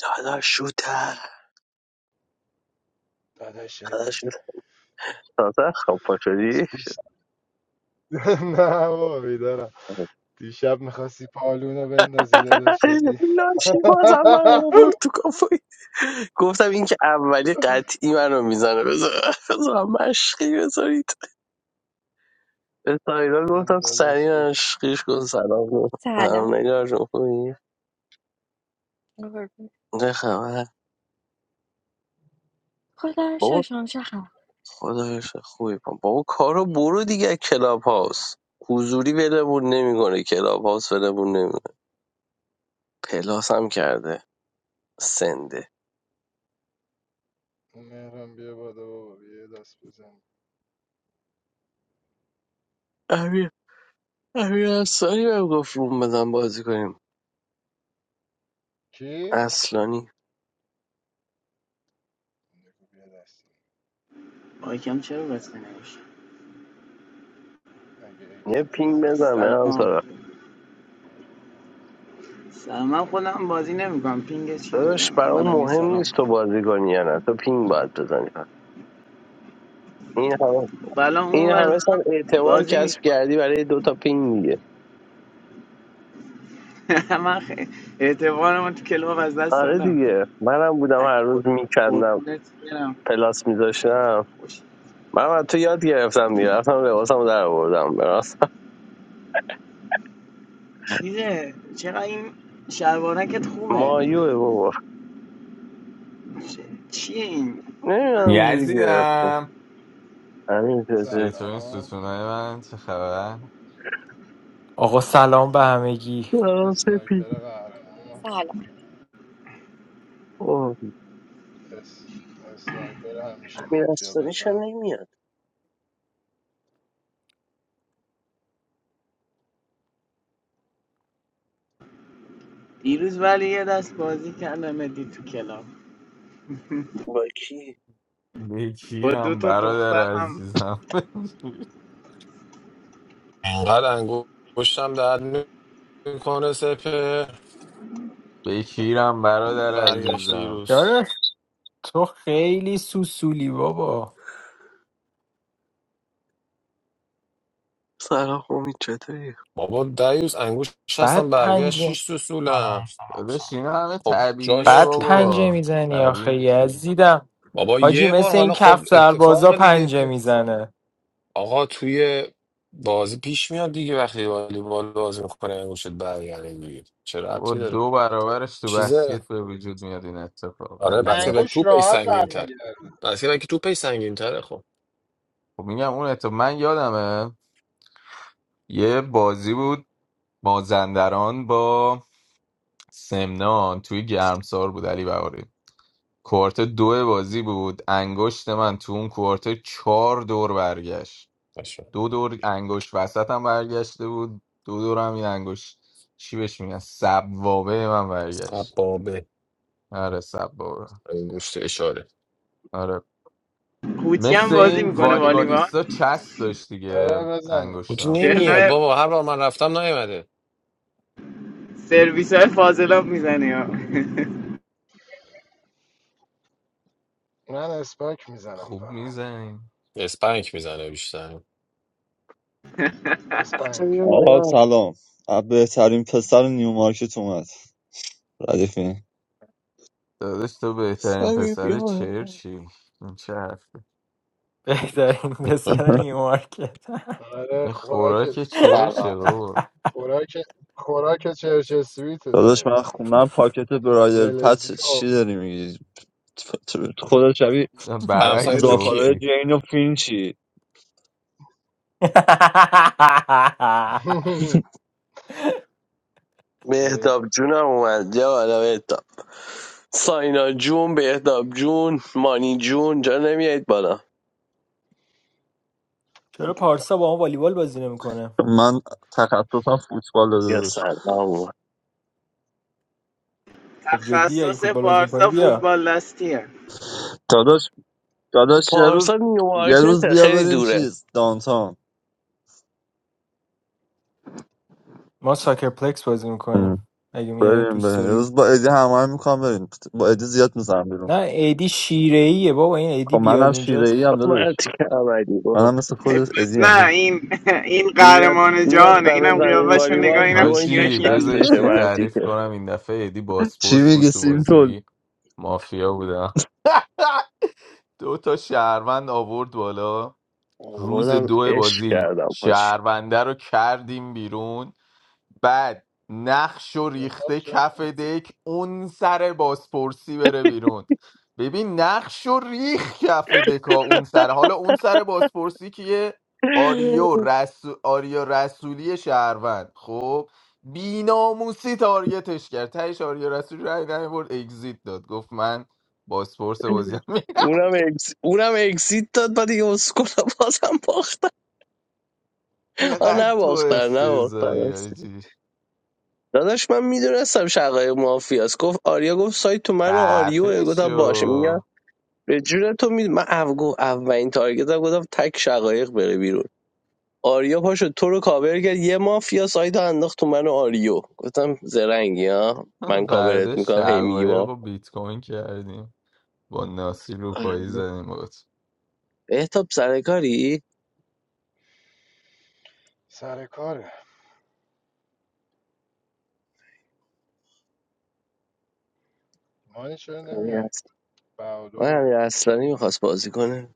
داداش شوتر داداشتی داداش شوتر داداش خب پا شدی دیش- نه بابا بیدارم دیشب میخواستی پالونو بندازی داداش شدی لاشی بازم من آورد تو کافایی گفتم این که اولی قطعی منو میزنه بذار بذار مشقی بذارید به سایران گفتم گفتم داداش سریع ادی مشقیش کن سلام کن هم Sale. نگار جون خوبی What نه خبر are you بابا showing? خدایش خوبی پا. بابا کارو برو دیگه کلاب هاوس حضوری ولمون نمیکنه کلاب هاوس ولمون نمیکنه پلاس هم کرده سنده مهرم بیا بالا بابا بیا یه دست بزن امیر انصاری بهم گفت روم بزن بازی کنیم کی؟ اصلانی بگو بیا دست مایکم چرا بسته نمیشه اگه یه اگزیت پینگ نمیده بزن سلام من سارا سلام من خودم بازی نمیکنم پینگ چی داداش بزنم برام منم یه مهم سلام نیست کنم تو بازی کنی یا نه تو پینگ باید بزنی فقط. این همه بلا اون این ور همه سال اعتبار بازی کسب میکنم کردی برای دو تا پینگ دیگه من خیلی اعتبارم تو کلاب از دست آره دادم دیگه منم بودم ای هر روز میکندم قربونت برم پلاس میذاشتم خوش من از تو یاد گرفتم دیگه رفتم لباسم رو در آوردم براست چیزه چرا این شلوارکت خوبه مایوه بابا چ- چیه این نمیدونم من اینجوری گرفتم یزیدم همین چیزه چطور این سلام ستونای من چه خبر؟ آقا اسن... سلام به همگی آه، سپی اسنایپر قهرمان Sale. اوه اس... اسنایپر همیشه مافیا میرستانی چرا بزن نمیاد دیروز ولی یه دست بازی کردم مدی تو کلاب با کی؟ با دو بکیرم تا دختر برادر هم عزیزم انقدر انگوشتم درد میکنه سپه بکیرم برادر برگشت عزیزم دیروز داداش تو خیلی سوسولی بابا سلام امید چطوری؟ بابا دیوز انگوش هستم بعد برگشت پنجه شیش تا سلام سولم سلام داداش سلام اینا همه خب طبیعیه جاش بعد توپه پنجه بابا میزنی آخه قوی میشی یزیدم بابا حاجی یه بار مثل این حالا خب کف سربازا اتفاق دیگه پنجه تو میزنه آقا توی بازی پیش میاد دیگه وقتی والیبال بازی میکنه انگوشت برگرده دیگه چه بابا ربطی داره دو برابرش تو چیزه بسکت به وجود میاد این اتفاق آره علی جان بسکتبال انگوش توپ ای راحت سنگین تر برمیگرد بسکتبال که توپ ای سنگین تره خب خب میگم اون اتفاق من یادمه یه بازی بود مازندران با سمنان توی گرمسار بود علی بهاری کوارت دو بازی بود انگشت من تو اون کوارت چهار دور برگشت باشه دو دور انگشت وسط هم برگشته بود دو دور هم این انگشت چی بهش میگن سبوابه من برگشت عبابه آره سبوابه انگشت اشاره آره کوتی هم مثل بازی این میکنه والیبال والیبالیستا چسب داشت دیگه آره بزنیم بود انگشتم نمیاد بابا هر بار من رفتم نیومده سرویس های فاضلاب میزنی ها من اسپاک میزنم خوب فقط میزنیم اسپنگ میزنه بیشتر بچه اسپنگ بیا آقا بالا سلام از بهترین پسر نیو مارکت اومد ردیفی دادش تو بهترین سمی بیا پسر بالا. چرچی این چه حرفه بهترین پسر نیومارکت آره این خوراک خوراک چرچه سلام بابا خوراک خوراک چرچ سویت داداش من دقیقا خوندم پاکت برایدل پت ولزلی و چی داری میگی خدا شبیه همسایه برعکس دو گفتی کیه زاخارای جین و فینچی جین بهداب جونم اومد بیا بالا بهداب ساینا جون بهداب جون مانی جون جا نمیایید بالا چرا پارسا با ما والیبال بازی نمیکنه من تخصصم فوتبال یا داداش سلام اومد خب جدی اگه تخصص فوتبال بازی میکنی بارسا بیا فوتبال دستیه داداش داداش یه روز پارسا یه نیومارکت روز بیا خیلی بریم دوره چیز دانتان ما ساکر پلکس بازی میکنیم ام. اگه میای بریم دوست بریم یه داری روز با ادی همه میکنم بریم با ادی زیاد میزنم بیرون نه ایدی شیره ایه بابا این خب ایدی بیاد منم اونجا شیره ای هم داداش مرتی که عملی برو. منم مثل خودت پس ادی هم نه داداش. این این میاد قهرمان میاد جهانه دم اینم زمین قیافش رو نگاه والیبال اینم چیه حاجی جوینتش بذار یه دستشه سری مرتی تعریف که کنم این دفعه ایدی چی باسپورس بود میگی تو سیم بازی مافیا بودم دو تا شهروند آورد بالا روز آوردم دو عشق بازی کردم پاچی شهرونده رو کردیم بیرون بعد نقش و خب ریخته چون کف دک اون سر بازپرسی بره بیرون ببین نقش و ریخ کف دکا اون سر حالا اون سر بازپرسی کیه آریو رسو... آریا رسولی شهروند خب بیناموسی تارگتش کرد تهش آریا رسولی رای نمیبرد اگزیت داد گفت من بازپرس بازیم میرم اونم اکس... اونم اکسیت داد بعد دیگه اسکولا بازم باختن آ چقدر تو نباختن نباختن افتضایی هستی. آجی داداش من میدونستم شقای مافیاس گفت آریا گفت سایت تو من و خفه آریو گفتم باشه شو میگم به جون تو می... من او گفت اولین تارگت گفتم تک شقایق بره بیرون آریا پاشو تو رو کاور کرد یه مافیا سایت رو انداخت تو من و آریو گفتم زرنگی ها من کاورت فردا میکنم هی میگی شقایق ما و بیت کوین کردیم با ناسی آره. روپایی زدیم بود بهتاب سرکاری سر کاره مانی چرا نمیای من بهادر امیر اصلانی میخواست بازی کنه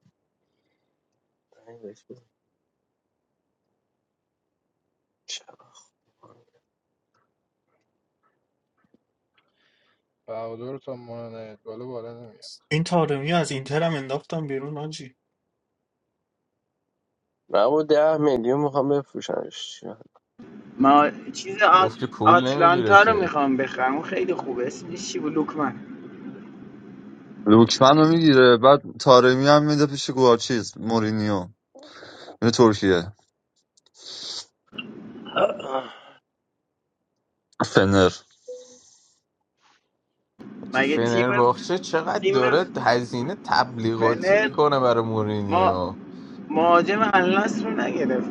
بهادر تا مانا نیاد بالا بالا نمیاد این تارمی از اینتر هم انداختم بیرون آجی مبو ده میلیون میخوام بفروشمش چی وقت؟ ما چیز آت... گفت که پول نمیگیره آتلانتا رو که میخوام بخرم اون خیلی خوبه اسمش چی بود لوکمن لوکمن رو میگیره بعد تارمی هم میده پیش گوارچیز مورینیو میره ترکیه فنر چی مگه تیم فنرباخچه چقدر تیم داره هزینه تبلیغاتی فنر میکنه برای ما مورینیو مهاجم الناس رو نگرفت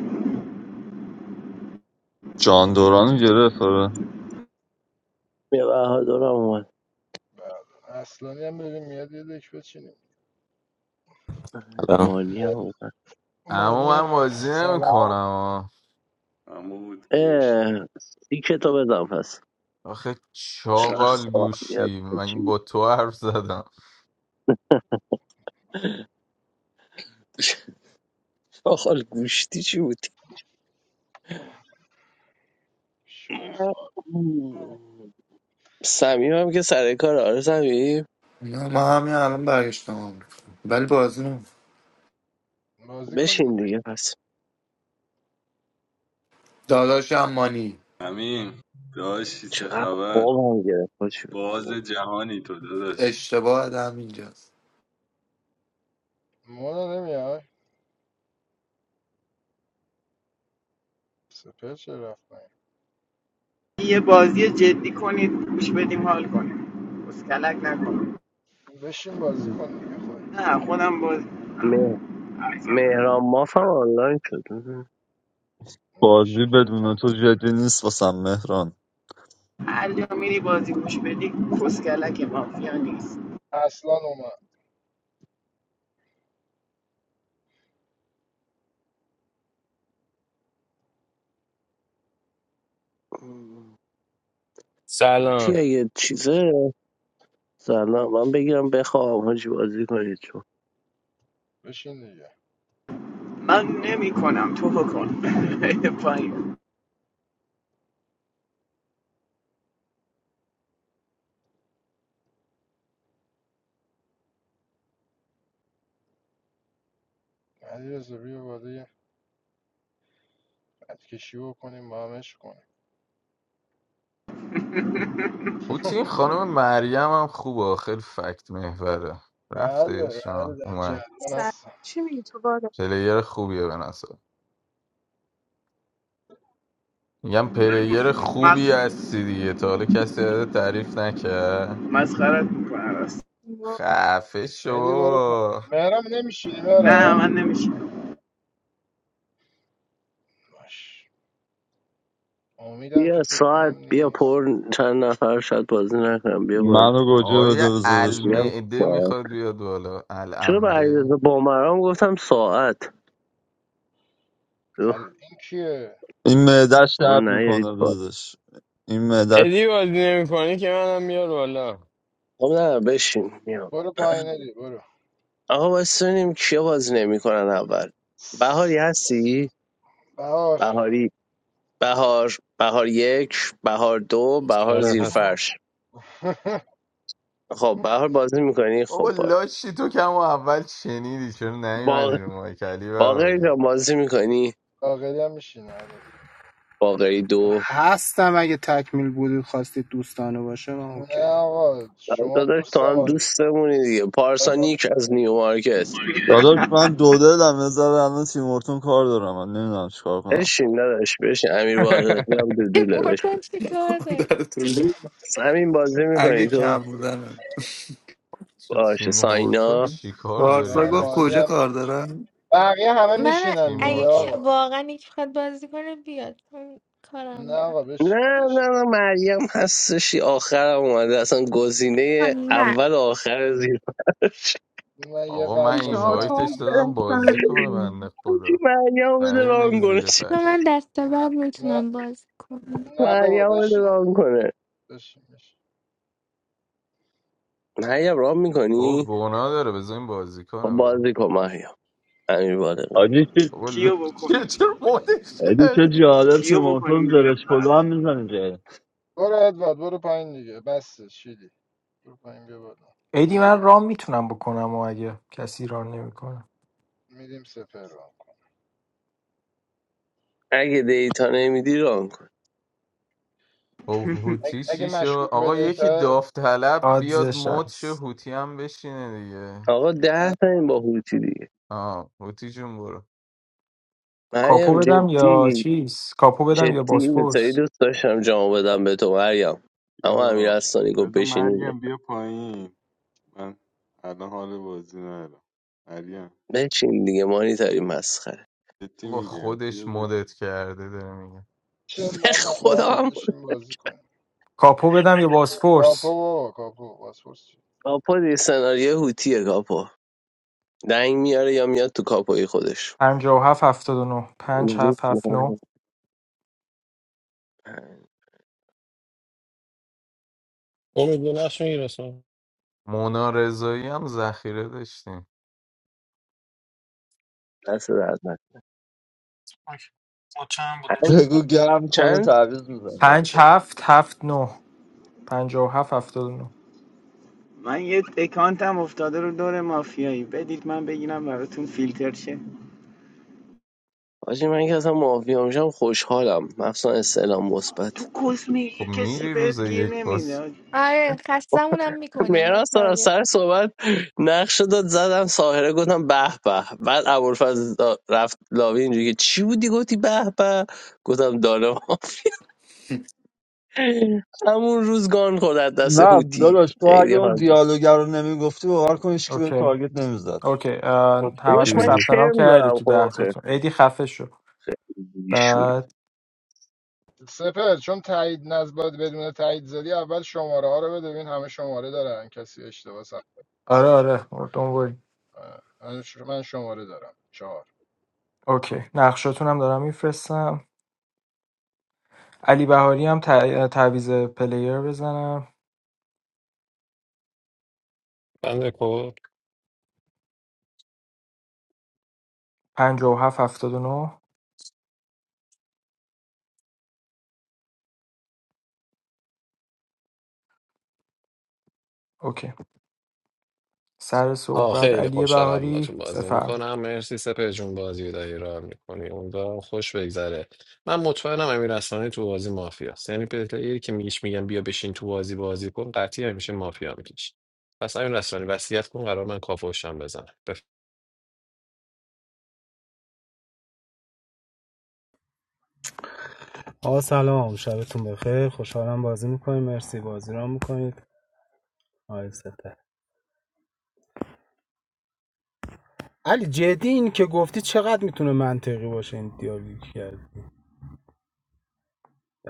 جان دوران رو گرفت آره. یه بهادر هم اومد بهادر اصلانی هم بریم میاد یه دک بچینیم سلام مانی هم اومد اما مانی هم من بازی هست سلام نمیکنم عمود بش- اه، این کتاب بدم پس آخه چقدر چاقال بشین. خواب میاد گوشتی چی من بود؟ با تو حرف زدم آخال گوشتی چی بود شوخ. سمیم هم که سر کار آره سمیم نه ما همین الان برگشتم آمریکا ولی بازی نم بازی کن بشین دیگه. دیگه پس داداش امانی همین داشتی چه چقدر خبر خواب هم گرفت با چی باز بود؟ جهانی تو داداش اشتباه هم اینجاست مانا نمیای سپر چرا رفت پایین؟ یه بازی جدی کنید گوش بدیم حال کنیم اسکلک نکنیم بشین بازی کن دیگه خودت نه خودم باز مه- مهران ماف هم آنلاین شد بازی بشین خودت بدون هم تو بازی کن جدی نیست واسم مهران هر جا میری بازی گوش بدی کسکلک مافیا نیست اصلا اومد تی سلام اگه چیزه سلام من بگیرم بخوام حاجی بازی کنید چون بشین دیگه من نمی کنم تو کن پایین علیرضا بیا بالا یه کشی بکنیم با همش کنیم پوتین خانم مریم هم خوبه آخر فکت محوره بله رفتش بله آه، در اومد جریان I'm هستم too bad. پلیر خوبیه به نظر میگم پلیر خوبی مس... هستی دیگه تا حالا کسی ازت تعریف نکرد مسخرت میکنه راست خفه شو ادی برو پا- بابا مهران نمیشینی نه من مهران نمیشه باش امیدم بیا که فکر ساعت کنم بیا نیست پر چند نفر شاید بازی نکنم بیا بالا منو گوجه آقای بده بذار بشین میگم المعده ساعت میخواد بیاد بالا چرا به العمده علیرضا بامرام گفتم ساعت ال... اوه، این کیه این معدش بابا درد نیارید میکنه بالا بذارش این معدش ادی بازی نمی کنی که منم میار بالا خب نه بشین میام برو پایین ادی برو آقا واسه ببینیم کیا بازی نمیکنن اول بهاری هستی بهار بهاری بهار بهار یک بهار دو بهار آره زیر هستم فرش خب بهار بازی میکنی بابا خب باش. لاشی تو کم و اول شنیدی چرا باق... نیومدی رو مایک علی باقری جان بهاری بازی میکنی باقری هم میشینه آره باقری دو هستم اگه تکمیل بودید خواستید دوستانه باشه من اوکی نه آقا شما داداش دوست تو هم داری دوستمونی دیگه پارسانیک از نیو مارکت داداش من دو دلم یه ذره الان تیمورتون کار دارم من نمیدونم چیکار کنم بشین داداش بشین امیر باقری هم دودوله بشین مورگان چی کار داری در طول- همین بازی اگه میکنی کم تو بودنم تو باشه تیم هورتون ساینا چیکار داری پارسا گفت مانی کجا لاشی هم کار که میشه دارم بقیه همه من میشینن تیم دیگه اگه هورتون ک- آقا واقعا یک بخواد بازی کنه بیاد من نه کارم دارم آقا نه بشین بشین. نه نه مریم هستشی آخرم اومده اصلا آه، گزینه نه اول و آخر زیر من یه آقا من I'm قلب این واسه وایتش مریم میزنم. دادم too بازی کنه bad. بنده چی خدا مریم رو بده ندیم نگه ران کنه زیر چی تو من فرش دست بعد نه میتونم بازی کنم نه بابا مریم رو بده بشین ران کنه بشین بشین مریم ران بابا میکنی گناه داره بذار این بازی خب کنه بابا بازی کن مریم امیر باقری میگه آجی چه والا کیو چیه بکنیم چرا مدش آجی چه کردی جالب کیو تیمورتون بکنیم زیر زرش پلو هم فرد میزنه جایی برو ادوارد برو پایین دیگه بس شیدی برو پایین بیا بالا ایدی من رام میتونم بکنم و اگه کسی ران نمیکنه میدیم سپر رو هم کن. اگه دیتا نمیدی ران کن خب اگه, هوتی اگه چی شد مشکوک آقا بده یکی کرد داوطلب بیاد آدزش مد شه هست هوتی هم بشینه دیگه آقا من- ده تا این با هوتی دیگه آه هوتی جون برو کاپو مریم بدم یا جدی چیز کاپو بدم جدی یا این سری بازفورس دوست داشتم جامو بدم به تو مریم اما امیر یا اصلانی گفت بذار بشین مریم بیا پایین من الان حال بازی ندارم مریم بشین دیگه مانی تاری مسخره جدی بابا میگم خودش بیا مدت بشین کرده داره میگه بشین به بابا خدا مانی هم بشین بازی کنیم کاپو بدم یا کاپو بازفورس بابا کاپو پاسپورت چی؟ کاپو دیگه سناریو هوتیه کاپو دنگ میاره یا میاد تو کاپوی خودش پنجا و هفت هفتاد و نو پنج زود هفت هفت نو می‌خوام. امید به نقش میرسم مونا رضایی هم ذخیره داشتیم دست درد نکنه. اوکی. خب چند بوده پنج چی؟ بگو گرم کنه چند تعویض میزنه پنج هفت هفت نو پنجا و هفت هفتاد و نو من یه اکانتم افتاده رو دور مافیایی بدید من بگیرم براتون فیلتر شه حاجی من که اصلا معافی میشم خوشحالم مخصوصا استعلام مثبت تو کسمی خب کسی میری روز بهت گیر یک باز نمیده آره خستمونم میکنی انقدر مهراز دارم تارگت سر می‌کنی. صحبت نقشه داد زدم ساهره گفتم به به بعد ابوالفضل رفت لاوی اینجوری که چی بودی گفتی به به گفتم دانم همون روز گان خورد از دست نه هوتی داداش تو خیلی اگه اون حال داد دیالوگر رو نمیگفتی باور کن هیچ کی به اوکی تارگت نمیزد اوکی اه، خود کیکی داداش همتون من بگیر ثبت نام کرم کردی دارم تو خب ده آخر تاتون ایدی خفه شو شوری بعد سپر چون تایید نز باید بدون تایید زدی اول شماره ها رو بده ببین همه شماره دارن کسی اشتباه سن. آره آره دنبال آه، من ش- من شماره دارم چهار اوکی نقشاتون هم دارم میفرستم علی بهاری هم تعویز پلیر بزنم بنده کن ۵۷ نه، اوکی سر آه صحبت خیلی علی خوشحالم با تو بهاری بازی بفرم میکنم مرسی سپه جون بازی داری را میکنی امیدوارم خوش بگذره من مطمئنم امیر اسلانی تو بازی مافیا است یعنی پلیری که میگیش میگن بیا بشین تو بازی بازی کن قطعی همیشه مافیا میکش پس امیر اسلانی وصیت کن قرار من کاپوشم بزنم آقا سلام شبتون بخیر خوشحالم بازی میکنیم مرسی بازی را میکنید آقای سپه علی جدی این که گفتی چقدر میتونه منطقی باشه این دیالوگ کرد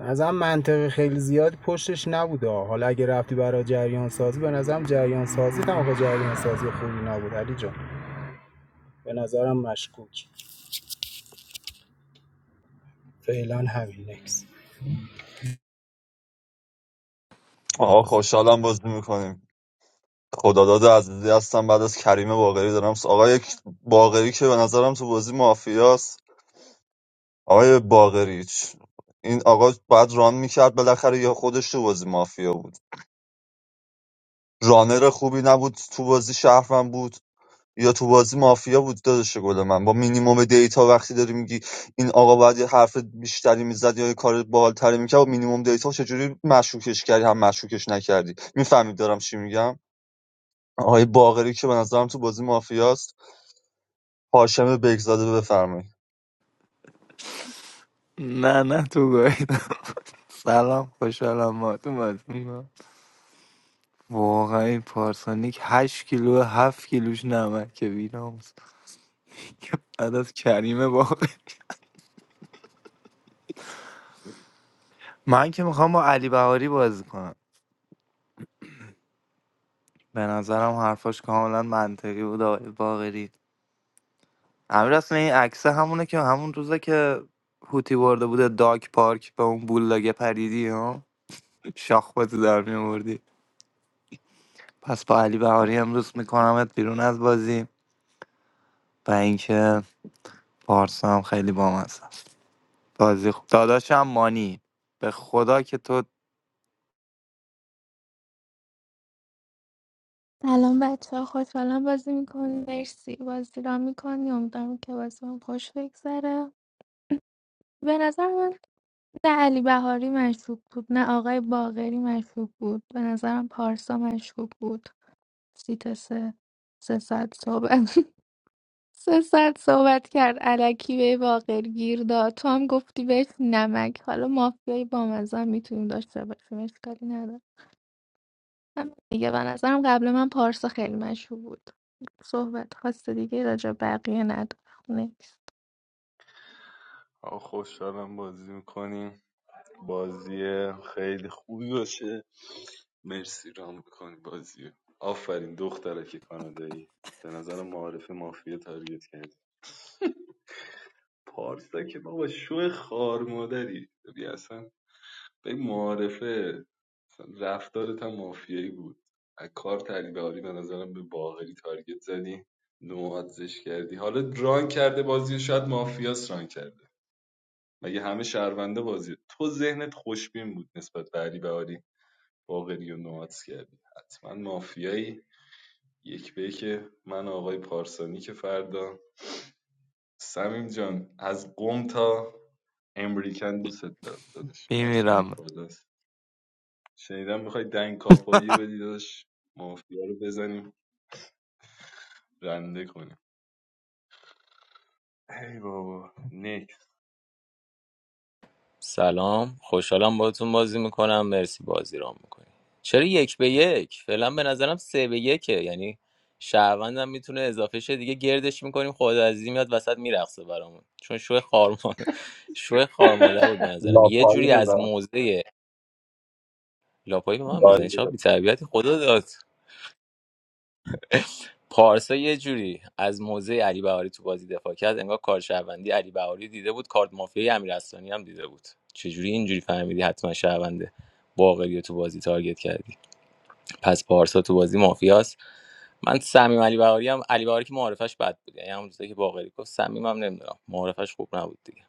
نظرم منطقی خیلی زیاد پشتش نبوده آه. حالا اگه رفتی برای جریان سازی به نظرم جریان سازی هم آقا جریان سازی خوبی نبود علی جان به نظرم مشکوک فعلا همین نکس آقا خوشحالم بازی میکنیم خداداد عزیزی هستم بعد از کریم باقری دارم س- آقای باقری که به نظرم تو بازی مافیاست آقای باقری چ- این آقا بعد ران میکرد بالاخره یا خودش تو بازی مافیا بود رانر خوبی نبود تو بازی شهرمن بود یا تو بازی مافیا بود داداش گل من با مینیموم دیتا وقتی داری میگی این آقا باید یه حرف بیشتری میزد یا یه کار بالتری میکرد و مینیموم دیتا چجوری مشکوکش کردی هم مشکوکش نکردی میفهمید دارم چی میگم آقای باقری که به نظرم تو بازی مافیاست هاشم بگزاده بفرمایید نه نه تو گاهیدم سلام خوشحالم ما تو مدونم واقعا این پارسانیک 8 کیلو 7 کیلوش نمکه بیناموس عدد کریمه واقعا من که میخوام با علی بهاری بازی کنم به نظرم حرفاش کاملا منطقی بود آقای باقری امیر اصلا این عکسه همونه که همون روزه که هوتی برده بوده داک پارک به اون بولاگه پریدی ها شاخ تو در میوردی پس با علی بهاری امروز میکنمت بیرون از بازی و اینکه پارسا هم خیلی بامزه است بازی خوب داداشم مانی به خدا که تو سلام بچه ها خوشحالم بازی میکنی مرسی بازی را میکنی امیدوارم که بازی هم خوش بگذره به نظر من نه علی بهاری مشکوک بود نه آقای باغری مشکوک بود به نظرم پارسا مشکوک بود سیت سه سه ساعت صبح سه ساعت صحبت کرد الکی به باقر گیر داد تو هم گفتی بهش نمک حالا مافیایی با مزه میتونیم داشته باشیم اشکالی نداره هم دیگه به نظرم قبل من پارسا خیلی مشهور بود صحبت خواست دیگه راجع به بقیه نداره نیست آقا خوشحالم بازی میکنیم بازی خیلی خوبی باشه مرسی رام میکنی بازی آفرین دخترک کانادایی به نظر معارف مافیا تارگت کرد پارسا که بابا شو خار مادری بیا اصلا به معارفه مثلا رفتارت هم مافیایی بود از کار تریداری به نظرم به باقری تارگت زدی نوازش کردی حالا ران کرده بازی رو، شاید مافیاس ران کرده مگه همه شهرونده بازی رو. تو ذهنت خوشبین بود نسبت به علی بهاری باغری و نوادز کردی حتما مافیایی یک به که من آقای پارسانی که فردا سمیم جان از قم تا امریکن دوست دارم داداش پرچمت میمیرم بالاست شنیدم میخوای دنگ کاپایی بدی داشت مافیا رو بزنیم رنده کنیم ای بابا نکس سلام خوشحالم باهاتون بازی میکنم مرسی بازی رام میکنی چرا یک به یک فعلا به نظرم سه به یکه یعنی شهروندم میتونه اضافه شه دیگه گردش میکنیم خدا عزیزی میاد وسط میرقصه برامون چون شو خارمان شو خارمادر بود به نظرم یه لاپایی جوری از می‌زنم. موزه لاپایی به من میزنی داری. چرا بی‌تربیتی خدا داد پارسا یه جوری از موزه علی بهاری تو بازی دفاع کرد انگار کار شهروندی علی بهاری دیده بود کارت مافیای امیرحسانی هم دیده بود چجوری اینجوری فهمیدی حتما شهرونده باقری رو تو بازی تارگت کردی پس پارسا تو بازی مافیاست من صمیم علی بهاری هم علی بهاری که معرفش بد بود یعنی همون چیزی که باقری گفت صمیمم نمیدونم معرفش خوب نبود دیگه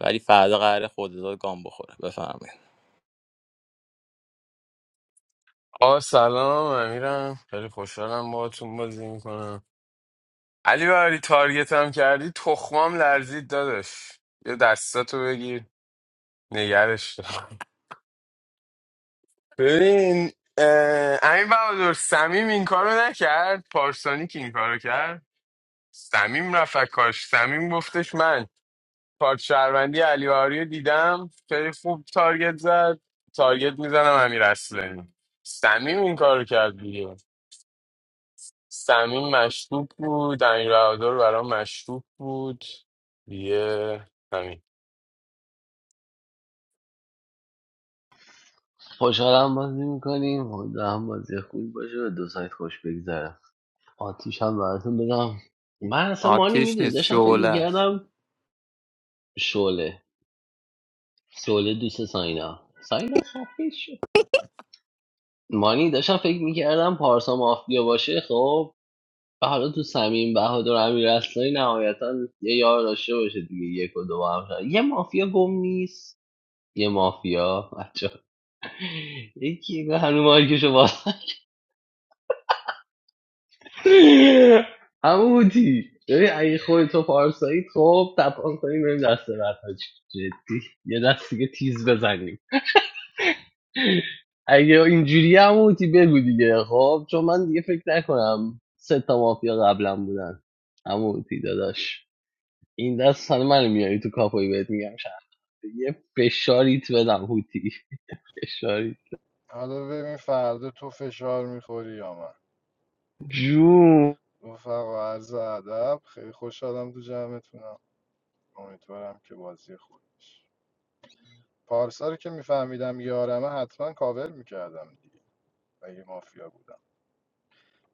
ولی فردا قراره خودداد گام بخوره بفرمایید آه سلام امیرم خیلی خوشحالم باهاتون بازی میکنم علی باری تارگتم کردی تخمام لرزید دادش یه دستاتو بگیر نگرش دارم ببین اه، امین بهادر سمیم این کارو نکرد پارسانی که این کارو کرد سمیم رفت کاش سمیم گفتش من کارت شهروندی علی بهاری رو دیدم خیلی خوب تارگت زد تارگت میزنم امیر اصلانی سمیم این کارو کرد دیگه سمیم مشکوک بود امیر بهادر برام مشکوک بود دیگه همین خوشحالم بازی میکنیم هم بازی خوبی باشه به دو سایت طرف آتام من اصلا مانی آتیش نیست داشت شعله است شعله شعله دوست ساینا ساینا خفه شد مانی داشتم فکر میکردم پارسا مافیا باشه خب و حالا تو سمیم بهادر امیرحسنی نهایتا یه یار داشته باشه دیگه یک و دو هم شد. یه مافیا گم نیست یه مافیا یکی به هنو مارکشو باز هموتی ببین اگه خودتو پارسایی خب تپان کنیم بریم دست بعد حاجی. جدی یه دست دیگه تیز بزنیم اگه اینجوری هموتی بگو دیگه خب چون من دیگه فکر نکنم سه تا مافیا قبلا بودن هموتی داداش این دست سن من میاری تو کاپوی بهت میگم شد. یه فشاریت بدم هوتی فشاری حالا ببین فردا تو فشار میخوری یا من جون رفقا عرض ادب خیلی خوشحالم تو جمعتونم امیدوارم که بازی خوبی باشه پارسا رو که میفهمیدم یارمه حتما کاور میکردم دیگه اگه مافیا بودم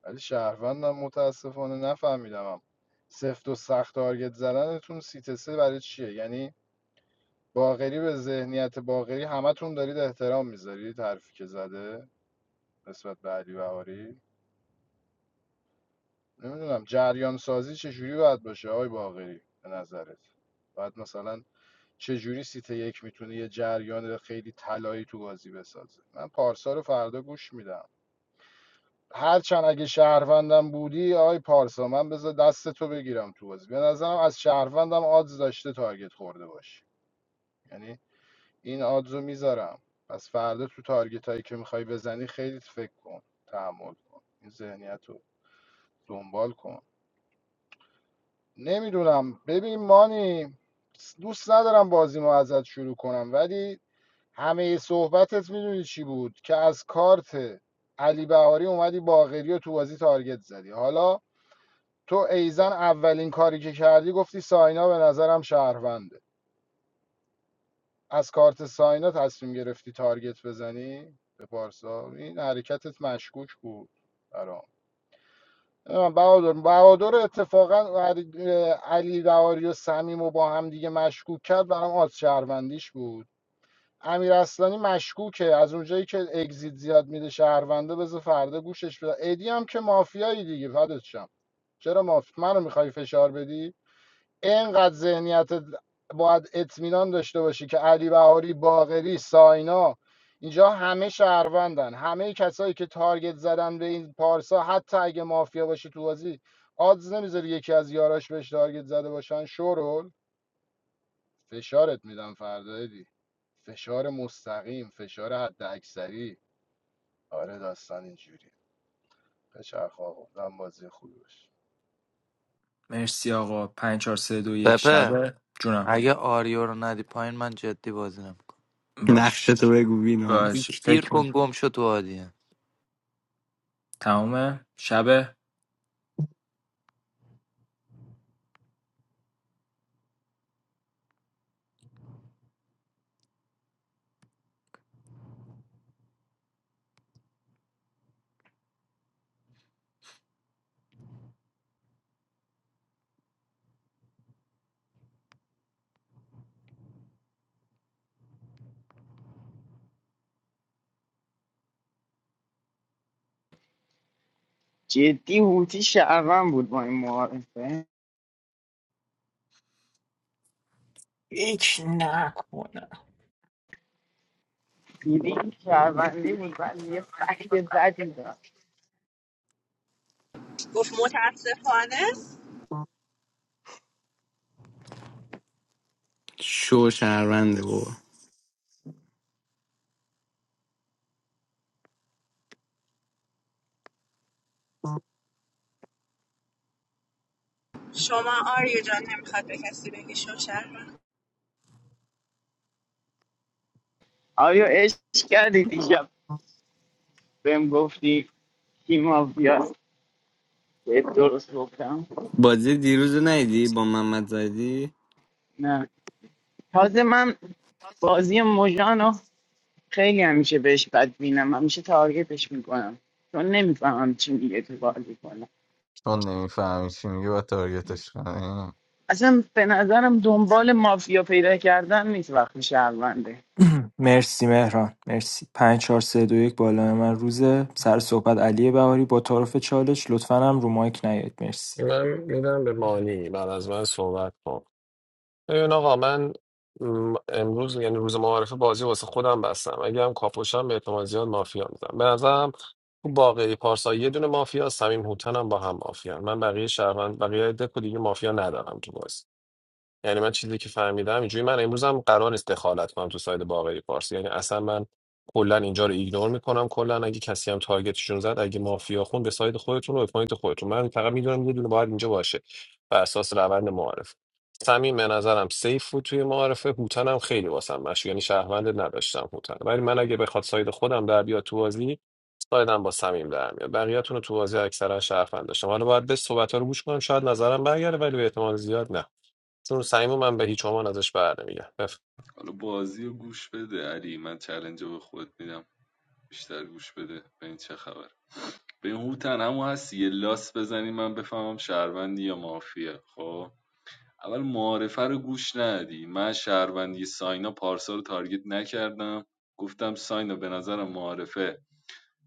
ولی شهروندم متاسفانه نفهمیدم سفت و سخت تارگت زدنتون سیت سه برای چیه یعنی باقری به ذهنیت باقری همتون دارید احترام میذارید حرفی که زده نسبت به علی بهاری نمیدونم جریان سازی چجوری باید باشه آقای باقری به نظرت باید مثلا چجوری سیت یک میتونه یه جریان خیلی طلایی تو بازی بسازه من پارسا رو فردا گوش میدم هرچند اگه شهروندم بودی آی پارسا من بذار دست تو بگیرم تو بازی به نظرم از شهروندم آدز داشته تارگت خورده باشی یعنی این آدز رو میذارم پس فردا تو تارگت هایی که میخوای بزنی خیلی فکر کن تحمل کن این ذهنیت رو دنبال کن نمیدونم ببین مانی دوست ندارم بازی ما ازت شروع کنم ولی همه صحبتت میدونی چی بود که از کارت علی بهاری اومدی باقری و تو بازی تارگت زدی حالا تو ایزن اولین کاری که کردی گفتی ساینا به نظرم شهرونده از کارت ساینا تصمیم گرفتی تارگت بزنی به پارسا این حرکتت مشکوک بود برام نمی‌دونم بهادر بهادر اتفاقا علی علی بهاری و صمیم و با هم دیگه مشکوک کرد برام آز شهروندیش بود امیر اصلانی مشکوکه از اونجایی که اگزیت زیاد میده شهرونده بذار فردا گوشش بده ادی هم که مافیایی دیگه فدات شم. چرا ماف منو میخوای فشار بدی اینقدر ذهنیت باید اطمینان داشته باشی که علی بهاری باقری ساینا اینجا همه شهروندن همه کسایی که تارگت زدن به این پارسا حتی اگه مافیا باشه تو بازی آدز نمیذاری یکی از یاراش بهش تارگت زده باشن شورول فشارت میدم فردا دی، فشار مستقیم فشار حد اکثری آره داستان اینجوری بچرخ آقا امیدوارم بازی خوبی باشه مرسی آقا پنج چهار سه دو یک سپه شبه جونم اگه آریو رو ندی پایین من جدی بازی نمیکنم باش نقشتو بگو بیناموس باش بیکتیر فکر می کن گم شد تو عادیه تمومه شبه جدی هوتی شهروند بود با این معارفه یک نکنه دیدی شهروندی بود بعد یه فکت بدی داشت. Goof, what happened? شو شهرونده بابا Show me Arya. I want to cast you to show Sharon. آیا عشق کردی دیشب بهم گفتی کی مافیاست بهت درست گفتم بازی دیروز رو ندیدی با محمد زدی نه تازه من بازی مژانو خیلی همیشه بهش بد بینم همیشه تارگتش میکنم چون نمیفهمم چی میگه تو بازی کنم چون نمیفهمی چی میگه و تارگتش کنی اصلا به نظرم دنبال مافیا پیدا کردن نیست وقتی شهرونده مرسی مهران مرسی پنج چهار سه دو یک بالا من روزه سر صحبت علی بهاری با تعارف چالش لطفا هم رو مایک نیاد مرسی من میدم به مانی بعد از من صحبت کن ببین آقا من م، امروز یعنی روز معارفه بازی واسه خودم بستم اگه هم کاپوشم به احتمال زیاد مافیا میزنم به نظرم تو باقی پارسا یه دونه مافیا صمیم هوتن هم با هم مافیا من بقیه شهروند بقیه دکو دیگه مافیا ندارم تو بازی یعنی من چیزی که فهمیدم اینجوری من امروز هم قرار نیست دخالت کنم تو ساید باقری پارسی یعنی اصلا من کلا اینجا رو ایگنور میکنم کلا اگه کسی هم تارگتشون زد اگه مافیا خون به ساید خودتون و به پوینت خودتون من فقط میدونم یه دونه باید اینجا باشه بر اساس روند معارف صمیم به نظرم سیف بود توی معارفه هوتن هم خیلی واسم مشو یعنی شهروند نداشتم هوتن ولی من اگه بخواد ساید خودم در بیاد تو بازی سایدم با صمیم در میاد بقیه‌تون رو تو بازی اکثرا شهروند داشتم حالا باید به صحبت‌ها رو گوش کنم شاید نظرم برگرده ولی به احتمال زیاد نه چون سعیمو من به هیچ عنوان ازش بر نمیگم بف... حالا بازی رو گوش بده علی من چلنج رو به خود میدم بیشتر گوش بده ببین چه خبر به این هوتن همون هست یه لاس بزنی من بفهمم شهروندی یا مافیا خب اول معارفه رو گوش ندی من شهروندی ساینا پارسا رو تارگت نکردم گفتم ساینا به نظرم معارفه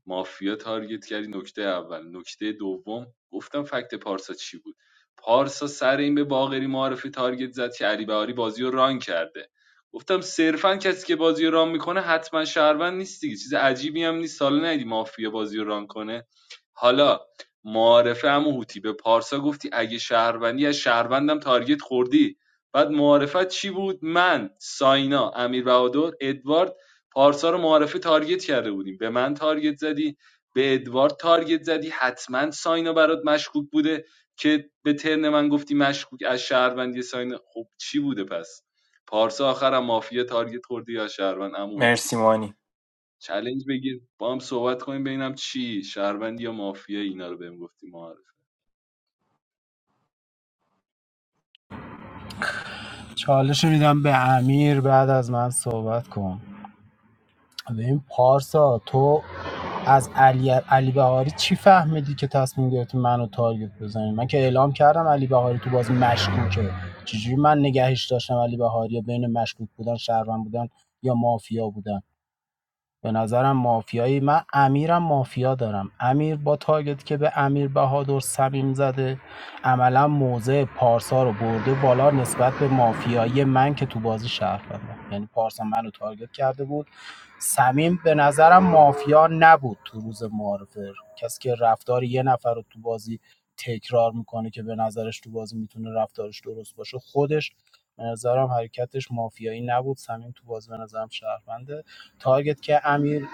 مافیا تارگت کردی نکته اول نکته دوم گفتم فکت پارسا چی بود پارسا سر این به باقری معرفی تارگت زد که علی بهاری بازی رو ران کرده گفتم صرفا کسی که بازی رو ران میکنه حتما شهروند نیست دیگه چیز عجیبی هم نیست سال ندی مافیا بازی رو ران کنه حالا معارفه هم هوتی به پارسا گفتی اگه شهروندی از شهروندم تارگت خوردی بعد معارفت چی بود من ساینا امیر بهادر ادوارد پارسا رو معارفه تارگت کرده بودیم به من تارگت زدی به ادوارد تارگت زدی حتما ساینا برات مشکوک بوده که به ترن من گفتی مشکوک از شهروندی ساینا خب چی بوده پس پارسا آخرم مافیا تارگت خوردی یا شهروند اما اوتی مرسی مانی چلنج بگیر با هم صحبت کنیم ببینم چی شهروندی یا مافیا اینا رو بهم گفتی معارف چالش میدم به امیر بعد از من صحبت کن ببین پارسا تو از علی علی بهاری چی فهمیدی که تصمیم گرفتی منو تارگت بزنی من که اعلام کردم علی بهاری تو بازی مشکوکه چجوری من نگهش داشتم علی بهاری یا بین مشکوک بودن شهروند بودن یا مافیا بودن به نظرم مافیایی من امیرم مافیا دارم امیر با تارگت که به امیر بهادر سمیم زده عملا موضع پارسا رو برده بالا نسبت به مافیایی من که تو بازی شهروندم یعنی پارسا منو تارگت کرده بود سمیم به نظرم مافیا نبود تو روز معارفه کسی که رفتار یه نفر رو تو بازی تکرار میکنه که به نظرش تو بازی میتونه رفتارش درست باشه خودش به نظرم حرکتش مافیایی نبود سمیم تو بازی به نظرم شهرونده تارگت که امیر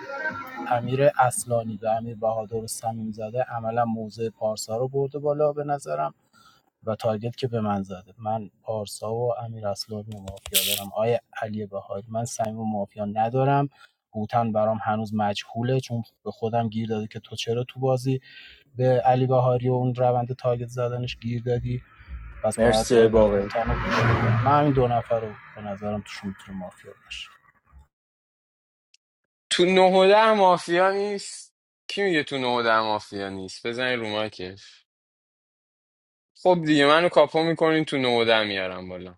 امیر اصلانی و امیر بهادر صمیم زاده عملا موضع پارسا رو برده بالا به نظرم و تارگت که به من زده من پارسا و امیر اصلانی رو مافیا دارم آیا علی بهادر من صمیم و مافیا ندارم هوتن برام هنوز مجهوله چون به خودم گیر داده که تو چرا تو بازی به علی بهاری و اون روند تارگت زدنش گیر دادی پس باید مرسی باقی هوتن رو بگیرم. من این دو نفر رو به نظرم توشون میتونه مافیا باشه تو نه و ده مافیا نیست کی میگه تو نه و ده مافیا نیست بزنین رو مایکش خب دیگه منو کاپو میکنین تو نه و ده میارم بالا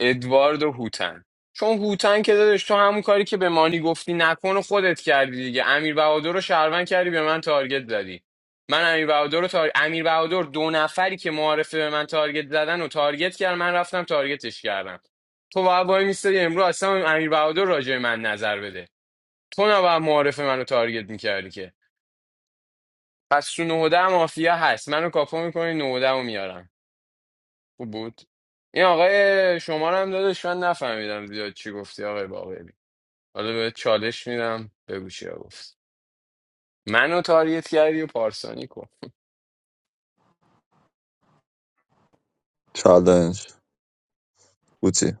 ادوارد و هوتن چون هوتن که دادش تو همون کاری که به مانی گفتی نکن و خودت کردی دیگه امیر بهادر رو شهروند کردی به من تارگت زدی من امیر بهادر رو تار... امیر بهادر دو نفری که معارفه به من تارگت زدن و تارگت کرد من رفتم تارگتش کردم تو باید وای میستادی امروز اصلا امیر بهادر راجع به من نظر بده تو نباید معارفه منو تارگت میکردی که پس تو نهده مافیا هست منو کاپو میکنی نهده رو میارم خوب بود این آقای شما رو هم داداش من نفهمیدم زیاد چی گفتی آقای باقری حالا به چالش میدم بگو چیا گفت منو تاریت کردی و پارسانی کن چالش بوتی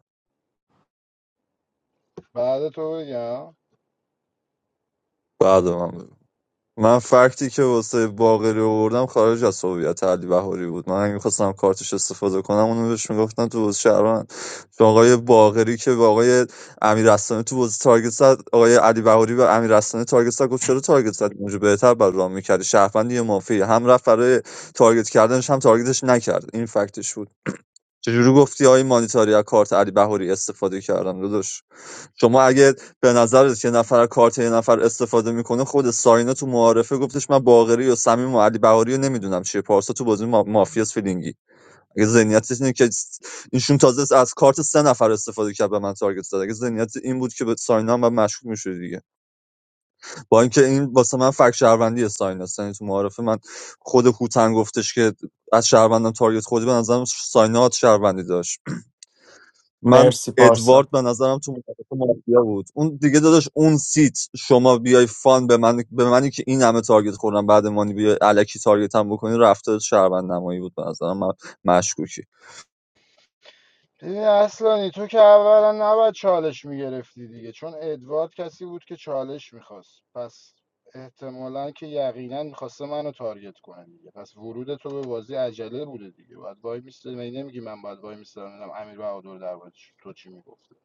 بعد تو بگم بعد من بگو. من فکتی که واسه باقری آوردم خارج از هویت علی بهاری بود من اگه میخواستم کارتش استفاده کنم اونو بهش میگفتم تو بازی شهروند چون آقای باقری که به آقای امیر رسانه تو بازی تارگت زد آقای علی بهاری به امیر رسانه تارگت زد گفت چرا تارگت زد اونجا بهتر بر راه میکردی شهروند یه مافی هم رفت برای تارگت کردنش هم تارگتش نکرد این فکتش بود چجوری گفتی آقای مانیتاری از کارت علی بهاری استفاده کردم داداش شما اگه به نظرت یه نفر از کارت یه نفر استفاده میکنه خود ساینا تو معارفه گفتش من باقری و صمیم و علی بهاری رو نمیدونم چیه پارسا تو بازی ما... مافیاس فیلینگی اگه ذهنیت اینه که اینشون تازه از کارت سه نفر استفاده کرد به من تارگت زد اگه ذهنیت این بود که به ساینا هم باید مشکوک میشد دیگه با اینکه این واسه من فک شهروندی ساینا ساینا تو معارفه من خود هوتن گفتش که از شهروندان تارگت خودی به نظرم ساینا شهروندی داشت من مرسی ادوارد پارسا به نظرم تو معارفه مافیا بود اون دیگه داداش اون سیت شما بیای فان به من به منی که این همه تارگت خوردم بعد مانی بیای الکی تارگت هم بکنی رفتار شهروند نمایی بود به نظرم من مشکوکی دیدی اصلانی تو که اولا نباید چالش میگرفتی دیگه چون ادوارد کسی بود که چالش میخواست پس احتمالا که یقینا میخواسته منو تارگت کنه دیگه پس ورود تو به بازی عجله بوده دیگه باید وای میسته می نمیگی من باید وای میستم ببینم امیر بهادر در مورد تو چی میگفته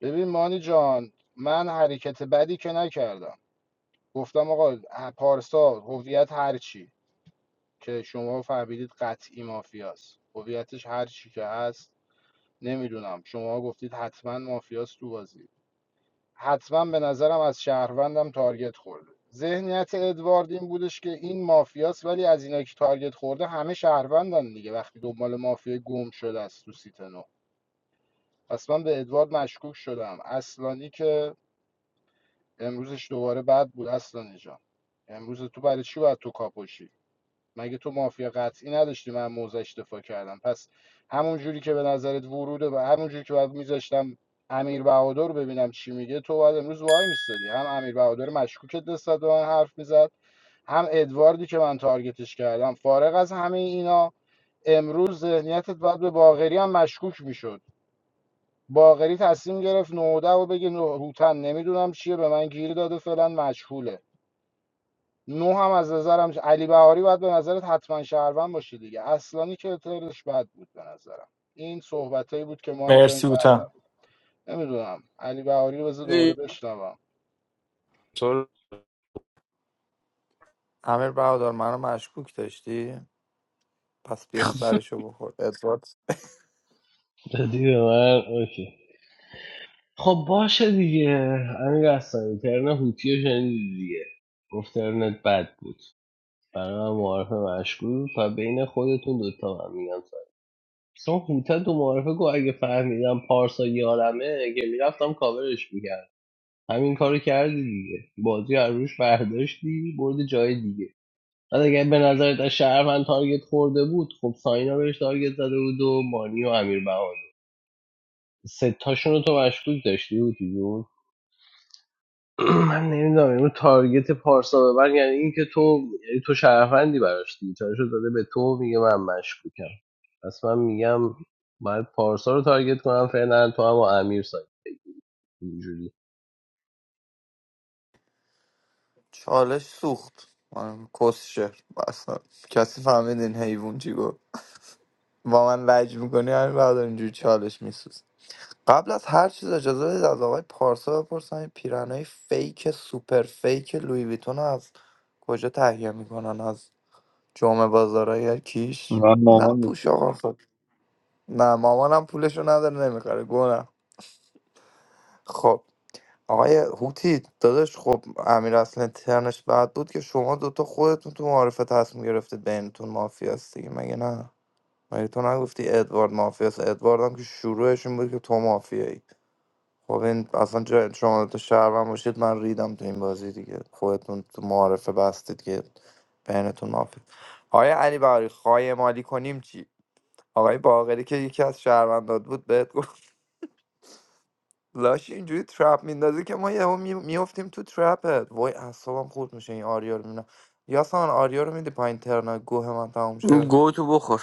ببین مانی جان من حرکت بدی که نکردم گفتم آقا پارسا هویت هر چی که شما فهمیدید قطعی مافیاست هویتش هر چی که هست نمیدونم شما گفتید حتما مافیاست تو بازی حتما به نظرم از شهروندم تارگت خورده ذهنیت ادوارد این بودش که این مافیاست ولی از اینا که تارگت خورده همه شهروندن دیگه وقتی دنبال مافیا گم شده است تو سیت نو پس من به ادوارد مشکوک شدم اصلانی که امروزش دوباره بد بود اصلانی جان امروز تو برای چی باید تو کاپوشی مگه تو مافیا قطعی نداشتی من موزش دفاع کردم پس همون جوری که به نظرت وروده و همون جوری که باید میذاشتم امیر بهادر رو ببینم چی میگه تو باید امروز وای میستادی هم امیر بهادر مشکوکت نسبت به من حرف میزد هم ادواردی که من تارگتش کردم فارغ از همه اینا امروز ذهنیتت بعد به باغری هم مشکوک میشد باغری تصمیم گرفت نوده و بگه نه- هوتن نمیدونم چیه به من گیر داده فعلا مشغوله نو هم از نظرم علی بهاری باید به نظرت حتما شهروند باشه دیگه اصلانی که ترش بد بود به نظرم این صحبتایی بود که مانی جان مرسی کردم اوتم نمیدونم علی بهاری رو بذار دوباره دی- بشنوم تو امیر برادر منو مشکوک داشتی پس بیا سرشو بخور ادوارد دادی به من اوکی خب باشه دیگه امیر اصلا ترن هوتی رو شنیدی دیگه گفت ترنت بد بود برای من معارف مشغول و بین خودتون دوتا من میگم سر چون هوته تو معارفه گفت اگه فهمیدم پارسا یارمه که میرفتم کاورش میکرد همین کارو کردی دیگه بازی رو روش برداشتی برد جای دیگه بعد اگه به نظرت شهروند تارگت خورده بود خب ساینا بهش تارگت زده بود و مانی و امیر بهانی ستاشون رو تو مشکوک داشتی بود جون من نمیدونم اینو تارگت پارسا به من یعنی این که تو یعنی تو شرفندی براش دیگه چالشو داده به تو میگه من مشکوکم پس من میگم باید پارسا رو تارگت کنم فعلا تو هم با امیر سایت اینجوری چالش سوخت من کسشه اصلا کسی فهمید این حیوان چی گفت با من لج میکنی همین بعد اینجوری چالش میسوز قبل از هر چیز اجازه بدید از آقای پارسا بپرسم این پیرنهای فیک سوپر فیک لوی ویتون رو از کجا تهیه میکنن از جمعه بازارای کیش من نه مامان نیست. پوش آقا خب نه مامانم پولشو نداره نمیخره گونه خب آقای هوتی داداش خب امیر اصلا ترنش بعد بود که شما دوتا خودتون تو معارفه تصمیم گرفتید بینتون مافیاست دیگه مگه نه مگه تو نگفتی ادوارد مافیاست ادوارد هم که شروعش این بود که تو مافیایی خب این اصلا جای شما دوتا شهروند باشید من ریدم تو این بازی دیگه خودتون تو معارفه بستید که بینتون مافیا آقای علی بهاری خواهی مالی کنیم چی آقای باقری که یکی از شهروندات بود بهت لاش اینجوری ترپ میندازه که ما یهو می- میفتیم تو ترپت وای اعصابم خورد میشه این آریا رو میبینم یاسان آریا رو میدی پایین ترنا گوه من تموم شه گو تو بخور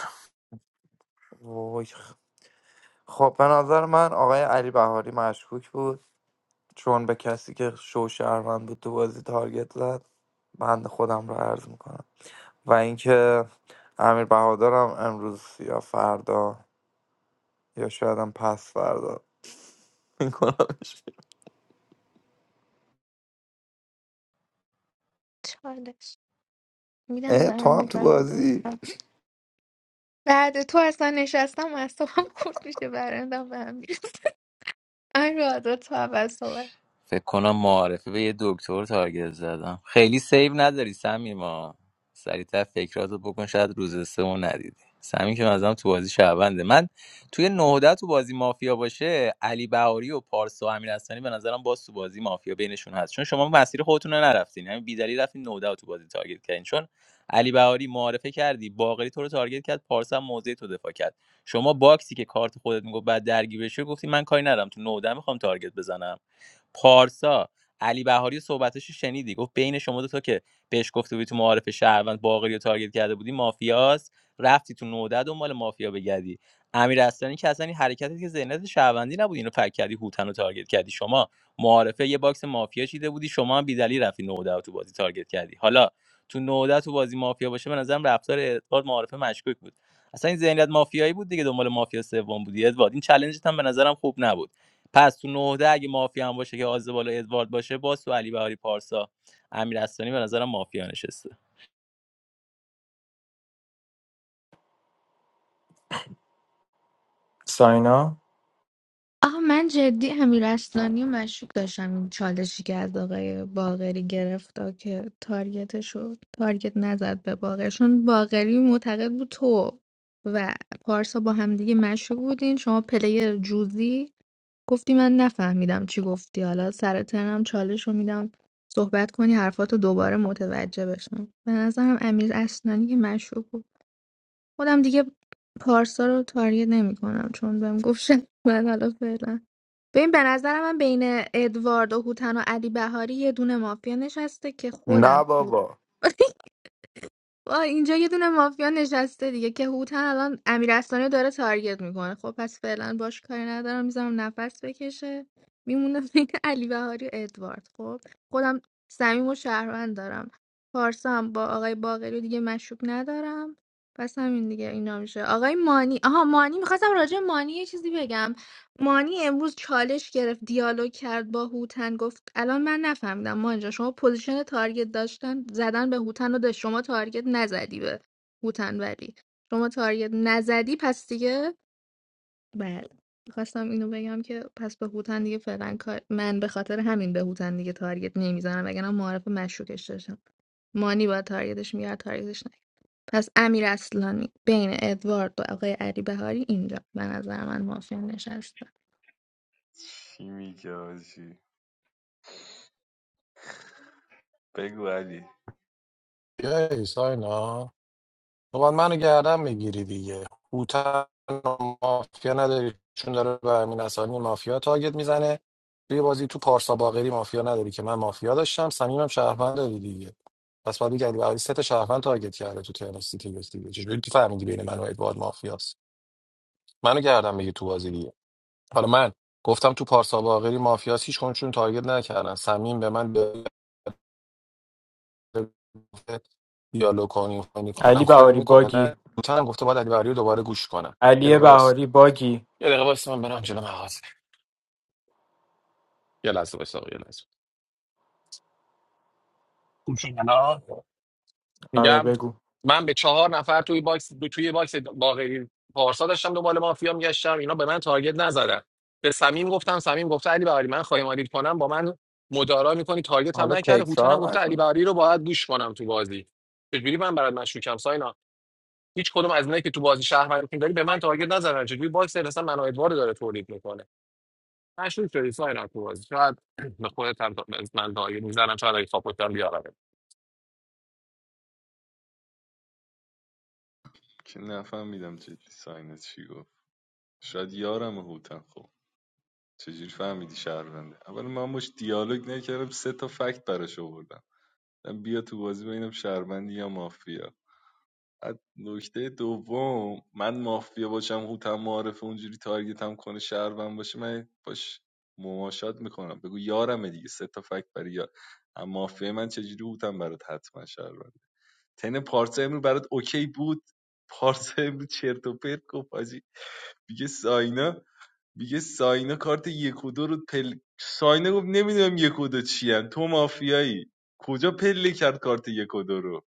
وای خ- خب به نظر من آقای علی بهاری مشکوک بود چون به کسی که شو شهروند بود تو بازی تارگت زد بند خودم رو عرض میکنم و اینکه امیر بهادرم امروز یا فردا یا شاید هم پس فردا میکنمش چالش میدم اه به تو هم امی تو بهادر بازی بعد تو اصلا نشستم و اصلا خورد میشه برندم به هم می‌ریزه. امیر بهادر تو اول صحبت فکر کنم معارفه به یه دکتر تارگت زدم خیلی سیو نداری سمیما سریعتر فکراتو بکن شاید روز سه اون ندیدی سمی که مثلا تو بازی شعبنده من توی نهده تو بازی مافیا باشه علی بهاری و پارسا و امیر اصلانی به نظرم باز تو بازی مافیا بینشون هست چون شما مسیر خودتون رو نرفتین همین بیدلی رفتین نهده رو تو بازی تارگت کردین چون علی بهاری معارفه کردی باقری تو رو تارگت کرد پارسا هم موضع تو دفاع کرد شما باکسی که کارت خودت میگفت بعد درگیر بشه گفتی من کاری ندارم تو نهده میخوام تارگت بزنم پارسا علی بهاری صحبتش رو شنیدی گفت بین شما دو تا که بهش گفته بودی تو معارف شهروند باقری رو تارگت کرده بودی مافیاست رفتی تو نوده دنبال مافیا بگردی امیر اصلانی که اصلا این حرکتی که ذهنیت شهروندی نبود اینو فکر کردی هوتن رو تارگت کردی شما معارفه یه باکس مافیا چیده بودی شما هم بیدلی رفتی نوده تو بازی تارگت کردی حالا تو نوده تو بازی مافیا باشه به نظرم رفتار ادوارد معارفه مشکوک بود اصلا این ذهنیت مافیایی بود دیگه دنبال مافیا سوم بودی ادوارد این چالنجت هم به نظرم خوب نبود پس تو نهده اگه مافیا هم باشه که آزبالا ادوارد باشه باز تو علی بهاری پارسا امیر اصلانی به نظرم مافیا نشسته ساینا آه من جدی امیر اسلانی و مشکوک داشتم این چالشی که از آقای باقری گرفت آه، که تارگتش شد تارگت نزد به باقری چون باقری معتقد بود تو و پارسا با هم دیگه مشکوک بودین شما پلیر جوزی گفتی من نفهمیدم چی گفتی حالا سر ترنم چالش رو میدم صحبت کنی حرفاتو دوباره متوجه بشم به نظرم امیر اسلانی که مشکوک بود خودم دیگه پارسا رو تارگت نمیکنم چون بهم گفت شد. من حالا فعلا ببین به نظر من بین ادوارد و هوتن و علی بهاری یه دونه مافیا نشسته که نه خودم بود بابا آه، اینجا یه دونه مافیا نشسته دیگه که هوتن الان امیر اسلانی رو داره تارگت میکنه خب پس فعلا باش کاری ندارم میذارم نفس بکشه میمونه بین علی بهاری و ادوارد خب خودم صمیم و شهروند دارم پارسا هم با آقای باقری و دیگه مشروب ندارم پس همین دیگه اینا میشه آقای مانی آها مانی میخواستم راجع به مانی یه چیزی بگم مانی امروز چالش گرفت دیالوگ کرد با هوتن گفت الان من نفهمیدم مانی جان شما پوزیشن تارگت داشتن زدن به هوتن رو داشت شما تارگت نزدی به هوتن ولی شما تارگت نزدی پس دیگه بله خواستم اینو بگم که پس به هوتن دیگه فعلا کار- من به خاطر همین به هوتن دیگه تارگت نمیزنم وگرنه معرف مشکوکش داشتم مانی با تارگتش میگرد تارگتش نه پس امیر اصلانی بین ادوارد و آقای علی بهاری اینجا به نظر من مافیا نشسته چی میگه آجی بگو علی بیایی ساینا تو باید منو گردن میگیری دیگه هوتن و مافیا نداری چون داره به امین اسلانی مافیا تارگت میزنه توی بازی تو پارسا باقری مافیا نداری که من مافیا داشتم صمیمم شهروند داری دیگه پس باید بگردی برای سه تا شهروند تارگت کرده تو تیم سیتی بس دیگه چجوری تو فهمیدی بین من و ادوارد مافیاست منو گردن میگی تو بازی دیگه حالا من گفتم تو پارسا باقری مافیاس هیچ کنشون تارگت نکردن صمیم به من دیالوگ کنیم فنی علی کنم کاری بهاری باگی میکنه بوتن گفته باید علی بهاری رو دوباره گوش کنم یه علی دقیقه بس بهاری باگی یه دقیقه بس من برم جلو مغازه یه لحظه بس آقا یه لحظه گوش کن الان. آره میگم بگو من به چهار نفر توی باکس دو توی باکس باقری پارسا داشتم دنبال مافیا میگشتم اینا به من تارگت نزدن به صمیم گفتم صمیم گفته علی بهاری من خواهی مالید کنم با من مدارا میکنی تارگت هم حالا نکرده هوتن هم تکرار گفته علی نکن بهاری رو باید گوش کنم تو بازی چجوری من برات مشکوکم هیچ کدوم از اونایی که تو بازی شهروندتون داری به من تارگت نزدن چجوری باکس اصلا من و ادوارد داره تولید میکنه مشروع شدی ساینا تو بازی شاید به خودت هم تا- به من تارگت میزنم شاید اگه ساپورت دارم بیارم که نفهمیدم جدی ساینت چی گفت شاید یارم هوتن خب چجوری فهمیدی شهرونده اول من باش دیالوگ نکردم سه تا فکت براش آوردم گفتم بیا تو بازی ببینم شهروندی یا مافیا بعد نکته دوم من مافیا باشم هوتم معرف اونجوری تارگتم کنه شهروند باشه من باش مماشات میکنم بگو یارمه دیگه سه تا فکت برای یار اما مافیا من چجوری هوتم برات حتما شهرونده تن پارسا امروز برات اوکی بود پارسا امروز چرت و پرت گفت حاجی. میگه ساینا میگه ساینا کارت یک و دو رو پل ساینا گفت نمیدونم یک و دو چی هن. تو مافیایی کجا پله کرد کارت یک و دو رو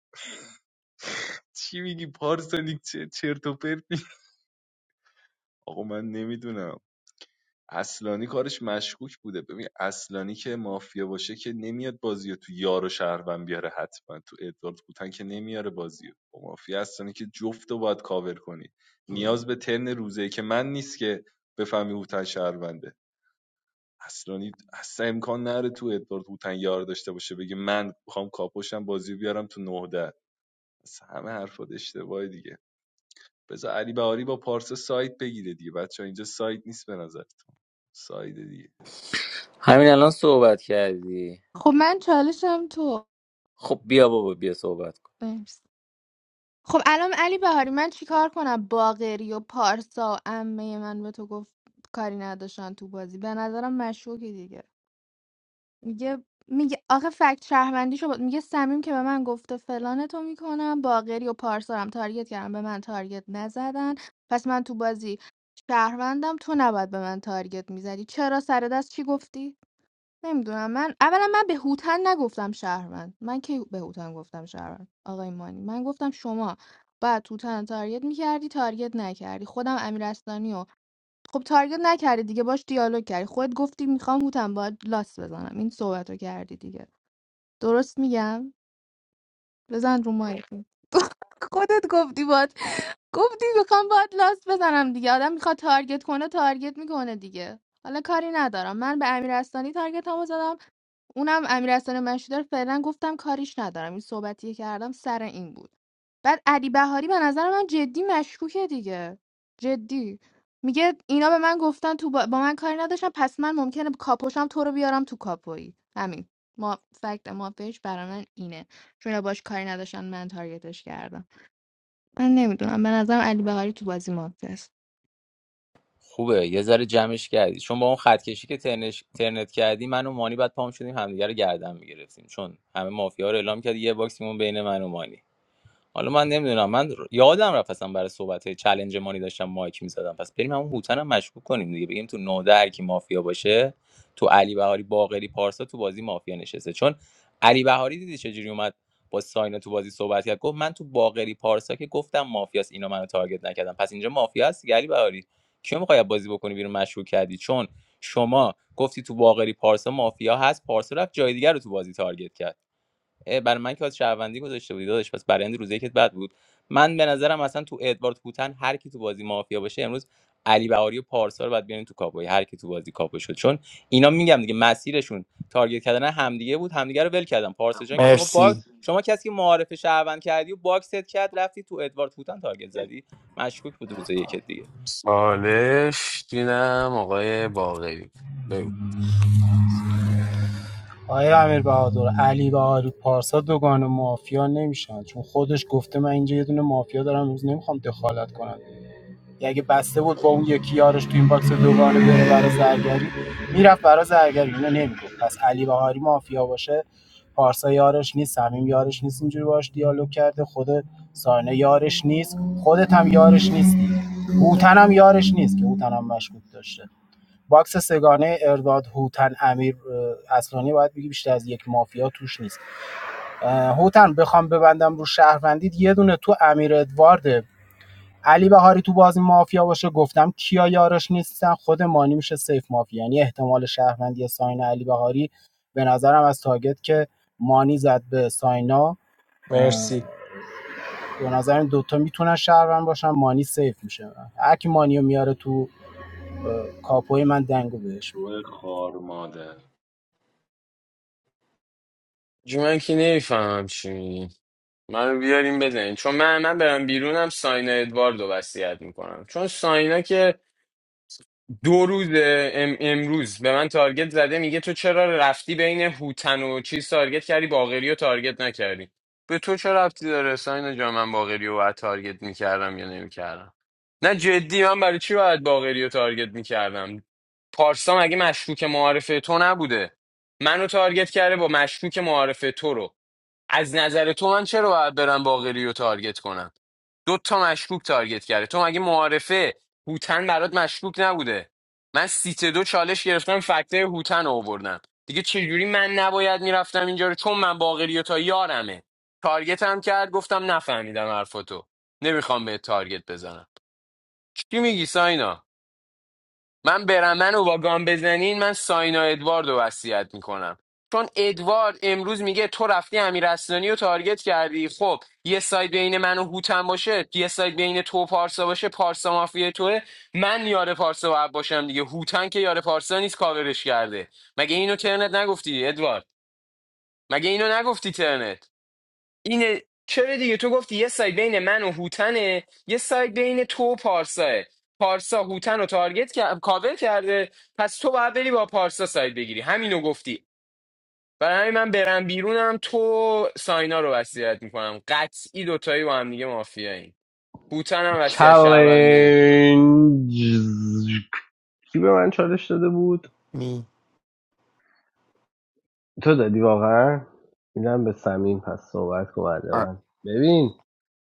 چی میگی پارسانیک چه چرت و پرت می- آقا من نمیدونم اصلانی کارش مشکوک بوده ببین اصلانی که مافیا باشه که نمیاد بازی رو تو یار و شهروند بیاره حتما تو ادوارد بوتن که نمیاره بازی رو. با مافیا اصلانی که جفت رو باید کاور کنی نیاز به ترن روزه که من نیست که بفهمی هوتن شهرونده اصلا اصلا امکان نره تو ادوارد هوتن یار داشته باشه بگه من میخوام کاپوشم بازی بیارم تو نهده اصلا همه حرفات اشتباهه دیگه بذار علی بهاری با پارسا سایت بگیره دیگه بچه ها، اینجا سایت نیست به نظرتون سایت دیگه همین الان صحبت کردی خب من چالشم تو خب بیا بابا بیا صحبت کن مرسی. خب الان علی بهاری من چیکار کنم باقری و پارسا و عمه من به تو گفت کاری نداشتن تو بازی به نظرم مشکوکی دیگه میگه میگه آخه فکت شهروندیشو با... میگه سمیم که به من گفته فلان تو میکنم باقری و پارسا رو هم تارگت کردم به من تارگت نزدن پس من تو بازی شهروندم تو نباید به من تارگت میزدی چرا سر دست چی گفتی نمیدونم من اولا من به هوتن نگفتم شهروند من کی به هوتن گفتم شهروند آقای مانی من گفتم شما بعد هوتن تارگت میکردی تارگت نکردی خودم امیر اسلانی رو خب تارگت نکردی دیگه باش دیالوگ کردی خودت گفتی میخوام هوتن باید لاس بزنم این صحبت رو کردی دیگه درست میگم بزن رو مایک خودت گفتی باید گفتی میخوام باید لاس بزنم دیگه آدم میخواد تارگت کنه تارگت میکنه دیگه حالا کاری ندارم من به امیر اسلانی تارگت هم زدم اونم امیرحسن مشهدی رو فعلا گفتم کاریش ندارم این صحبتی که کردم سر این بود بعد علی بهاری به نظر من جدی مشکوکه دیگه جدی میگه اینا به من گفتن تو با, با من کاری نداشتن پس من ممکنه کاپوشم تو رو بیارم تو کاپویی همین ما فکت مافیش برای من اینه چون اینا باش کاری نداشتن من تارگتش کردم من نمیدونم به نظرم علی بهاری تو بازی مافیاست خوبه یه ذره جمعش کردی چون با اون خط کشی که ترنش... ترنت کردی من و مانی بعد پام شدیم همدیگه رو گردن میگرفتیم چون همه مافیا رو اعلام کردی یه باکسیمون بین من و مانی حالا من نمیدونم من ر- یادم رفت اصلا برای صحبت های چلنج مانی داشتم مایک میزدم پس بریم همون هوتن هم مشکوک کنیم دیگه بگیم تو نوده هر کی مافیا باشه تو علی بهاری باقری پارسا تو بازی مافیا نشسته چون علی بهاری دیدی چجوری اومد با ساینا تو بازی صحبت کرد گفت من تو باقری پارسا که گفتم مافیاست اینا منو تارگت نکردم پس اینجا مافیا هست دیگه، علی بهاری کیو میخوای بازی بکنی بیرون مشکوک کردی چون شما گفتی تو باقری پارسا مافیا هست پارسا رفت جای دیگر رو تو بازی تارگت کرد اه، برای من که از شهروندی گذاشته بودی داداش پس برند روزی که بد بود من به نظرم اصلا تو ادوارد هوتن هر کی تو بازی مافیا باشه امروز علی بهاری و پارسا رو باید بیارین تو کاپوی هر کی تو بازی کاپو شد چون اینا میگم دیگه مسیرشون تارگت کردن همدیگه بود همدیگه رو ول کردن پارسا جان که شما با مرسی شما کسی که معارف شهروند کردی و باکست کرد رفتی تو ادوارد هوتن تارگت زدی مشکوک بود روز یک چالش دیدم آقای باقری بگو آیا امیر بهادر علی بهادر پارسا دوگان مافیا نمیشن چون خودش گفته من اینجا یه دونه مافیا دارم امروز نمیخوام دخالت کنم یه اگه بسته بود با اون یکی یارش تو این باکس دوگانه بره برای زرگری میرفت برای زرگری اینو نمیگفت پس علی بهاری مافیا باشه پارسا یارش نیست صمیم یارش نیست اینجوری باش دیالوگ کرده خود ساینا یارش نیست خودت هم یارش نیستی هوتن هم یارش نیست که هوتن هم مشکوک داشته باکس سگانه ارداد هوتن امیر اصلانی باید بگی بیشتر از یک مافیا توش نیست هوتن بخوام ببندم رو شهروندید یه دونه تو امیر ادوارد علی بهاری تو بازی مافیا باشه گفتم کیا یارش نیستن خود مانی میشه سیف مافیا یعنی احتمال شهروندی ساینا علی بهاری به نظرم از تاگت که مانی زد به ساینا مرسی به نظرم دوتا میتونن شهروند باشن مانی سیف میشه هر کی مانیو میاره تو اه، کاپوی من دنگو بهش می‌دم. شو خار مادر جو من که نمیفهمم چی میگی منو بیاریم بزنین چون من من برم بیرونم ساینا ادواردو وصیت میکنم چون ساینا که دو روز ام امروز به من تارگت زده میگه تو چرا رفتی بین هوتن و چیز تارگت کردی باقری و تارگت نکردی به تو چه ربطی داره ساینا جا من باقری رو باید تارگت میکردم یا نمیکردم نه جدی من برای چی باید باقری رو تارگت میکردم پارسا مگه مشکوک معارفه تو نبوده منو تارگت کرده با مشکوک معارفه تو رو از نظر تو من چرا باید برم باقری رو تارگت کنم دو تا مشکوک تارگت کرده تو مگه معارفه هوتن برات مشکوک نبوده من سیت دو چالش گرفتم فکته هوتن رو آوردم دیگه چجوری من نباید میرفتم اینجا رو چون من باقری و تا یارمه تارگت هم کرد گفتم نفهمیدم حرفتو نمیخوام به تارگت بزنم چی میگی ساینا من برم من و واگان بزنین من ساینا ادوارد رو وصیت میکنم چون ادوارد امروز میگه تو رفتی امیر اسلانی رو تارگت کردی خب یه ساید بین من و هوتن باشه یه ساید بین تو و پارسا باشه پارسا مافیا توه من یار پارسا و عب باشم دیگه هوتن که یار پارسا نیست کاورش کرده مگه اینو ترنت نگفتی ادوارد مگه اینو نگفتی ترنت اینه چرا دیگه تو گفتی یه سایت بین من و هوتنه یه سایت بین تو و پارساه پارسا هوتن رو تارگت کرد کاور کرده پس تو باید بری با پارسا سایت بگیری همینو گفتی برای همین من برم بیرونم تو ساینا رو وصیت میکنم قطعی دوتایی با هم دیگه مافیاییم هوتن هم وصیت شهروندی میکنم چالنج کی به من چالش داده بود می تو دادی واقعا میدم به سمین پس صحبت کن بعد آ، من ببین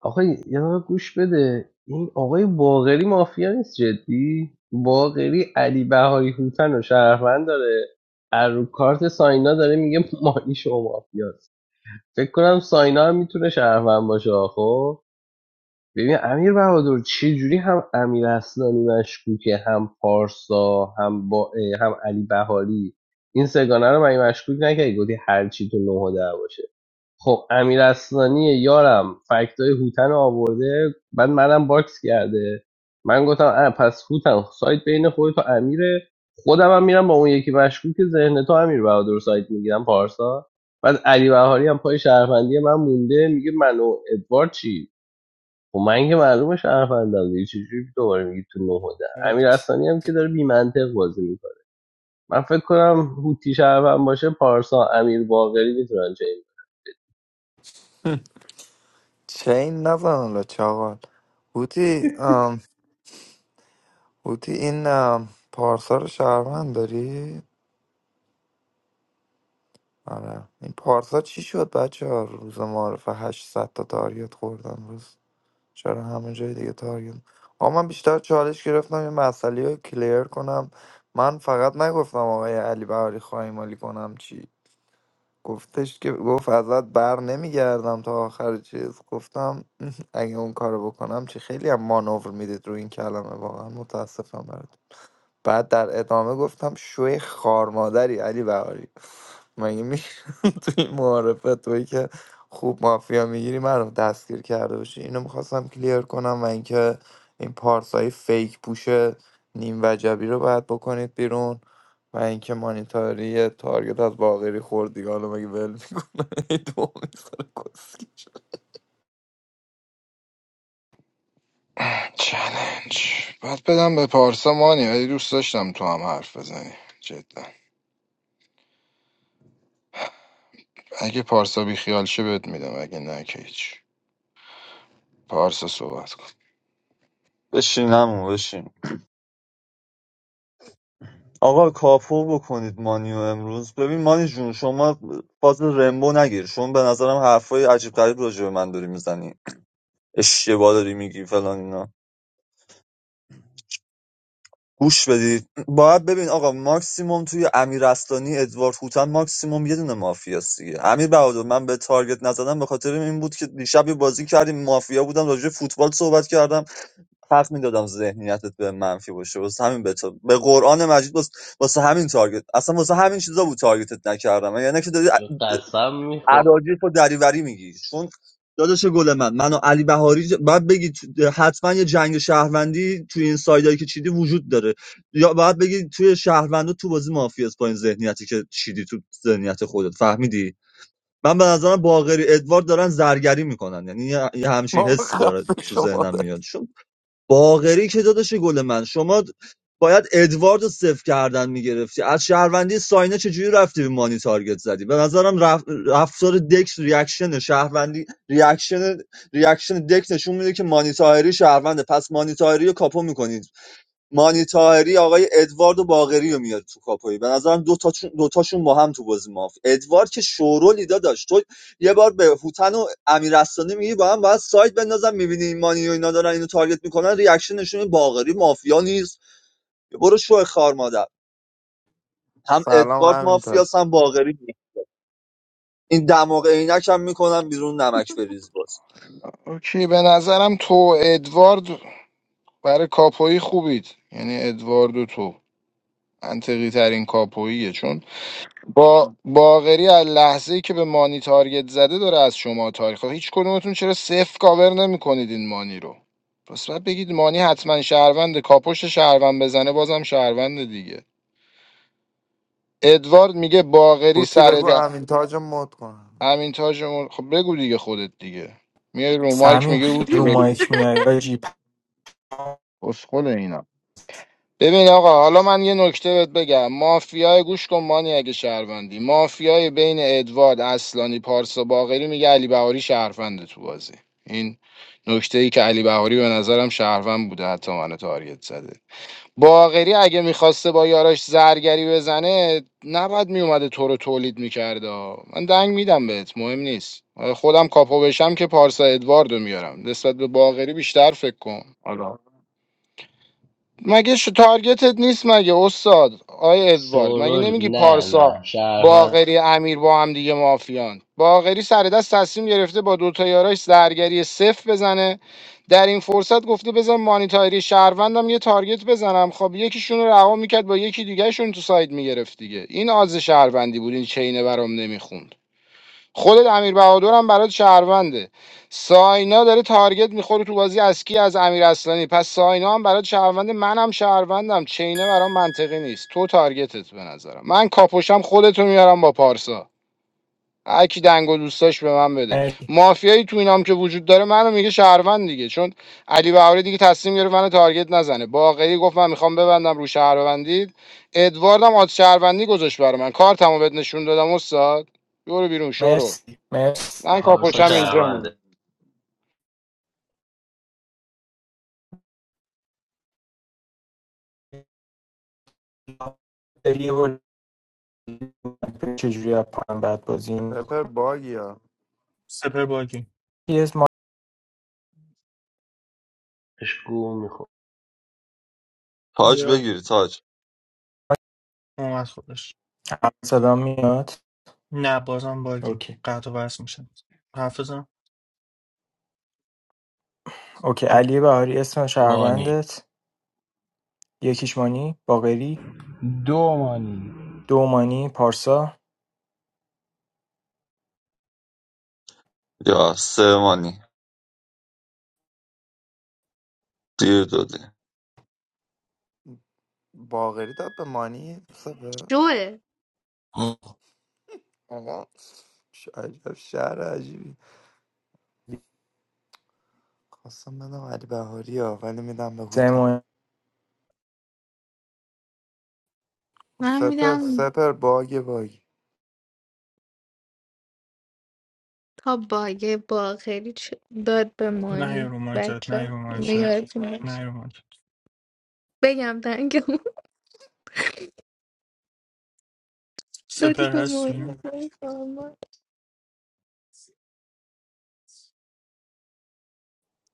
آخه یه دقیقه گوش بده این آقای باقری مافیا نیست جدی باقری علی بهاری هوتن و شهروند داره از رو کارت ساینا داره میگه مانی شما مافیاست فکر کنم ساینا هم میتونه شهروند باشه خب ببین امیر بهادر چه جوری هم امیر اسلانی مشکوکه هم پارسا هم با هم علی بهاری این سگانه رو من مشکوک نکردی گفتی هر چی تو نه و ده باشه خب امیر اسلانی یارم فکتای هوتن رو آورده بعد منم باکس کرده من گفتم اه، پس هوتن سایت بین خودت و امیره خودم هم میرم با اون یکی مشکوک ذهن تو امیر بهادر سایت میگیرم پارسا بعد علی بهاری هم پای شهروندی من مونده میگه من و ادوارد چی خب من که معلومه شرف اندازه چجوری دوباره میگی تو نهوده. و امیر حسانی هم که داره بی منطق بازی میکنه من فکر کنم هوتی شرف باشه پارسا امیر باقری میتونن چه چین نزن حالا چاقال هوتی آم، هوتی این آم، پارسا رو شهروند داری؟ آره این پارسا چی شد بچه ها روز معارفه 800 تا تارگت خوردن روز چرا همه جای دیگه تارگت آقا من بیشتر چالش گرفتم این مسئله رو کلیر کنم من فقط نگفتم آقای علی بهاری خواهی مالی کنم چی گفتش که گفت ازت بر نمیگردم تا آخر چیز گفتم اگه اون کارو بکنم چی خیلی هم مانور میدید رو این کلمه واقعا متاسفم برات بعد در ادامه گفتم شوی خارمادری علی بهاری مگه میشه توی این معارفه توی که خوب مافیا میگیری من دستگیر کرده باشی اینو میخواستم کلیر کنم و اینکه این پارسایی فیک پوش نیم وجبی رو باید بکنید بیرون و اینکه مانیتاری یه تارگت از باقری خورد دیگه حالا مگه ول میکنه دو می‌ذاره کسکش. چلنج باید بدم به پارسا مانی ولی دوست داشتم تو هم حرف بزنی جدا اگه پارسا بی خیال شه بهت میدم اگه نه که هیچ پارسا صحبت کن بشین همون بشین آقا کاپو بکنید مانیو امروز ببین مانی جون شما باز رمبو نگیر شما به نظرم حرفای عجیب غریب راجع به من داری میزنی اشتباه داری میگی فلان اینا گوش بدید باید ببین آقا ماکسیموم توی امیر استانی ادوارد هوتن ماکسیموم یه دونه مافیاست دیگه امیر بهادر من به تارگت نزدم به خاطر این بود که دیشب یه بازی کردیم مافیا بودم راجع به فوتبال صحبت کردم حق میدادم ذهنیتت به منفی باشه واسه همین به, تا- به قرآن مجید واس- واسه همین تارگت اصلا واسه همین چیزا بود تارگتت نکردم یعنی که داری این قسم میخور اراجیف و دریوری میگی چون داداش گل من منو علی بهاری ج- باید بگی تو- حتما یه جنگ شهروندی توی این سایدایی که چیدی وجود داره یا باید بگی توی شهروندا تو بازی مافیاس با این ذهنیتی که چیدی تو ذهنیت خودت فهمیدی من به نظرم باقری ادوارد دارن زرگری میکنن یعنی یه یه همچین بابا حسی داره خفه تو شما ذهنم ده. میاد باقری که داداش گل من شما باید ادوارد رو صفر کردن میگرفتی از شهروندی ساینه چجوری رفتی به مانی تارگت زدی به نظرم رف... رفتار دکس ریاکشن شهروندی ریاکشن ریاکشن دکس نشون میده که مانی تاهری شهرونده پس مانی تاهری رو کاپو میکنید مانی طاهری آقای ادوارد و باقری رو میاد تو کاپوی به نظرم دو تاشون دو تاشون با هم تو بازی ماف ادوارد که شورو لیدا داشت تو یه بار به هوتن و امیرستانی میگی با هم باید سایت بندازم میبینی این مانی و اینا دارن اینو تارگت میکنن ریاکشنشون این باقری مافیا نیست برو شو خار مادر هم سلام ادوارد همینطور مافیاس هم باقری این دماغ عینک هم میکنم بیرون نمک بریز باز اوکی به نظرم تو و ادوارد برای کاپویی خوبید یعنی ادوارد و تو منطقی ترین کاپوییه چون با باغری از لحظه ای که به مانی تارگت زده داره از شما تاریخ خب هیچ کدومتون چرا صفر کاور نمیکنید این مانی رو پس باید بگید مانی حتما شهروند کاپشت شهروند بزنه بازم شهروند دیگه ادوارد میگه باغری بوتی سر بگو د... امین تاج رو مد کنم همین تاج مر- خب بگو دیگه خودت دیگه میای رو مایک سمیم میگه خیلی اوتی رو بگو مایک میای آجی اسخله اینا ببین آقا حالا من یه نکته بهت بگم مافیای گوش کن مانی اگه شهروندی مافیای بین ادوارد اصلانی پارسا باقری میگه علی بهاری شهرونده تو بازی این نکته ای که علی بهاری به نظرم شهروند بوده حتی منو تارگت زده باقری اگه میخواسته با یاراش زرگری بزنه نباید میومده تو رو تولید میکرده من دنگ میدم بهت مهم نیست آره، خودم کاپو بشم که پارسا ادواردو میارم نسبت به باقری بیشتر فکر کن مگه ش- تارگتت نیست مگه استاد آی ادوارد مگه سورول نمیگی نه پارسا نه شرفند باقری امیر با هم دیگه مافیان باقری سر دست تصمیم گرفته با دوتا یاراش زرگری صفر بزنه در این فرصت گفته بزن مانیتاری شهروندم یه تارگت بزنم خب یکیشون رو رها میکرد با یکی دیگهشون تو ساید میگرفت دیگه این آز شهروندی بود این چینه برام نمیخون خودت امیر بهادر هم برات شهرونده ساینا داره تارگت میخوره تو بازی از کی از امیر اصلانی پس ساینا هم برات شهرونده منم شهروندم چینه برام منطقی نیست تو تارگتت به نظرم من کاپوشم خودتو میارم با پارسا هر کی دنگ و دوستاش به من بده مافیایی تو اینام که وجود داره منو میگه شهروند دیگه چون علی بهاری دیگه تصمیم گرفت منو تارگت نزنه باقری گفت من میخوام ببندم رو شهروندی ادواردم آد شهروندی گذاشت برای من کارتمو بهت نشون دادم استاد برو بیرون شورول مرسی مرسی من پارسا کاپوشم مرسی مرسی اینجا شرفنده میام بری و چجوری از پایان بعد بازی سپر می‌کنی؟ باگی سپر باگی یه اسم ما گو میخور تاج زیاد بگیری تاج اومد خودش صدا میاد نه بازم باگی اوکی قطع و وصل میشه حافظم اوکی آی، علی بهاری اسم مانی شهروندت یکیش مانی باقری دو مانی دو مانی پارسا یا سه مانی دیر دادی باقری داد به مانی سپر شوه آقا چه عجب شهر عجیبی خواستم بدم علی بهاری ها ولی میدم به سه هوتم مانی من سپر میدم سپر باگ باگ تا باگ باخری چ- داد به نه یه مانی رو مارکت بچه نه یه ها رو مارکت نه یه رو مارکت بگم دنگمون دادی سپر به مانی هستی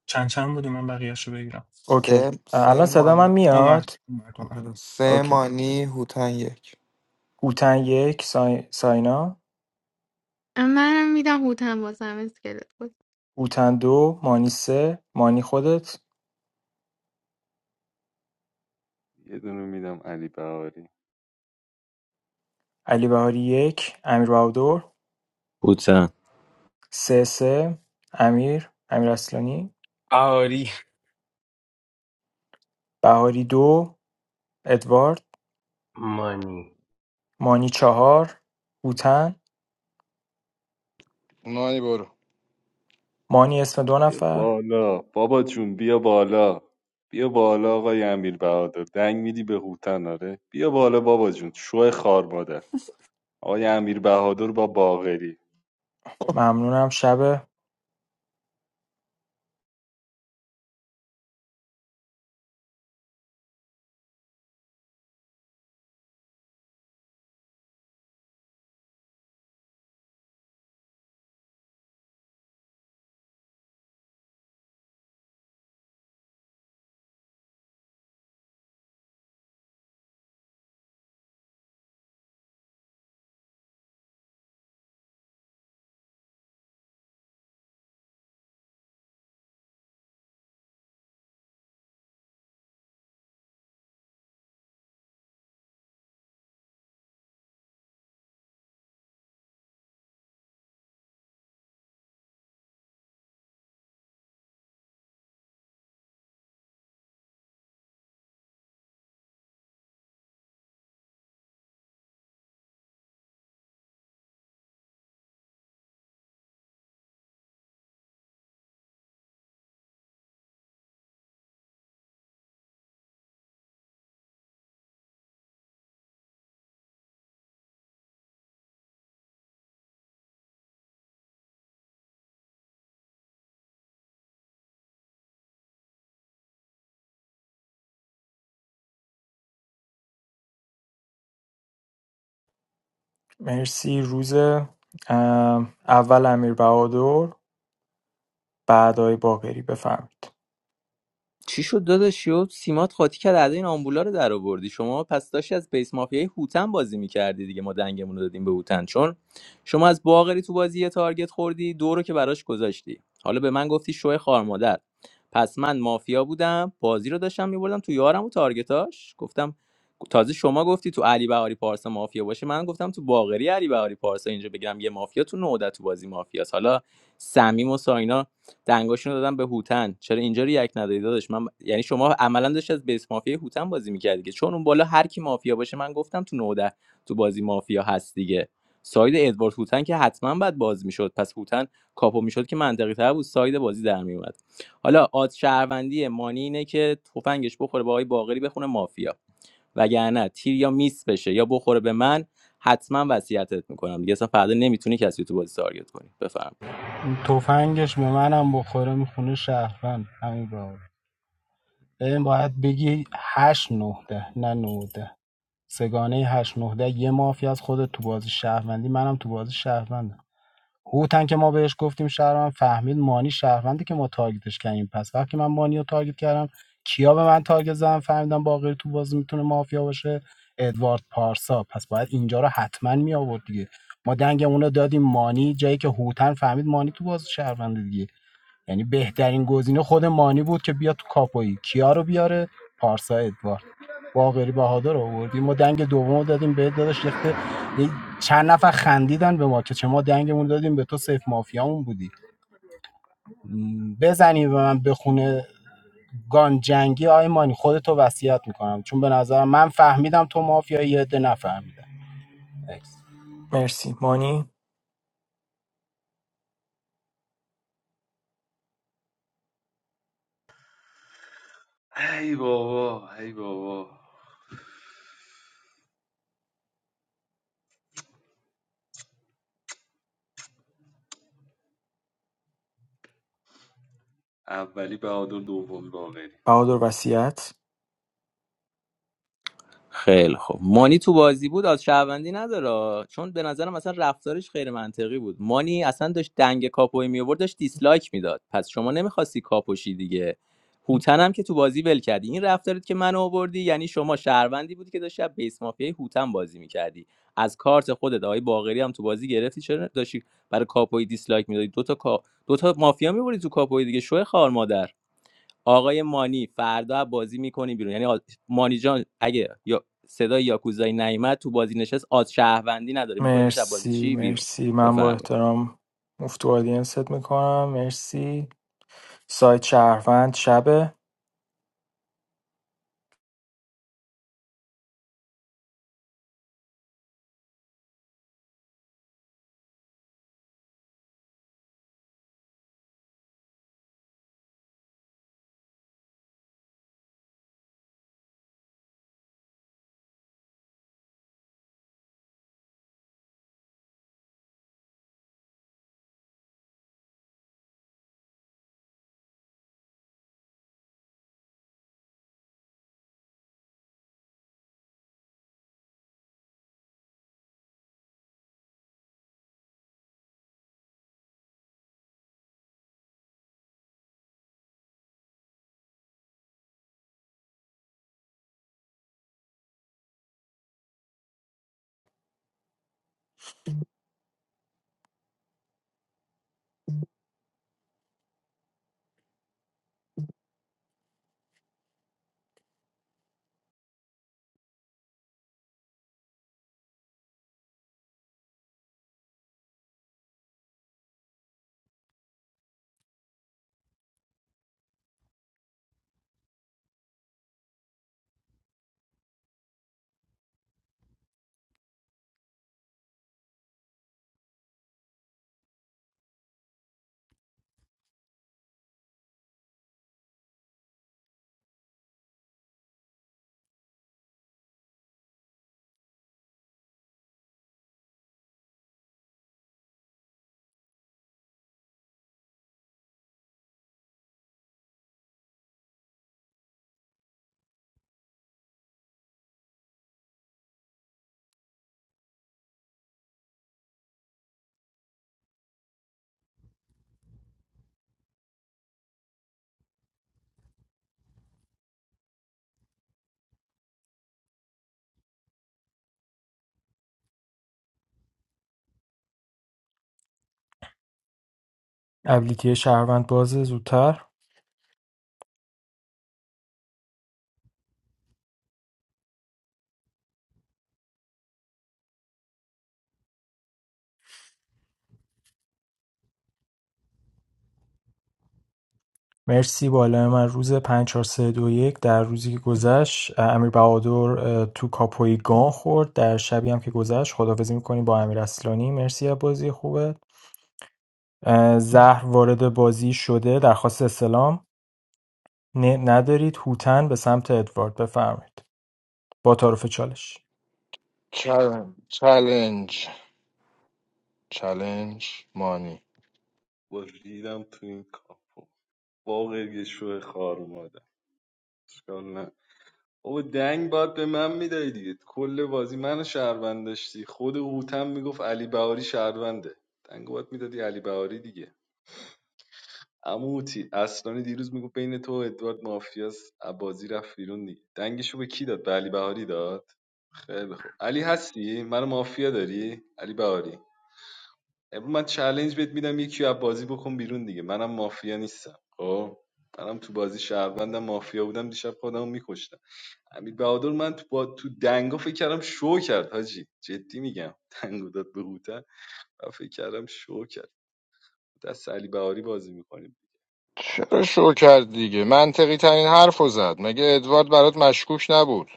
چند چند بودی من بقیهش رو بگیرم اوکی سه الان سه صدا من مانی اومد میاد اومد اومد آره. سه اوکی مانی هوتن یک هوتن یک سای... ساینا منم میدم هوتم بازم اسکلت بود هوتن دو، مانی سه، مانی خودت، یه دونه میدم علی بهاری علی بهاری یک، امیر بهادر، دیگه سه سه، امیر، امیر اصلانی آری بهاری دو، ادوارد، مانی مانی چهار، هوتن، مانی برو مانی اسم دو بیا نفر، بالا بابا جون بیا بالا بیا بالا آقای امیر بهادر دنگ میدی به هوتن آره بیا بالا بابا جون شو خار مادر آقای امیر بهادر با باغری ممنونم شب مرسی روز اول امیر بهادر بعدای باقری بفرمید چی شد داداش یهو سیمات قاطی کرد اعدای آمبولا رو در آوردی شما پس داشتی از بیس مافیای هوتن بازی میکردی دیگه ما دنگمون رو دادیم به هوتن چون شما از باغری تو بازی یه تارگت خوردی دو رو که براش گذاشتی حالا به من گفتی شوه خارمادر پس من مافیا بودم بازی رو داشتم میبردم تو یارم و تارگتاش گفتم تازه شما گفتی تو علی بهاری پارسا مافیا باشه من گفتم تو باغری علی بهاری پارسا اینجا بگم یه مافیا تو نودا تو بازی مافیاست حالا صمیم و ساینا دنگاشونو دادن به هوتن چرا اینجا رو یک ندادی داداش من یعنی شما عملا داشت از بیس مافیا هوتن بازی میکردی که چون اون بالا هر کی مافیا باشه من گفتم تو نوده تو بازی مافیا هست دیگه ساید ادوارد هوتن که حتما بعد باز میشد پس هوتن کاپو میشد که منطقی تر بود ساید بازی در میومد حالا آد شهروندی مانی اینه که تفنگش بخوره به آقای باقری بخونه مافیا وگرنه تیر یا میس بشه یا بخوره به من حتما وصیتت میکنم دیگه اصلا فردا نمیتونی کسی رو تو بازی تارگت کنی بفرمایید تفنگش به منم بخوره میخونه شهروند همین بابا این باید بگی هشت نهده نه نهده سگانه هشت نهده یه مافیا از خودت تو بازی شهروندی منم تو بازی شهروندم هوتن که ما بهش گفتیم شهروند فهمید مانی شهروندی که ما تارگتش کردیم پس وقتی من مانی رو تارگت کردم کیا به من تارگت زدن فهمیدم باقری تو بازی میتونه مافیا باشه ادوارد پارسا پس باید اینجا رو حتما می آورد دیگه ما دنگ اونو دادیم مانی جایی که هوتن فهمید مانی تو بازی شهروندی دیگه یعنی بهترین گزینه خود مانی بود که بیاد تو کاپویی کیا رو بیاره پارسا ادوارد باقری بهادر رو آوردیم ما دنگ دومو دادیم به داداش یخته چند نفر خندیدن به ما که چه ما دنگمون دادیم به تو سیف مافیامون بودی م، بزنی به من بخونه گان جنگی آی مانی خودتو وصیت میکنم چون به نظرم من فهمیدم تو مافیایی یه عده نفهمیدم Next. مرسی مانی ای بابا ای بابا اولی بهادر دومی باقری بهادر وسیعت خیلی خوب مانی تو بازی بود از شهروندی نداره چون به نظرم اصلا رفتارش غیر منطقی بود مانی اصلا داشت دنگ کاپوی می آورد داشت دیسلایک میداد پس شما نمیخواستی کاپوشی دیگه هوتن هم که تو بازی ول کردی این رفتارت که منو آوردی یعنی شما شهروندی بودی که داشتی از بیس مافیای هوتن بازی میکردی از کارت خودت آقای باقری هم تو بازی گرفتی چرا داشتی برای کاپوی دیسلایک میدادی دو تا کا... دو تا مافیا میبری تو کاپوی دیگه شو خار مادر آقای مانی فردا بازی میکنی بیرون یعنی آ- مانی جان اگه یا صدای یاکوزایی نیامد تو بازی نشست آز شهروندی نداره میکنید شب بازی مرسی چی بیرون مرسی من با بفرمایید احترام مفتو آدینست میکنم مرسی سایت شهروند شبه، ابلیتی شهروند بازه زودتر مرسی بالای من روز 5 4 3 2 1 در روزی که گذشت امیر بهادر تو کاپوی گان خورد در شبی هم که گذشت خدافزی میکنیم با امیر اصلانی مرسی از بازی خوبه زهر وارد بازی شده درخواست اسلام ندارید هوتن به سمت ادوارد بفرمایید با تعارف چالش چلنج چلنج چلنج مانی با ریدم تو این کاپو باقری شو شوه خار مادر اشکال نه بابا دنگ باید به من میدادی دیگه کل بازی منو شهروند داشتی خود هوتم میگفت علی بهاری شهرونده دنگ باید میدادی علی بهاری دیگه اما هوتی اصلانی دیروز میگفت بین تو و ادوارد مافیاس بازی رفت بیرون دیگه دنگشو به کی داد به علی بهاری داد خیلی خوب علی هستی منو مافیا داری علی بهاری من چالش بهت میدم یکی از بازی بکن بیرون دیگه منم مافیا نیستم خب منم تو بازی شهروندم مافیا بودم دیشب خودمو میکشتم امیر بهادر من تو با تو دنگا فکر کردم شو کرد حاجی جدی میگم دنگو داد به هوتن و فکر کردم شو کرد دست علی بهاری بازی میکنیم چرا شو کرد دیگه منطقی ترین حرف رو زد مگه ادوارد برات مشکوک نبود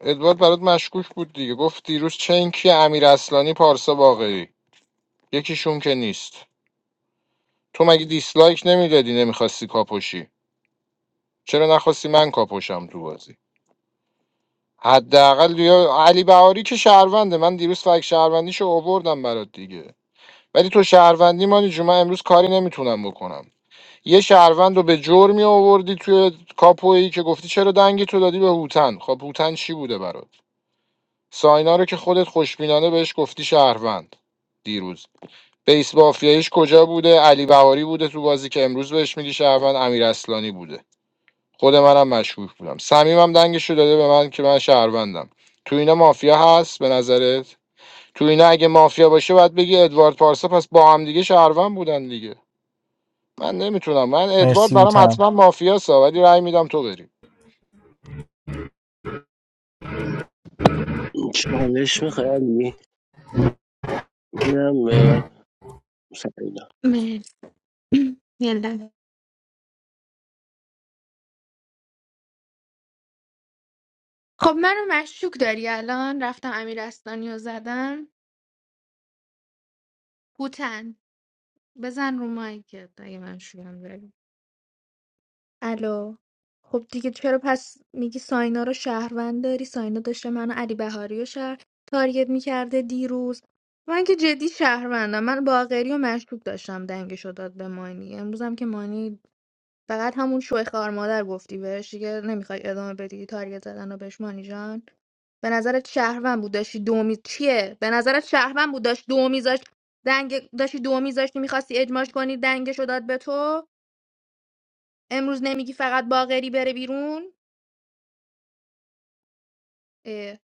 ادوارد برات مشکوک بود دیگه گفت دیروز چنکی امیر اصلانی پارسا باقری یکیشون که نیست تو مگه دیسلایک نمیدادی نمیخواستی کاپوشی چرا نخواستی من کاپوشم تو بازی حداقل یا علی بهاری که شهرونده من دیروز فک شهروندیشو آوردم برات دیگه ولی تو شهروندی مانی جون من امروز کاری نمیتونم بکنم یه شهروند رو به جرمی می آوردی توی کاپویی که گفتی چرا دنگی تو دادی به هوتن خب هوتن چی بوده برات ساینا رو که خودت خوشبینانه بهش گفتی شهروند دیروز بیس بافیایش کجا بوده علی بهاری بوده تو بازی که امروز بهش میگی شهروند امیر اصلانی بوده خود منم مشکوک بودم صمیمم دنگش رو داده به من که من شهروندم تو اینا مافیا هست به نظرت تو اینا اگه مافیا باشه باید بگی ادوارد پارسا پس با هم دیگه شهروند بودن دیگه من نمیتونم من ادوارد مرسی برام هوتن حتما مافیاسا ولی رأی میدم تو بری چالش میخوای علی اینم به سعیدا مرسی یه لحظه. خب منو مشکوک داری الان رفتم امیر استانی رو زدم هوتن بزن رو مایکت اگه من شویم داری. الو خب دیگه چرا پس میگی ساینا رو شهروند داری ساینا داشته منو علی بهاری رو شهر تارگت میکرده دیروز من که جدی شهروندم من باقری و مشکوک داشتم دنگش رو داد به مانی امروزم که مانی فقط همون شوی خار مادر گفتی بهش دیگه نمیخوای ادامه بدی تارگت زدن رو بهش مانی جان به نظرت شهروند بود داشتی دو می- چیه به نظرت شهروند بود داشت دو میذاشت دنگ داشتی دو میذاشتی میخواستی اجماش کنی دنگش رو داد به تو امروز نمیگی فقط باغری بره بیرون اه.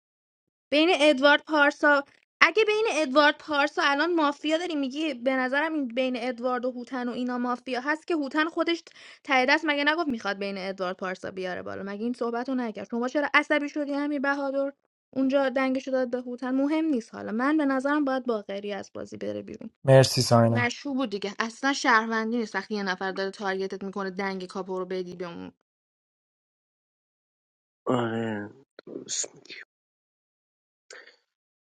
بین ادوارد پارسا اگه بین ادوارد پارسا الان مافیا داری میگی به نظرم این بین ادوارد و هوتن و اینا مافیا هست که هوتن خودش ته دست مگه نگفت میخواد بین ادوارد پارسا بیاره بالا مگه این صحبت رو نکرد شما چرا عصبی شدی همین بهادر اونجا دنگشو داد به هوتن مهم نیست حالا من به نظرم باید باقری از بازی بره بیرون مرسی ساینا مشروع بود دیگه اصلا شهروندی نیست وقتی یه نفر داره تارگتت میکنه دنگ کاپو رو بدی به اون آره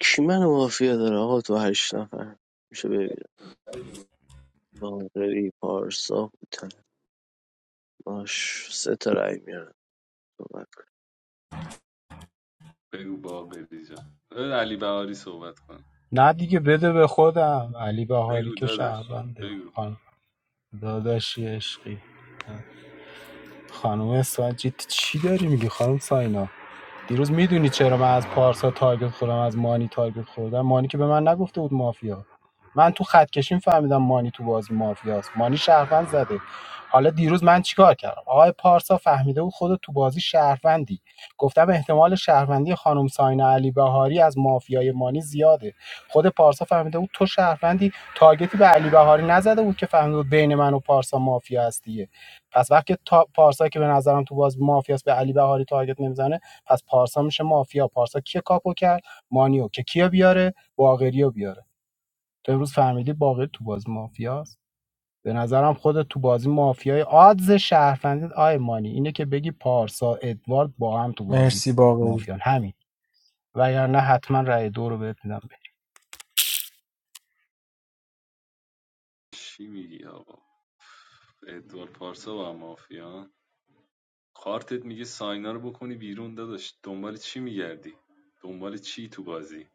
کی منو مافیا داره آقا تو هشت نفر میشه ببینم باقری پارسا بودن باش سه تا رای میارم صحبت کن بگو باقری جان بذار علی بهاری صحبت کن نه دیگه بده به خودم علی بهاری بگو که داداش شهرونده بگو خان داداشی عشقی خانم ساجی چی داری میگی خانم ساینا دیروز میدونی چرا من از پارسا تارگت خوردم از مانی تارگت خوردم مانی که به من نگفته بود مافیا من تو خط کشیم فهمیدم مانی تو بازی مافیاست مانی شهروند زده حالا دیروز من چیکار کردم آقای پارسا فهمیده بود خودت تو بازی شهروندی گفتم احتمال شهروندی خانم ساینا علی بهاری از مافیای مانی زیاده خود پارسا فهمیده بود تو شهروندی تارگتی به علی بهاری نزده بود که فهمیده بود بین من و پارسا مافیا هست دیگه پس وقتی تا پارسا که به نظرم تو باز مافیاست به علی بهاری تارگت نمیزنه پس پارسا میشه مافیا پارسا کیه کاپو کرد مانیو که کیو بیاره باقریو بیاره تو امروز فهمیدی باقری تو بازی مافیاست به نظرم خود تو بازی مافیای آدز شهروندی آی مانی اینه که بگی پارسا ادوارد با هم تو بازی مرسی باقری مافیان همین وگرنه حتما رأی دو رو بهت میدم چی میگی آقا ادوار پارسا و مافیا کارتت میگه ساینا رو بکنی بیرون داداش دنبال چی میگردی دنبال چی تو بازی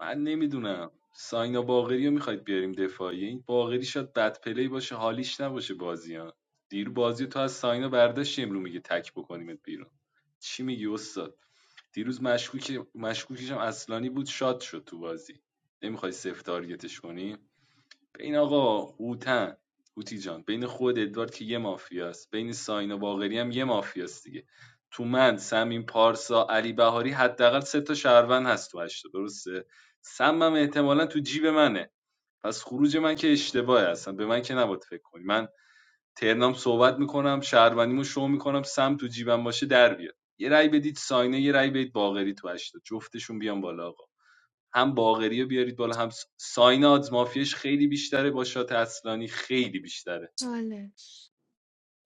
من نمیدونم ساینا باقری رو میخواید بیاریم دفاعی این باقری شاید بد پلی باشه حالیش نباشه بازی ها دیرو بازی تو از ساینا برداشتی امرو میگه تک بکنیمت بیرون چی میگی استاد دیروز مشکوک مشکوکش هم اصلانی بود شاد شد تو بازی نمیخوای سفت تارگتش کنی بین آقا هوتن هوتی جان بین خود ادوارد که یه مافیاست بین ساین و باقری هم یه مافیاست دیگه تو من سمین پارسا علی بهاری حداقل سه تا شهروند هست تو هشت درسته سمم احتمالاً تو جیب منه پس خروج من که اشتباهه اصلا به من که نباید فکر کنی من ترنام صحبت میکنم شهروندیمو شو میکنم سم تو جیبم باشه در بیاد یه رأی بدید ساینه یه رأی بدید باقری تو هشت تا. جفتشون بیان بالا آقا هم باقری رو بیارید بالا هم س- ساین آدز مافیش خیلی بیشتره با شات اصلانی خیلی بیشتره چالش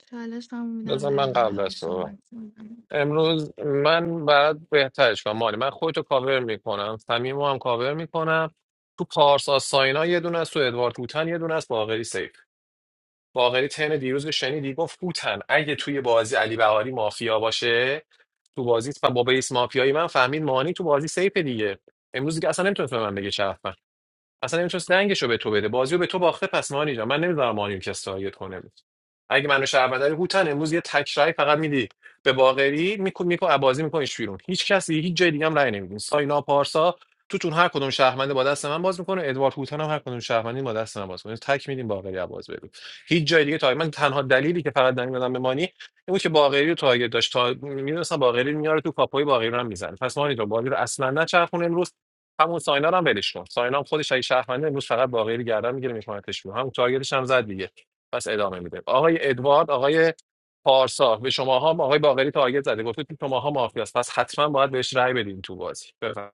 چالش هم میدم به بذار من علی قبل بهایی از تو صحبت کنم امروز من بعد بهترش کنم مالی من خودتو کاور میکنم صمیم هم کاور میکنم تو پارسا ساینا یه دونه است تو ادوارد هوتن یه دونه است باقری سیف باقری ترن دیروز رو شنیدی گفت فوتن اگه توی بازی علی بهاری مافیا باشه تو بازی با بیس مافیایی من فهمید مانی تو بازی سیف دیگه امروز دیگه اصلا نمیتونست به من بگه اصلا نمیتونست دنگشو به تو بده بازیو به تو باخته پس مانی جان من نمیذارم مانی رو کسی تارگت کنه اگه منو شهروند داری هوتن امروز یه تک رأی فقط میدی به باقری میکو میکو عبازی میکنیش بیرون هیچ کسی هیچ جای دیگه هم رأی نمیدین ساینا پارسا توتون هر کدوم شهرمنده با دست من باز میکنه ادوارد هوتن هم هر کدوم شهرمندی با دست من باز میکنه تک میدیم باقری عباس ببین هیچ جای دیگه تاگ من تنها دلیلی که فقط دنگ دادم به مانی این بود که باقری رو تارگت داشت تا میدونستم باقری رو میاره تو کاپوی باقری رو هم میزنه پس مانی تو باقری رو اصلا نچرخون امروز همون ساینا رو هم ولش کن ساینا هم خودش اگه شهرمنده امروز فقط باقری رو گردن میگیره میکنتش بیرون همون تارگتش هم زد دیگه پس ادامه میده آقای ادوارد آقای پارسا به شماها هم آقای باقری تارگت زده گفته تو شماها مافیاست پس حتما باید بهش رأی بدین تو بازی بفرمایید.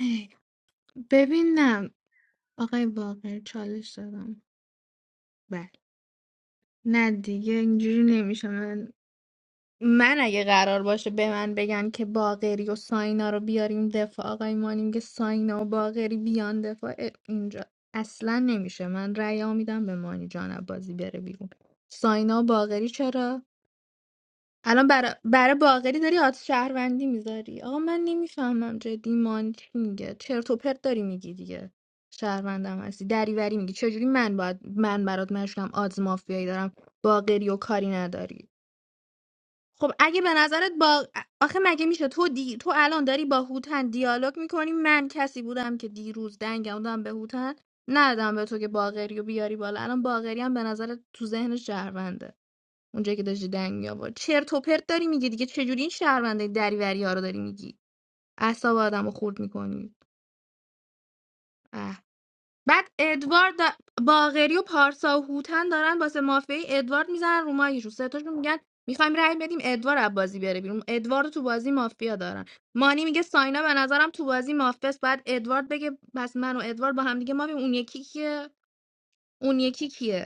ای، ببین نه آقای باقر چالش دادم بله نه دیگه اینجوری نمیشه من من اگه قرار باشه به من بگن که باقری و ساینا رو بیاریم دفاع آقای مانیم که ساینا و باقری بیان دفاع اه، اینجا اصلا نمیشه من رأی میدم به مانی جان بازی بره بیرون ساینا و باقری چرا الان برا- برای باقری داری آت شهروندی میذاری آقا من نمیفهمم جدی مانی چی میگه چرت و پرت داری میگی دیگه شهروندم هستی دریوری میگی چجوری من باید من برات مشکم آدز مافیایی دارم باقری و کاری نداری خب اگه به نظرت با آخه مگه میشه تو دی... تو الان داری با هوتن دیالوگ میکنی من کسی بودم که دیروز دنگم دادم به هوتن ندادم به تو که باقری و بیاری بالا الان باقری هم به نظرت تو ذهن شهرونده اونجایی که داشتی دنگ میآورد چرت و پرت داری میگی دیگه چجوری این شهرونده دریوری ها رو داری میگی اعصاب آدم رو خورد میکنی بعد ادوارد دا- باقری و پارسا و هوتن دارن واسه مافیای ادوارد میزنن رو مایکشون سه تاشون میگن میخوایم رأی بدیم ادوار از بازی بره بیرون ادوارد رو تو بازی مافیا دارن مانی میگه ساینا به نظرم تو بازی مافیاست بعد ادوارد بگه پس من و ادوارد با هم دیگه مافیم اون یکی کیه اون یکی کیه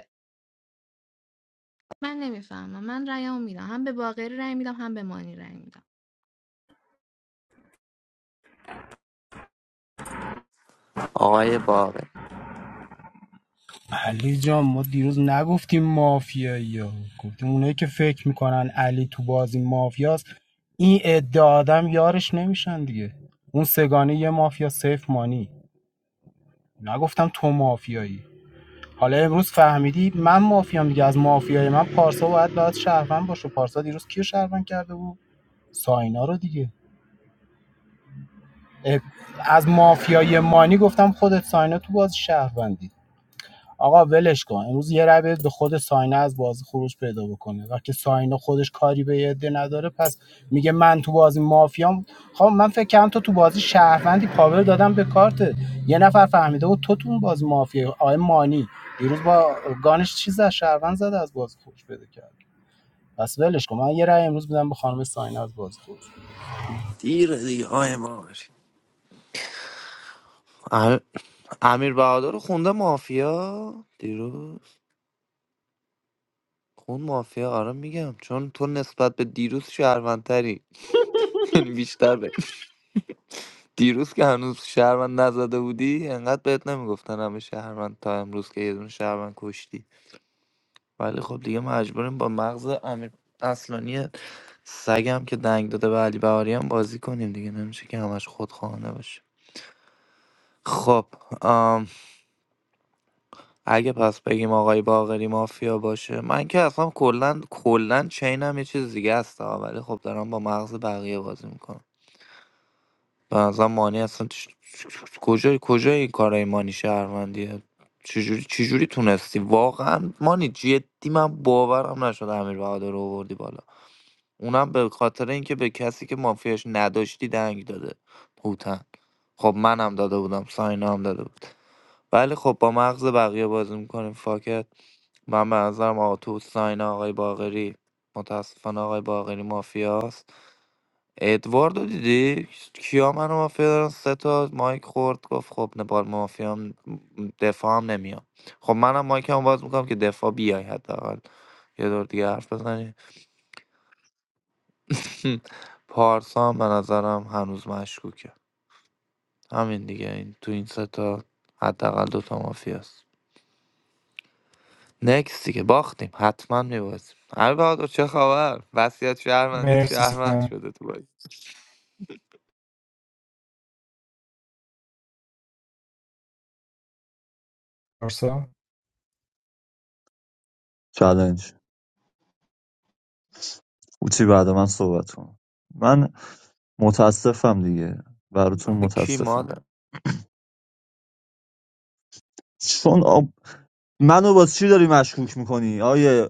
من نمیفهمم من رأیمو میدم هم به باقری رأی میدم هم به مانی رأی میدم آقای باقر علی جان ما دیروز نگفتیم مافیایی ها گفتیم اونایی که فکر میکنن علی تو بازی مافیاست این ادعا آدم یارش نمیشن دیگه اون سگانه یه مافیا سیف مانی نگفتم تو مافیایی حالا امروز فهمیدی من مافیام دیگه از مافیای من پارسا باید باید شهروند باشه پارسا دیروز کیو شهروند کرده بود ساینا رو دیگه از مافیای مانی گفتم خودت ساینا تو باز شهروندی آقا ولش کن امروز یه رای بدید به خود ساینه از بازی خروج پیدا بکنه وقتی ساینه خودش کاری به یه عده نداره پس میگه من تو بازی مافیام خب من فکر کردم تو تو بازی شهروندی پاور دادم به کارت یه نفر فهمیده بود تو تو اون بازی مافیا آقای مانی دیروز با گانش چیز از شهروند زده از بازی خروج پیدا کرد پس ولش کن من یه رأی امروز میدم به خانم ساینه از بازی خروج دیر دیگه های باقر ام- امیر بهادر رو خونده مافیا دیروز خون مافیا آره میگم چون تو نسبت به دیروز شهروندتری یعنی بیشتر دیروز که هنوز شهروند نزده بودی انقدر بهت نمیگفتن همه شهروند تا امروز که یه دونه شهروند کشتی ولی خب دیگه مجبوریم با مغز امیر اصلانی سگم که دنگ داده به علی بهاری هم بازی کنیم دیگه نمیشه که همش خودخواهانه باشه خب آم، اگه پس بگیم آقای باقری مافیا باشه من که اصلا کلا کلا چینم یه چیز دیگه است ها، ولی خب دارم با مغز بقیه بازی میکنم به نظرم مانی اصلا چ- چ- چ- کجای کجای این کارای مانی شهروندیه چجوری چجوری تونستی واقعا مانی جدی من باورم نشد امیر بهادر رو آوردی بالا اونم به خاطر اینکه به کسی که مافیاش نداشتی دنگ داده هوتن خب منم داده بودم ساینا هم داده بود ولی خب با مغز بقیه بازی میکنیم فاکت من به نظرم آقا تو ساینا آقای باقری متاسفانه آقای باقری مافیاست ادواردو دیدی کیا منو مافیا دارن سه تا مایک خورد گفت خب نه با مافیا هم دفاع هم نمیام خب منم مایکمو باز میکنم که دفاع بیای حداقل یه دور دیگه حرف بزنی پارسا هم به نظرم هنوز مشکوکه همین دیگه این تو این سه تا حداقل دوتا مافیاست نکس دیگه باختیم حتما میبازیم امیر بهادر چه خبر وصیت شهرمندی مرسی شهرمند سن شده تو بازی پارسا. چالش هوتی بعد من صحبت کن من متاسفم دیگه براتون کی متاسفم مادر چون آب... منو با چی داری مشکوک میکنی آیه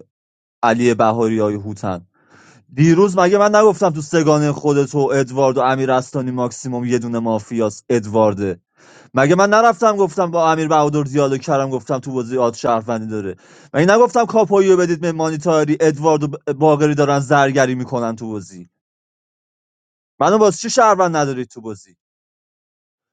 علی بهاری آیه هوتن دیروز مگه من نگفتم تو سگانه خودت و ادوارد و امیر استانی ماکسیموم یه دونه مافیاس ادوارده مگه من نرفتم گفتم با امیر بهادر دیالوگ کردم گفتم تو بازی آد شهروندی داره مگه نگفتم کاپویو بدید به مانیتاری ادوارد و ب- باقری دارن زرگری میکنن تو بازی منو باز چی شهروند نداری تو بازی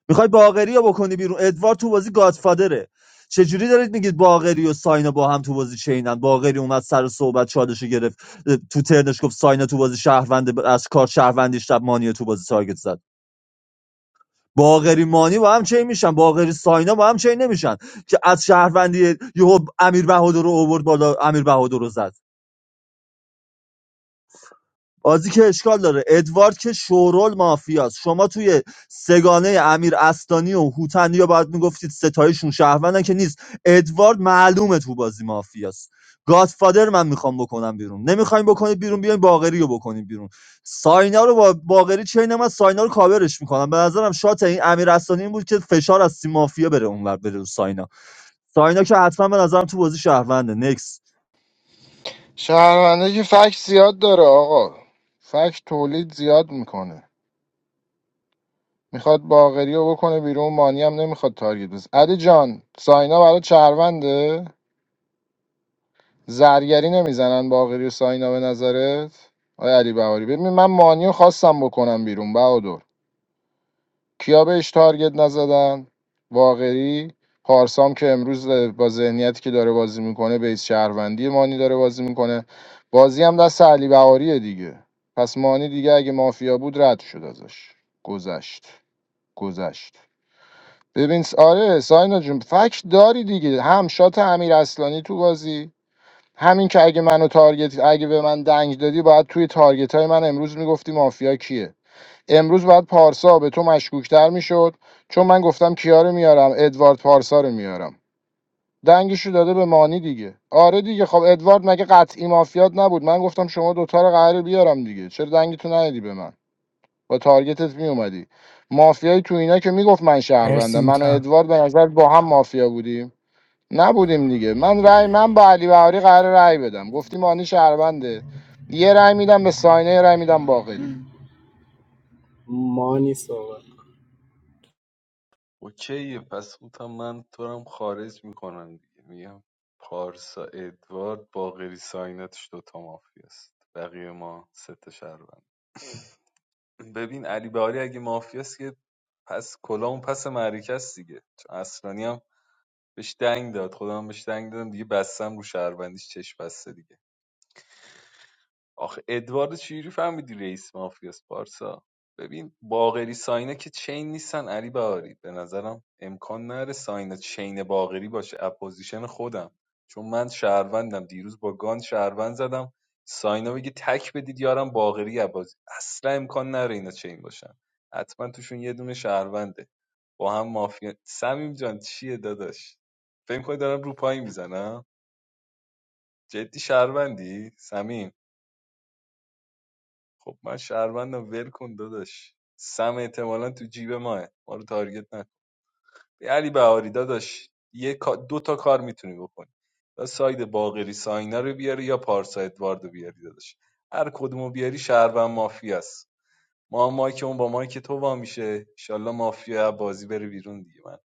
میخوای باقری رو بکنی بیرون ادوارد تو بازی گادفادره چجوری دارید میگید باقری و ساینا با هم تو بازی چینن باقری اومد سر صحبت چالش رو گرفت اه، تو ترنش گفت ساینا تو بازی شهروند ب- از کار شهروندیش شب مانی رو تو بازی تارگت زد باقری مانی با هم چین میشن باقری ساینا با هم چین نمیشن که از شهروندی یهو امیر بهادر رو آورد بالا امیر بهادر رو زد بازی که اشکال داره ادوارد که شورول مافیاست شما توی سگانه امیر استانی و هوتنی یا باید میگفتید ستایشون شهروندن که نیست ادوارد معلومه تو بازی مافیاست گادفادر من میخوام بکنم بیرون نمیخوایم بکنید بیرون بیاین باقری رو بکنید بیرون ساینا رو با باقری چین من ساینا رو کاورش میکنم به نظرم شات این امیر استانی این بود که فشار از تیم مافیا بره اونور بره رو ساینا ساینا که حتما به نظرم تو بازی شهرونده نکس شهرونده که فکت زیاد داره آقا فکت تولید زیاد میکنه میخواد باقری رو بکنه بیرون مانی هم نمیخواد تارگت بزن علی جان ساینا برای شهرونده زرگری نمیزنن باقری و ساینا به نظرت آیا علی بهاری ببین من مانی رو خواستم بکنم بیرون بهادر کیا بهش تارگت نزدن واقعی پارسام که امروز با ذهنیتی که داره بازی میکنه بیس شهروندی مانی داره بازی میکنه بازی هم دست علی بهاریه دیگه پس مانی دیگه اگه مافیا بود رد شد ازش گذشت گذشت ببین س- آره ساینا جون فکت داری دیگه هم شات امیر اصلانی تو بازی همین که اگه منو تارگت اگه به من دنگ دادی باید توی تارگت های من امروز میگفتی مافیا کیه امروز باید پارسا به تو مشکوکتر میشد چون من گفتم کیا رو میارم ادوارد پارسا رو میارم دنگشو داده به مانی دیگه آره دیگه خب ادوارد مگه قطعی مافیات نبود من گفتم شما دوتا رو قراره بیارم دیگه چرا دنگتو ندی به من با تارگتت میومدی مافیای تو اینا که میگفت من شهروندم مرسی من و هوتن ادوارد به نظر با هم مافیا بودیم نبودیم دیگه من رأی من با علی بهاری قرار رأی بدم گفتی مانی شهرونده یه رأی میدم به ساینه یه رأی میدم باقری ام، مانی صحبت اوکیه پس گفتم من تو رو هم خارج میکنم دیگه میگم پارسا ادوارد باقری ساینتش دوتا مافیاست بقیه ما سه تا شهروند ببین علی بهاری اگه مافیاست که پس کلامون پس معرکه است دیگه چون اصلانی هم بهش دنگ داد خودم هم بهش دنگ دادم دیگه بستم رو شهروندیش چش بسته دیگه آخه ادوارد چجوری فهمیدی رئیس مافیاس پارسا ببین باغری ساینه که چین نیستن علی بهاری به نظرم امکان نره ساینه چین باغری باشه اپوزیشن خودم چون من شهروندم دیروز با گان شهروند زدم ساینا بگه تک بدید یارم باغری عبازی اصلا امکان نره اینا چین باشن حتما توشون یه دونه شهرونده با هم مافیا سمیم جان چیه داداش فکر کنی دارم رو پای میزنم جدی شهروندی سمیم خب من شهروندم ول کن داداش سم احتمالا تو جیب ماه ما رو تارگت نکن به علی بهاری داداش یه کا- دو تا کار میتونی بکنی یا ساید باقری ساینا رو بیاری یا پارسا ادواردو بیاری داداش هر کدومو بیاری شهروند مافیا است ما هم مایک اون با مایک تو وا میشه انشالله مافیا بازی بره بیرون دیگه من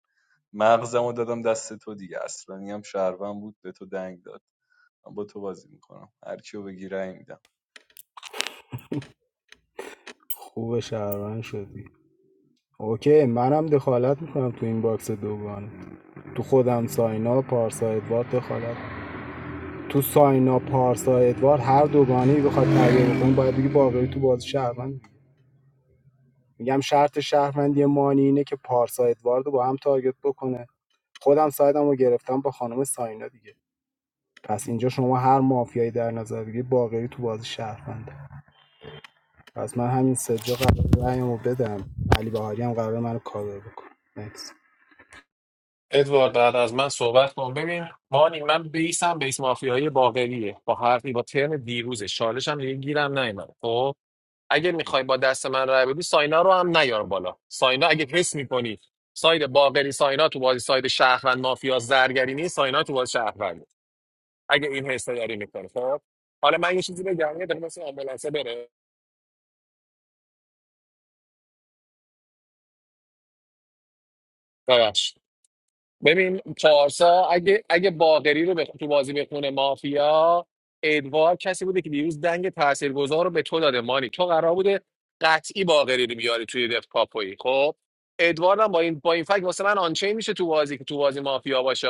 مغزمو دادم دست تو دیگه اصلانی هم شهروند بود به تو دنگ داد من با تو بازی میکنم هر کیو بگی رأی میدم خوب شهروند شدی اوکی منم دخالت میکنم تو این باکس دوگانه تو خودم ساینا و پارسا ادوارد دخالت تو ساینا پارسا ادوارد هر دوگانه بخواد تغییر بکنه باید دیگه باقری تو بازی شهروند میگم شرط شهروندی مانی اینه که پارسا ادوارد رو با هم تارگت بکنه خودم سایدم رو گرفتم با خانم ساینا دیگه پس اینجا شما هر مافیایی در نظر بگیرید باقری تو بازی شهرونده پس من همین سجا قرار رأیمو بدم علی بهاری هم قرار منو کاور بکنه Next. ادوارد بعد از من صحبت کن ببین مانی من بیسم بیس مافیایی باقریه با حرفی با ترم دیروزه چالشم دیگه گیرم نیومد خب اگه میخوای با دست من رای بدی ساینا رو هم نیار بالا ساینا اگه حس میکنی ساید باقری ساینا تو بازی ساید شهروند مافیا زرگری نیست ساینا تو بازی شهروند اگه این حس رو داری میکنه خب حالا من یه چیزی بگم یه دقیقه مثل آمبولانسه بره ببخش. ببین پارسا اگه اگه باقری رو به تو بازی بخونه مافیا ادوار کسی بوده که دیروز دنگ تاثیرگذار رو به تو داده مانی تو قرار بوده قطعی باقری رو بیاری توی دف کاپوی خب ادوار هم با این با این فکت واسه من آنچه میشه تو بازی که تو بازی مافیا باشه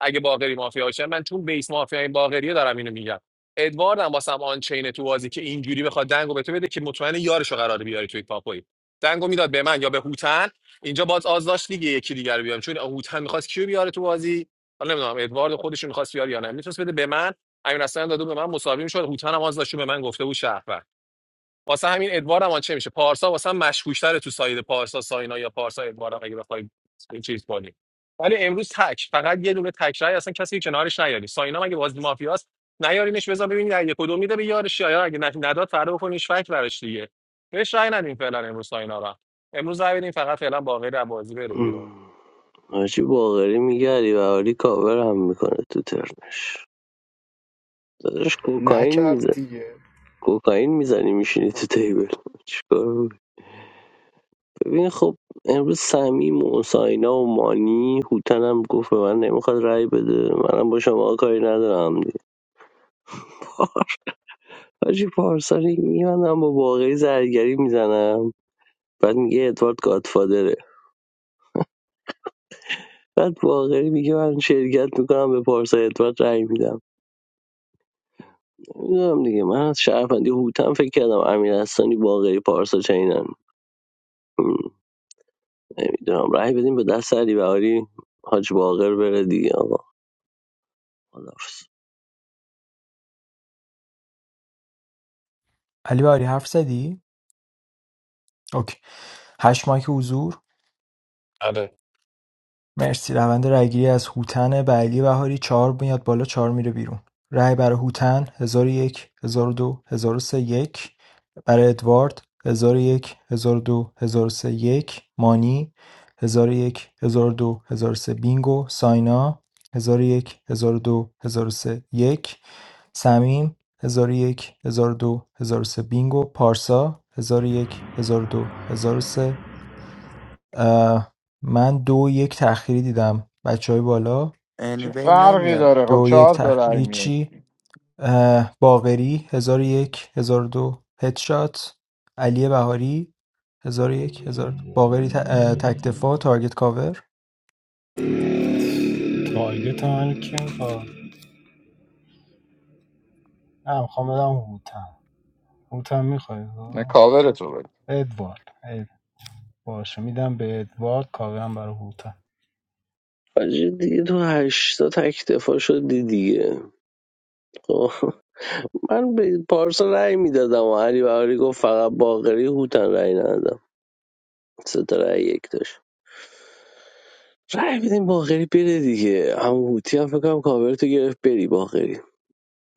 اگه باقری مافیا باشه من چون بیس مافیا این باقریه دارم اینو میگم ادوارد هم واسه هم آنچینه تو بازی که اینجوری بخواد دنگو به تو بده که مطمئن یارشو قراره بیاری توی کاپوی دنگو میداد به من یا به هوتن اینجا باز آز داشت لیگ یکی دیگر بیام چون هوتن میخواست کیو بیاره تو بازی حالا نمیدونم ادوارد خودش میخواست بیاره یا نه میتونست بده به من امیر حسن داده به من مساوی میشد هوتن هم آز داشت به من گفته بود شهروند واسه همین ادوارم هم چه میشه پارسا واسه هم مشکوک‌تره تو ساید پارسا ساینا یا پارسا ادوارم اگه بخوای این چیز کنی ولی امروز تک فقط یه دونه تک رای اصلا کسی کنارش نیاری ساینا مگه بازی مافیاست نیارینش بذار ببینید اگه کدوم میده به یارش یا اگه ن- نداد فردا بکنیش فکر براش دیگه بهش رای ندیم فعلا امروز ساینا رو امروز رای بدیم فقط فعلا باقی رو بازی بره بیرون ام. حاجی باقری میگه علی بهاری کاور هم میکنه تو ترنش داداش کوکائین نکرد میزه دیگه کوکائین میزنی میشینی تو تیبل چیکار بود؟ ببین خب امروز سمیم و ساینا و مانی هوتن هم گفت به من نمیخواد رأی بده منم با شما کاری ندارم دیگه حاجی پارسانی میبندم با باقری زرگری میزنم بعد میگه ادوارد گادفادره بعد باقری میگه من شرکت میکنم به پارسا ادوارد رأی میدم میدونم دیگه من از شهروندی هوتم فکر کردم امیر احسانی باقری پارسا چینن م، نمیدونم رأی بدیم به دست علی بهاری حاج باقر بره دیگه آقا خداحافظ علی بهاری حرف زدی؟ اوکی. هشت مایک حضور. آره مرسی. روند رایگیری از هوتن به علی بهاری چهار میاد بالا چهار میره بیرون. رای برای هوتن 1001 1002 1003 یک برای ادوارد 1001 1002 1003 یک مانی 1001 1002 1003 بینگو ساینا 1001 1002 1003 یک سمیم 1001 1002 1003 بینگو پارسا 1001 1002 1003 اه، من دو یک تأخیری دیدم بچه های بالا چه انوی فرقی نمیاد داره دو خب و یک چهار تا تأخ... رأی میاری. هیچی اه، باقری هزار و یک هزار و دو هدشات علی بهاری هزار و یک هزار و دو باقری ت... اه، تکتفا تارگت کاور تارگت من کیم کار نه میخوام بدم هوتن هوت هم میخوای نه کاور تو بده ادوارد اد- باشه میدم به ادوارد کاورم برای هوتم حاجی دیگه تو هشتا تک دفاع شدی دیگه خب. من به پارسا رأی میدادم و علی بهاری گفت فقط باقری هوتن رأی ندادم سه تا رأی یک داشت رأی بدیم باقری بره دیگه هم هوتی هم فکرم کاور تو گرفت بری باقری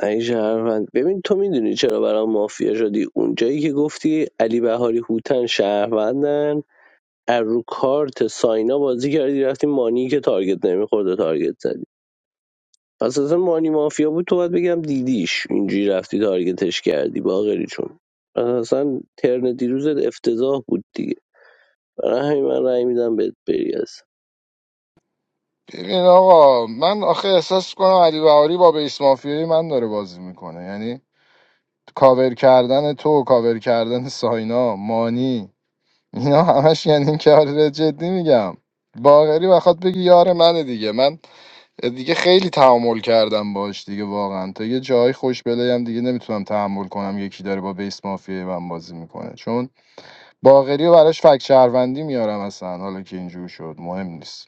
ای شهروند ببین تو میدونی چرا برام مافیا شدی اونجایی که گفتی علی بهاری هوتن شهروندن از رو کارت ساینا بازی کردی رفتی مانی که تارگت نمیخورد و تارگت زدی پس اصلا مانی مافیا بود تو باید بگم دیدیش اینجوری رفتی تارگتش کردی باقری چون پس اصلا ترن دیروزت افتضاح بود دیگه برای همین من رأی میدم بهت بری اصلا ببین آقا من آخه احساس کنم علی بهاری با بیس مافیای من داره بازی میکنه یعنی کاور کردن تو کاور کردن ساینا مانی اینا همش یعنی کار جدی میگم باغری بخواد بگی یار منه دیگه من دیگه خیلی تحمل کردم باش دیگه واقعا تا یه جای خوش بلایم دیگه نمیتونم تحمل کنم یکی داره با بیس مافیای من بازی میکنه چون باغری و براش فک شهروندی میارم اصلا حالا که اینجور شد مهم نیست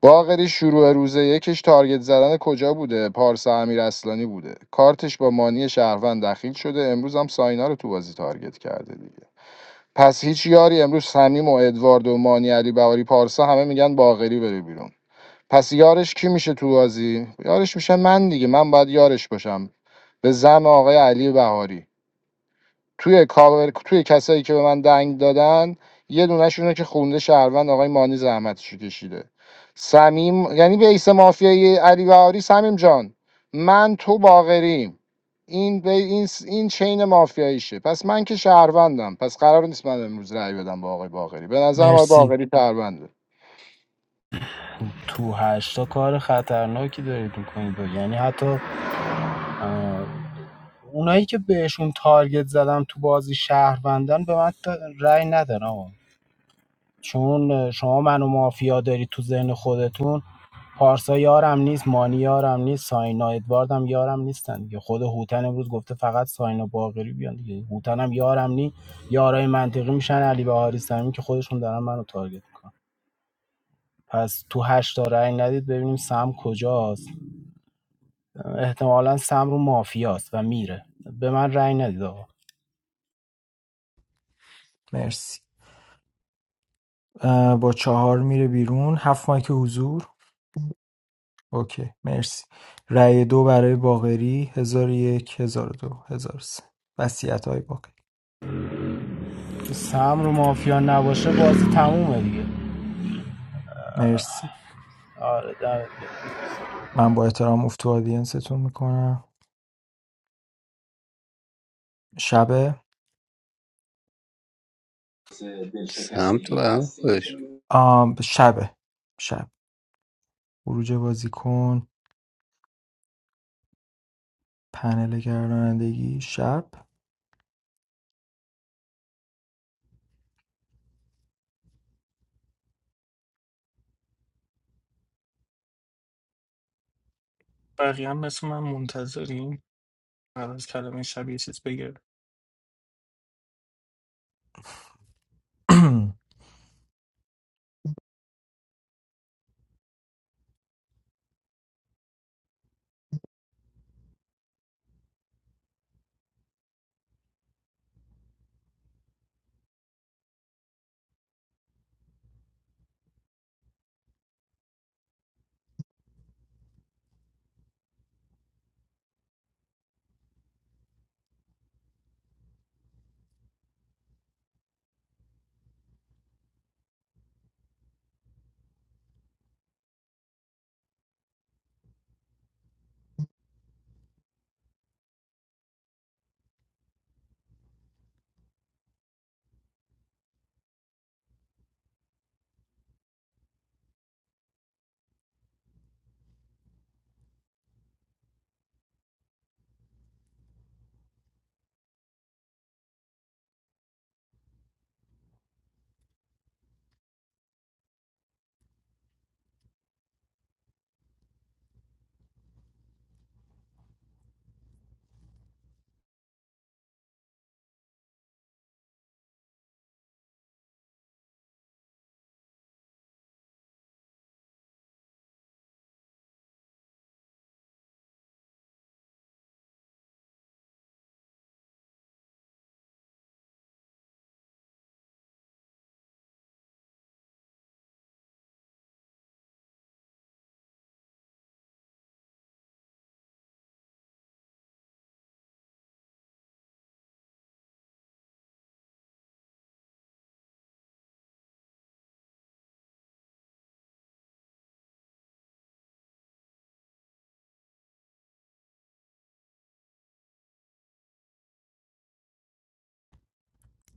باقری شروع روز یکش تارگت زدن کجا بوده پارسا امیر اصلانی بوده کارتش با مانی شهروند دخیل شده امروز هم ساینا رو تو بازی تارگت کرده دیگه پس هیچ یاری امروز صمیم و ادوارد و مانی علی بهاری پارسا همه میگن باقری بره بیرون پس یارش کی میشه تو بازی یارش میشه من دیگه من باید یارش باشم به زم آقای علی بهاری توی کاور توی کسایی که به من دنگ دادن یه دونه‌شونه که خونده شهروند آقای مانی زحمتشو کشیده سمیم یعنی بیس مافیای علی بهاری سمیم جان من تو باقریم این به این س- این چین مافیاییشه پس من که شهروندم پس قرار نیست من امروز رأی بدم با آقای باغری به نظرم آقای مرسی باغری شهرونده تو هشتا کار خطرناکی دارید میکنید و یعنی حتی اه، اونایی که بهشون تارگت زدم تو بازی شهروندان به من تا- رأی ندن آقا چون شما منو مافیا داری تو ذهن خودتون پارسا یارم نیست مانی یارم نیست ساینا ادواردم یارم نیستن دیگه خود هوتن امروز گفته فقط ساینا باقری بیان دیگه هوتنم یارم نی یارای منطقی میشن علی بهاری سمی که خودشون دارن منو تارگت میکنن پس تو هشتا رأی ندید ببینیم سم کجاست احتمالا سم رو مافیاست و میره به من رأی ندید آقا مرسی با چهار میره بیرون هفت مایک حضور اوکی مرسی رأی دو برای باقری هزار و یک هزار و دو هزار و سه وسیعت های باقری سم رو مافیا نباشه بازی تمومه دیگه مرسی آره من با احترام افت تو آدینستون میکنم شبه آم شبه شب خروج بازیکن پنل گردانندگی شب بقیه هم مثل من منتظریم بعد از کلمه شب یه چیز بگیر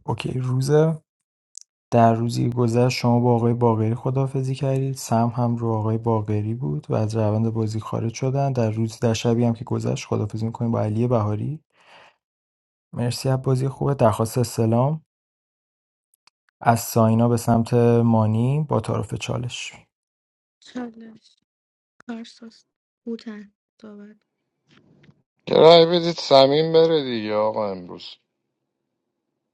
اوکی روز در روزی گذشت شما با آقای باقری خداحافظی کردید سم هم رو آقای باقری بود و از روند بازی خارج شدن در روز در شبی هم که گذشت خداحافظی میکنیم با علی بهاری مرسی از بازی خوبه درخواست استلام از ساینا به سمت مانی با تعارف چالش چالش کارساز بوتن صحبت یه رای بدید سمین بره دیگه آقا امروز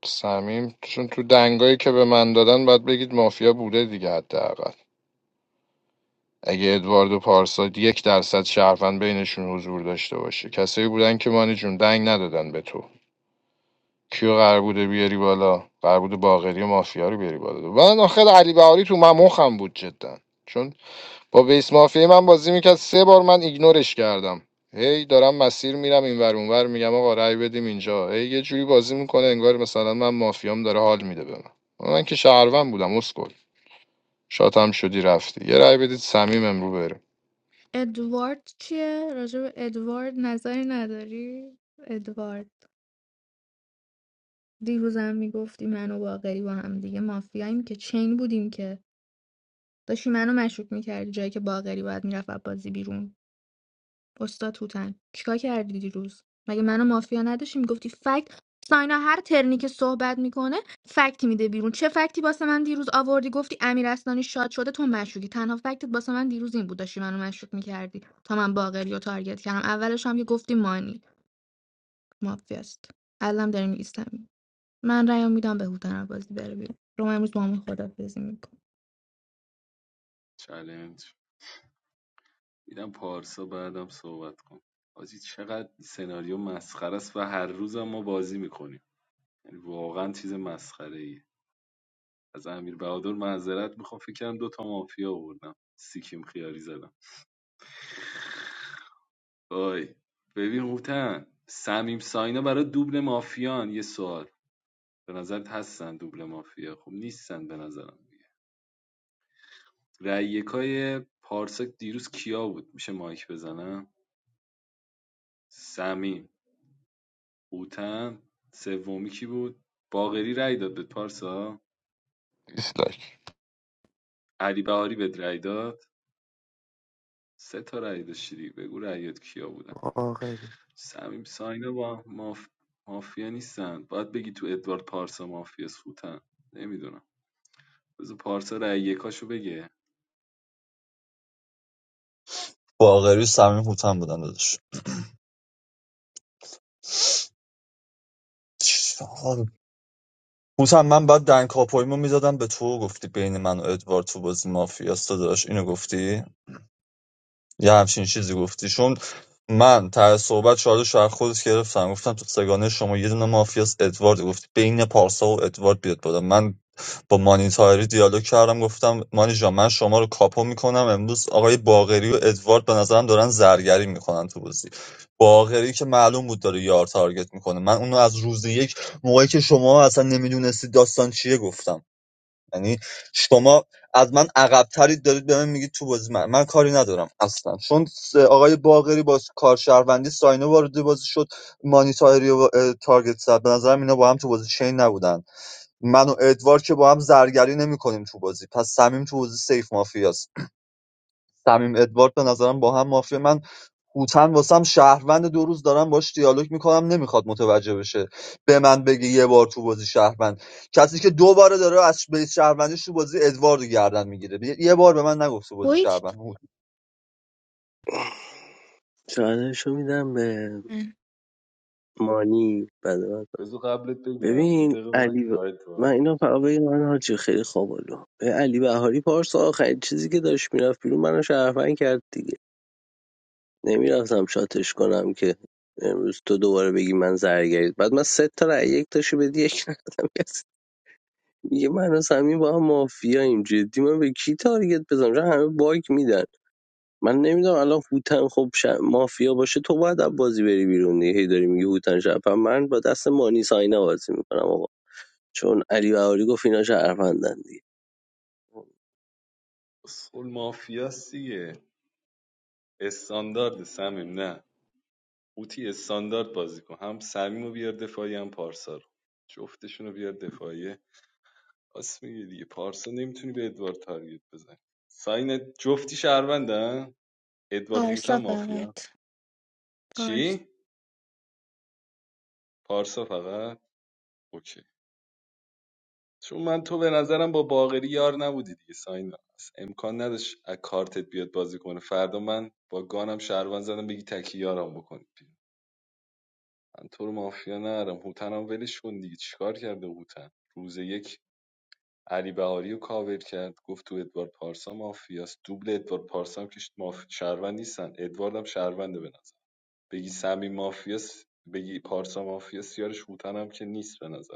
سمیم چون تو دنگایی که به من دادن باید بگید مافیا بوده دیگه حداقل اگه ادوارد و پارسا یک درصد شهروند بینشون حضور داشته باشه کسایی بودن که مانی جون دنگ ندادن به تو کیو قرار بوده بیاری بالا قرار بوده باقری و مافیا رو بیاری بالا من آخر علی بهاری تو ممخم بود جدا چون با بیس مافیای من بازی میکرد سه بار من ایگنورش کردم هی دارم مسیر میرم اینور اونور میگم آقا رأی بدیم اینجا هی یه جوری بازی میکنه انگار مثلا من مافیام داره حال میده به من من که شهروند بودم اسکل شاتم شدی رفتی یه رأی بدید صمیم امرو بره ادوارد چیه راجع به ادوارد نظری نداری ادوارد دیروزم میگفتی من و باقری با هم دیگه مافیاییم که چین بودیم که داشتی منو مشکوک میکردی جایی که باقری باید میرفت از بازی بیرون استاد توتن چیکار کردی دیروز مگه منو مافیا نداشتی میگفتی فکت ساینا هر ترنی که صحبت میکنه فکتی میده بیرون چه فکتی واسه من دیروز آوردی گفتی امیر اسنانی شاد شده تو مشکوکی تنها فکتت واسه من دیروز این بود داشتی منو مشکوک میکردی تا من باقری رو تارگت کردم اولش هم که گفتی مانی مافیاست الان داریم ایستم. من رأیو میدم به هوتن از بازی بره بیرون رو من امروز با همون خدافزی میکنم چالش میدم پارسا بعدم صحبت کن حاجی چقدر سناریو مسخره است و هر روزم ما بازی میکنیم یعنی واقعا چیز مسخره ای از امیر بهادر معذرت میخوام فکر کنم دو تا مافیا آوردم سیکیم خیاری زدم وای ببین هوتن سمیم ساینا برای دوبل مافیان یه سوال به نظرت هستن دوبل مافیا خب نیستن به نظرم دیگه رأی یکای پارسا دیروز کیا بود میشه مایک بزنم سمیم اوتن سومی کی بود باقری رأی داد به پارسا دیسلایک علی بهاری بهت رأی داد سه تا رأی داشتی دیگه. بگو رأیات کیا بودن آخری سمیم ساینا با ماف... مافیا نیستن باید بگی تو ادوارد پارسا مافیا سوتن نمیدونم بذار پارسا رای یکاشو بگه باقری و صمیم هوتن بودن داداش هوتن من بعد دنگ کاپویمو میدادم به تو گفتی بین من و ادوارد تو بازی مافیاس داداش اینو گفتی یه همچین چیزی گفتی چون من ته صحبت چالش رو از خودت گرفتم گفتم تو سگانه شما یه دونه مافیاس ادوارد گفت بین پارسا و ادوارد بیاد بالا من با مانیتاری دیالوگ کردم گفتم مانی جان من شما رو کاپو میکنم امروز آقای باغری و ادوارد به نظرم دارن زرگری میکنن تو بازی باغری که معلوم بود داره یار تارگت میکنه من اونو از روز یک موقعی که شما اصلا نمیدونستی داستان چیه گفتم یعنی شما از من عقبترید دارید به من میگید تو بازی من من کاری ندارم اصلا چون آقای باقری با کارشهروندی ساینه وارد بازی شد مانی تاهری و تارگت زد به نظرم اینا با هم تو بازی چین نبودن من و ادوار که با هم زرگری نمیکنیم تو بازی پس صمیم تو بازی سیف مافیاست صمیم ادوارد به نظرم با هم مافیا من هوتن واسم شهروند دو روز دارم باش دیالوگ میکنم نمیخواد متوجه بشه به من بگه یه بار تو بازی شهروند کسی که دو باره داره از بیس شهروندیش تو بازی ادواردو گردن میگیره یه بار به من نگفت تو بازی بایی شهروند چالشو میدم به چند مانی بعد بذار قبلت بگم یه ببین دقیقه من علی ب... شاهد من تو اینو فقط بگم من حاجی خیلی خوابالو به علی بهاری پارسا آخرین چیزی که داشت میرفت بیرون منو شرفن کرد دیگه نمیرفتم شاتش کنم که امروز تو دوباره بگی من زرگرید بعد من سه تا رأی یک داشتی بدی یک ندادم کسی میگه من و سمیم با هم مافیاییم جدی من به کی تارگت بزنم چون همه باگ میدن من نمیدونم الان هوتن خب ش... مافیا باشه تو باید از بازی بری بیرون دیگه هی داری میگی هوتن شب من با دست مانی ساینا بازی میکنم چون علی بهاری گفت اینا شهروندن دیگه اصول مافیاست دیگه استاندارد سمیم نه اوتی استاندارد بازی کن هم سمیم رو بیار دفاعی هم پارسا رو جفتشون رو بیار دفاعی. راست میگه دیگه پارسا نمیتونی به ادوارد تارگت بزنی ساین جفتی شهروندن ادوارد هوتن پارسا فقط مافیا پارسا چی پارسا فقط اوکی چون من تو به نظرم با باقری یار نبودی دیگه ساین هست. امکان نداشت از کارتت بیاد بازی کنه فردا من با گانم شهروند زدم بگی تکی یارم بکنی من تو رو مافیا نرم هوتنم ولش کن دیگه چیکار کرده هوتن روز یک علی بهاری رو کاور کرد گفت تو ادوارد پارسا مافیاست دوبل ادوارد پارسا هم که ماف... شهروند نیستن ادوارد هم شهرونده به نظر بگی سمی مافیاست بگی پارسا مافیاست یارش هوتن هم که نیست به نظر.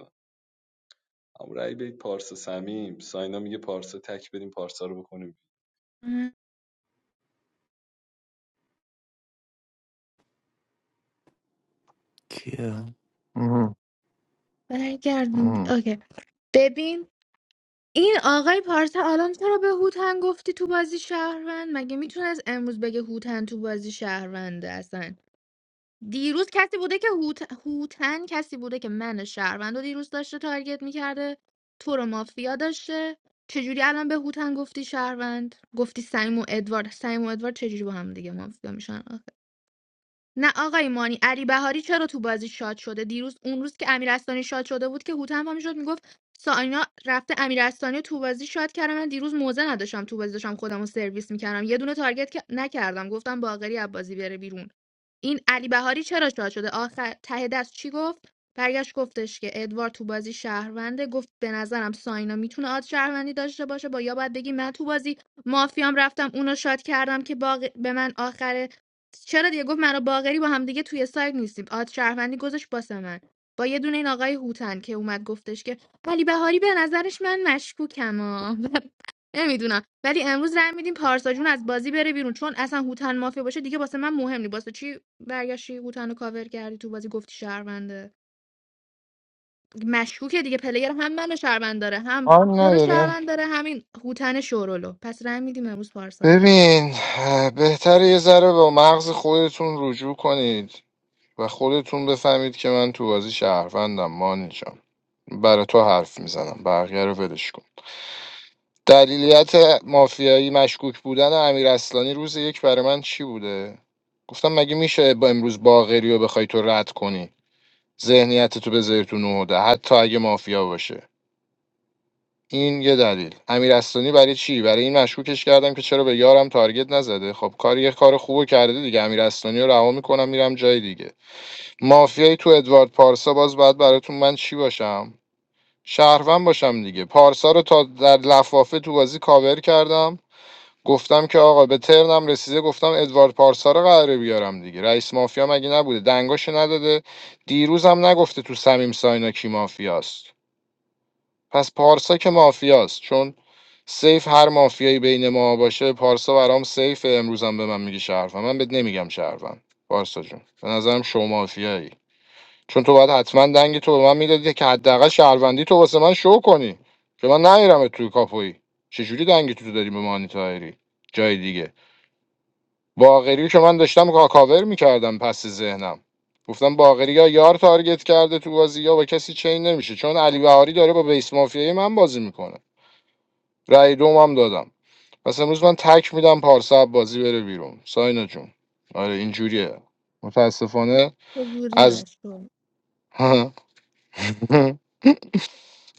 هم رأی بدید پارسا سمیم ساینا میگه پارسا تک بریم پارسا رو بکنیم کیه مهم. برگردون مهم. اوکی ببین این آقای پارسا الان چرا به هوتن گفتی تو بازی شهروند مگه میتونه از امروز بگه هوتن تو بازی شهرونده اصلا دیروز کسی بوده که هوت... هوتن کسی بوده که من شهروند رو دیروز داشته تارگت میکرده تو رو مافیا داشته چجوری الان به هوتن گفتی شهروند گفتی سیم و ادوارد سیم و ادوارد چجوری با هم دیگه مافیا میشن آخه نه آقای مانی علی بهاری چرا تو بازی شاد شده دیروز اون روز که امیر اصلانی شاد شده بود که هوتن هم شد میگفت ساینا رفته امیر اصلانی رو تو بازی شاد کردم من دیروز موزه نداشتم تو بازی داشتم خودم رو سرویس میکردم یه دونه تارگت که نکردم گفتم باقری از بازی بره بیرون این علی بهاری چرا شاد شده آخر ته دست چی گفت برگشت گفتش که ادوار تو بازی شهرونده گفت به نظرم ساینا میتونه آد شهروندی داشته باشه با یا باید بگی من تو بازی مافیام رفتم اونو شاد کردم که باق... به من آخره چرا دیگه گفت منو باقری با هم دیگه توی سایت نیستیم آد شهروندی گذاشت باسه من با یه دونه این آقای هوتن که اومد گفتش که علی بهاری به نظرش من مشکوکم ها. نمیدونم ولی امروز رای میدیم پارسا جون از بازی بره بیرون چون اصلا هوتن مافیا باشه دیگه واسه من مهم نیست واسه چی برگشتی هوتن رو کاور کردی تو بازی گفتی شهرونده مشکوکه دیگه پلیر هم منو شهروند داره هم تو رو نداره شهروند داره همین هوتن شورولو پس رای میدیم امروز پارسا بره ببین اه، بهتره یه ذره با مغز خودتون رجوع کنید و خودتون بفهمید که من تو بازی شهروندم مانی جان برای تو حرف میزنم بقیه رو ولش کن دلیلیت مافیایی مشکوک بودن امیر اصلانی روز یک برای من چی بوده گفتم مگه میشه با امروز باقری رو بخوای تو رد کنی ذهنیت تو بذاری تو نهده حتی اگه مافیا باشه این یه دلیل امیر اصلانی برای چی برای این مشکوکش کردم که چرا به یارم تارگت نزده خب کار یه کار خوبو کرده دیگه امیر اصلانی رو رها میکنم میرم جای دیگه مافیایی تو ادوارد پارسا باز بعد براتون من چی باشم شهروند باشم دیگه پارسا رو تا در لفافه تو بازی کاور کردم گفتم که آقا به ترنم رسیده گفتم ادوارد پارسا رو قراره بیارم دیگه رئیس مافیا مگه نبوده دنگاشو نداده دیروزم نگفته تو سمیم ساینا کی مافیاست پس پارسا که مافیاست چون سیف هر مافیایی بین ما باشه پارسا برام سیف امروزم به من میگه شرفم من بهت نمیگم شرفم پارسا جون به نظرم شو مافیایی چون تو باید حتما دنگ تو به من میدادی که حداقل شهروندی تو واسه من شو کنی که من نمیرم توی کاپویی چجوری دنگ تو داری به مانی طاهری؟ جای دیگه باقری که من داشتم کا- کاور میکردم پس ذهنم گفتم باقری یا یار تارگت کرده تو بازی یا با کسی چین نمیشه چون علی بهاری داره با بیس مافیای من بازی میکنه رأی دوم هم دادم پس امروز من تک میدم پارسا از بازی بره بیرون ساینا جون آره اینجوریه متاسفانه چجوریه از شو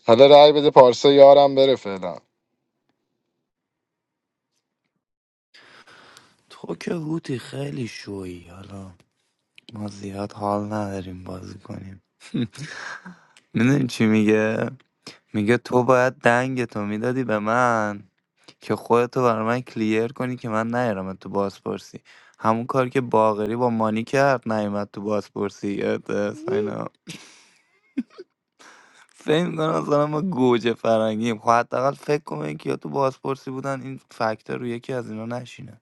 حالا رأی بده پارسا یارم بره فعلا تو که هوتی خیلی شوی حالا ما زیاد حال نداریم بازی کنیم میدونی چی میگه میگه تو باید دنگ تو میدادی به من که خودتو برای من کلیر کنی که من نیارم تو بازپرسی همون کار که باقری با مانی کرد نیومد تو بازپرسی یادت ساینا فکر میکنم مثلا ما گوجه فرنگیم خب حداقل فکر کنم که یا تو بازپرسی بودن این فکتر رو یکی از اینا نشینه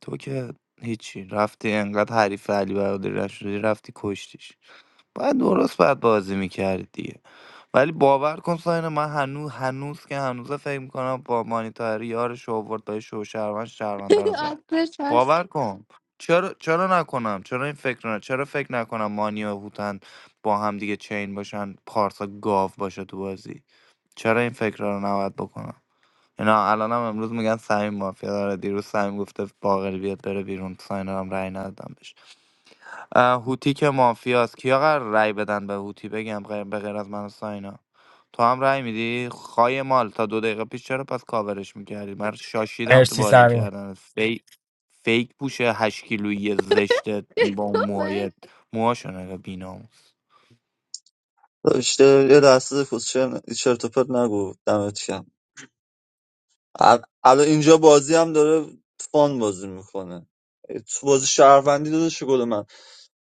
تو که هیچی رفتی انقدر حریف علی برادری رفت شدی رفتی کشتیش باید درست باید بازی میکردی دیگه ولی باور کن ساینا من هنوز هنوز که هنوز فکر میکنم با مانیتاری یارش آورد با شو شهروند شهرونده رو زد آتش هست باور کن چرا چرا نکنم چرا این فکر رو- چرا فکر نکنم مانیا هوتن با هم دیگه چین باشن پارسا گاو باشه تو بازی چرا این فکر رو نباید بکنم اینا الانم امروز میگن سمیم مافیا داره دیروز سمیم گفته باقری بیاد بره بیرون ساینا هم رأی ندادم بهش اه، هوتی که مافیاست کیا قرار رأی بدن به هوتی بگم غیر به غیر از من و ساینا تو هم رأی میدی خای مال تا دو دقیقه پیش چرا پس کاورش میکردی من شاشیدم تو مرسی بازی سمیم کردن فیک فیک پوشه هشت کیلویی زشته با موهایت موهاشو نگاه بیناموس داشته یه دسته فوتشر چرت و پرت نگو دمت گرم ال- الان اینجا بازی هم داره فان بازی میکنه تو بازی شهروندی داده شده من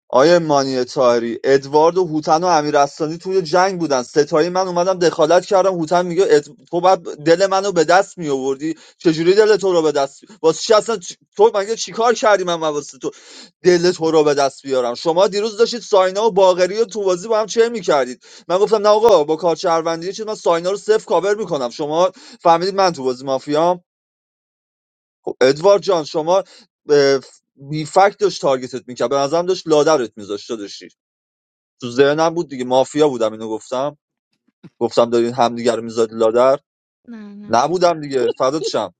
آیه مانی طاهری ادوارد و هوتن و امیرستانی توی جنگ بودن ستایی من اومدم دخالت کردم هوتن میگه اد... تو بعد دل منو به دست می آوردی چجوری دل تو رو به دست می- واسه چی اصلا چ- تو مگه چیکار کردی من واسه تو دل تو رو به دست بیارم شما دیروز داشتید ساینا و باقری و تو بازی با هم چه میکردید من گفتم نه آقا با کار شهروندی چیز من ساینا رو صفر کاور میکنم شما فهمیدید من تو بازی مافیام خب ادوارد جان شما اه، بی فکت داشت تارگتت میکرد به نظرم داشت لادرت میذاشت داشتی تو ذهنم بود دیگه مافیا بودم اینو گفتم گفتم دارین همدیگه رو میذاری لادر نه نه نبودم دیگه فردات شم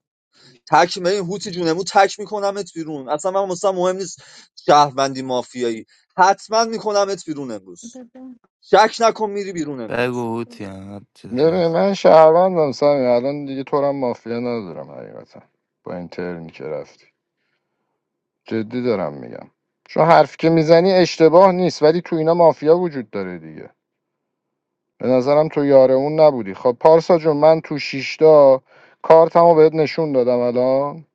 تک می هوتی جونمو تک میکنمت بیرون اصلا من مثلا مهم نیست شهروندی مافیایی حتما میکنمت بیرون امروز بده. شک نکن میری بیرون امروز بگو هوتی هم چیز بره هست. من شهروندم سمی الان دیگه تو رو هم مافیا ندارم حقیقتا با این ترمی که رفتی جدی دارم میگم چون حرف که میزنی اشتباه نیست ولی تو اینا مافیا وجود داره دیگه به نظرم تو یاره اون نبودی خب پارسا جون من تو شیشتا کارتمو بهت نشون دادم الان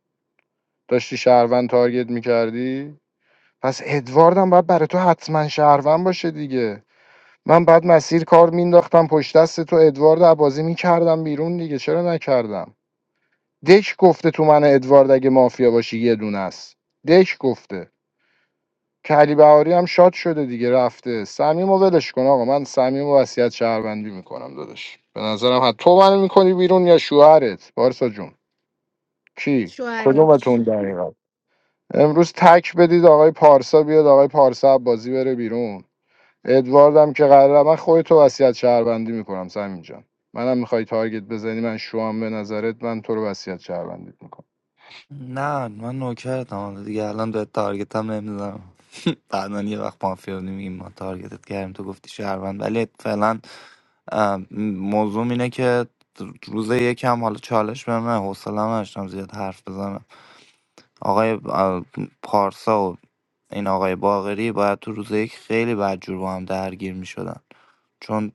داشتی شهروند تارگت میکردی پس ادواردم باید برای تو حتما شهروند باشه دیگه من بعد مسیر کار مینداختم پشت دست تو ادوارد عبازی میکردم بیرون دیگه چرا نکردم دک گفته تو من ادوارد اگه مافیا باشی یه دونه است دک گفته کلی بهاری هم شاد شده دیگه رفته صمیم و ولش کن آقا من صمیم و وصیت شهروندی میکنم داداش به نظرم حد تو منو میکنی بیرون یا شوهرت پارسا جون کی شوهرش کدومتون دقیقا امروز تک بدید آقای پارسا بیاد آقای پارسا بازی بره بیرون ادوارد هم که قراره من خودتو وصیت شهروندی میکنم صمیم جان منم میخوای تارگت بزنی من شوام به نظرت من تو رو وصیت شهروندیت میکنم نه من نوکرتم حالا دیگه الان به تارگت هم نمیزنم بعدا یه وقت مافیا بودیم میگیم ما تارگتت کردیم تو گفتی شهروند ولی فعلا اه، موضوع اینه که روز یکم حالا چالش به من حوصله نداشتم زیاد حرف بزنم آقای اه، پارسا و این آقای باقری باید تو روز یک خیلی بدجور با هم درگیر می چون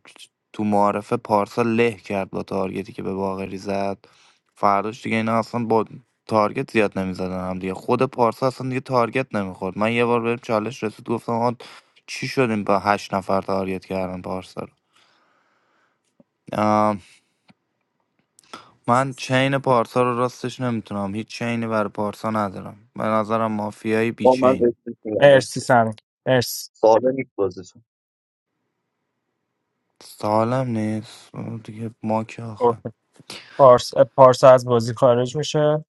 تو معارفه پارسا له کرد با تارگتی که به باقری زد فرداش دیگه اینا اصلا با تارگت زیاد نمیزدن هم دیگه خود پارسا اصلا دیگه تارگت نمیخورد من یه بار بریم چالش رسید گفتم آقا چی شدیم با هشت نفر تارگت کردن پارسا رو آم، من چین پارسا رو راستش نمیتونم هیچ چینی برای پارسا ندارم به نظرم مافیایی بی با من چین استیک میگم مرسی مرسی ساده نیست بازیتون سالم نیست آه، دیگه ما که آخه پارسا.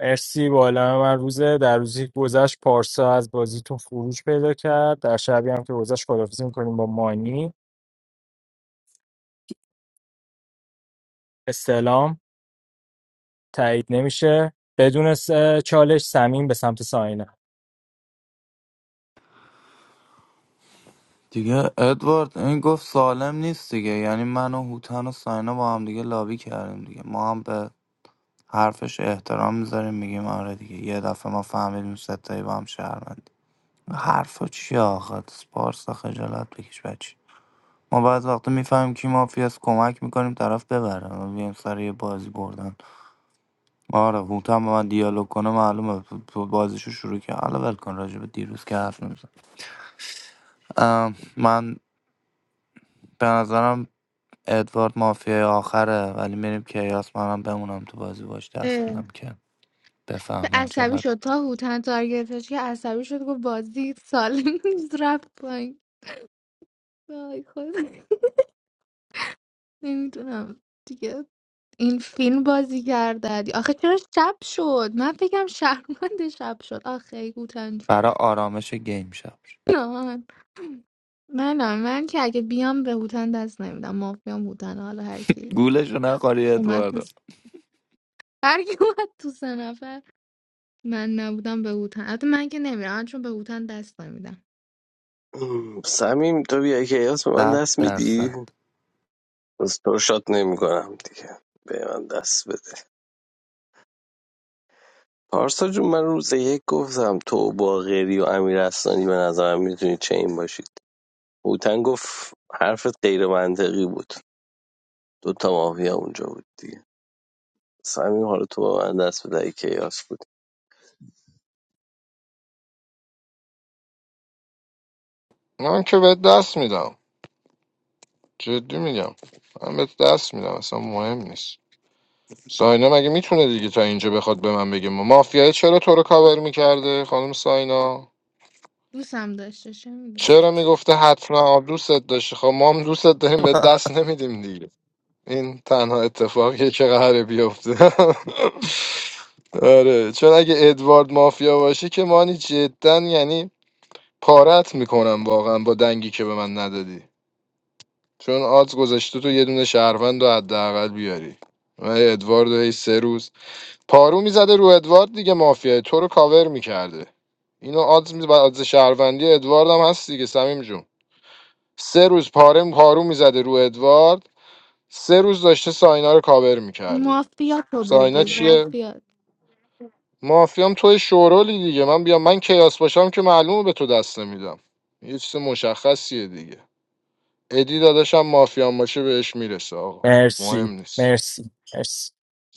مرسی بالا من روزه در روزی که گذشت پارسا از بازیتون خروج پیدا کرد در شبی هم که گذشت خدافزی میکنیم با مانی استلام تایید نمیشه بدون س- چالش سمین به سمت ساینه دیگه ادوارد این گفت سالم نیست دیگه یعنی من و هوتن و ساینا با هم دیگه لابی کردیم دیگه ما هم به حرفش احترام میذاریم میگیم آره دیگه یه دفعه ما فهمیدیم ستایی با هم شهروندیم حرفا چیه آخه پارسا خجالت بکش بچه ما بعض وقتا میفهمیم کی مافیاست کمک میکنیم طرف ببره ما بیایم سر یه بازی بردن آره هوتن با من دیالوگ کنه معلومه تو- تو بازیشو شروع کرد حالا ول کن راجع به دیروز که حرف نمیزن من به نظرم ادوارد مافیای آخره ولی میریم کیاس منم بمونم تو بازی باش دست میدم که بفهمن عصبی چقدر شد تا هوتن تارگتش که عصبی شد گفت بازی سالم نیست رفت پایین وای خود نمیدونم دیگه این فیلم بازی کرده دی. آخه چرا شب شد من فکرم شهرمند شب شد آخه ای هوتن جون برای آرامش گیم شب نان نه من نه من که اگه بیام به هوتن دست نمیدم مافیام هوتن حالا هر کی گولشو نخوری اومد تو ادواردو هر کی اومد تو سه نفر من نبودم به هوتن البته من که نمیرم چون به هوتن دست نمیدم سمیم تو بیا که ایاس به من صد دست میدی درصد بس تو رو شاد نمی کنم دیگه به من دست بده پارسا جون من روز یک گفتم تو باقری و امیر اصلانی به نظرم میتونی چین باشید هوتن گفت حرفت غیر منطقی بود دو تا ماهی اونجا بود دیگه سمیم حالا تو با من دست بده ای که ایاس بود من که بهت دست میدم جدی میگم من بهت دست میدم اصلا مهم نیست ساینا مگه میتونه دیگه تا اینجا بخواد به من بگه ما مافیای چرا تو رو کاور میکرده خانم ساینا دوستم داشته چه می‌دونم. چرا میگفته حتما آب دوستت داشته خب ما هم دوستت داریم به دست نمیدیم دیگه این تنها اتفاقیه که قراره بیفته آره چون اگه ادوارد مافیا باشی که مانی جدا یعنی پارت میکنم واقعا با دنگی که به من ندادی چون آدز گذاشته تو یه دونه شهروند رو حداقل بیاری من ادوارد رو هی سه روز پارو میزده رو ادوارد دیگه مافیای تو رو کاور میکرده اینو آدز می آدز شهروندی ادوارد هم هست دیگه سمیم جون سه روز پاره پارو میزده رو ادوارد سه روز داشته ساینا رو کاور میکرده مافیات رو ساینا بگو چیه مافیات مافیام توی شورولی دیگه من بیام من کیاس باشم که معلومه به تو دست نمیدم یه چیز مشخصیه دیگه ادی داداشم مافیام باشه بهش میرسه آقا مهم مرسی نیست مرسی مرسی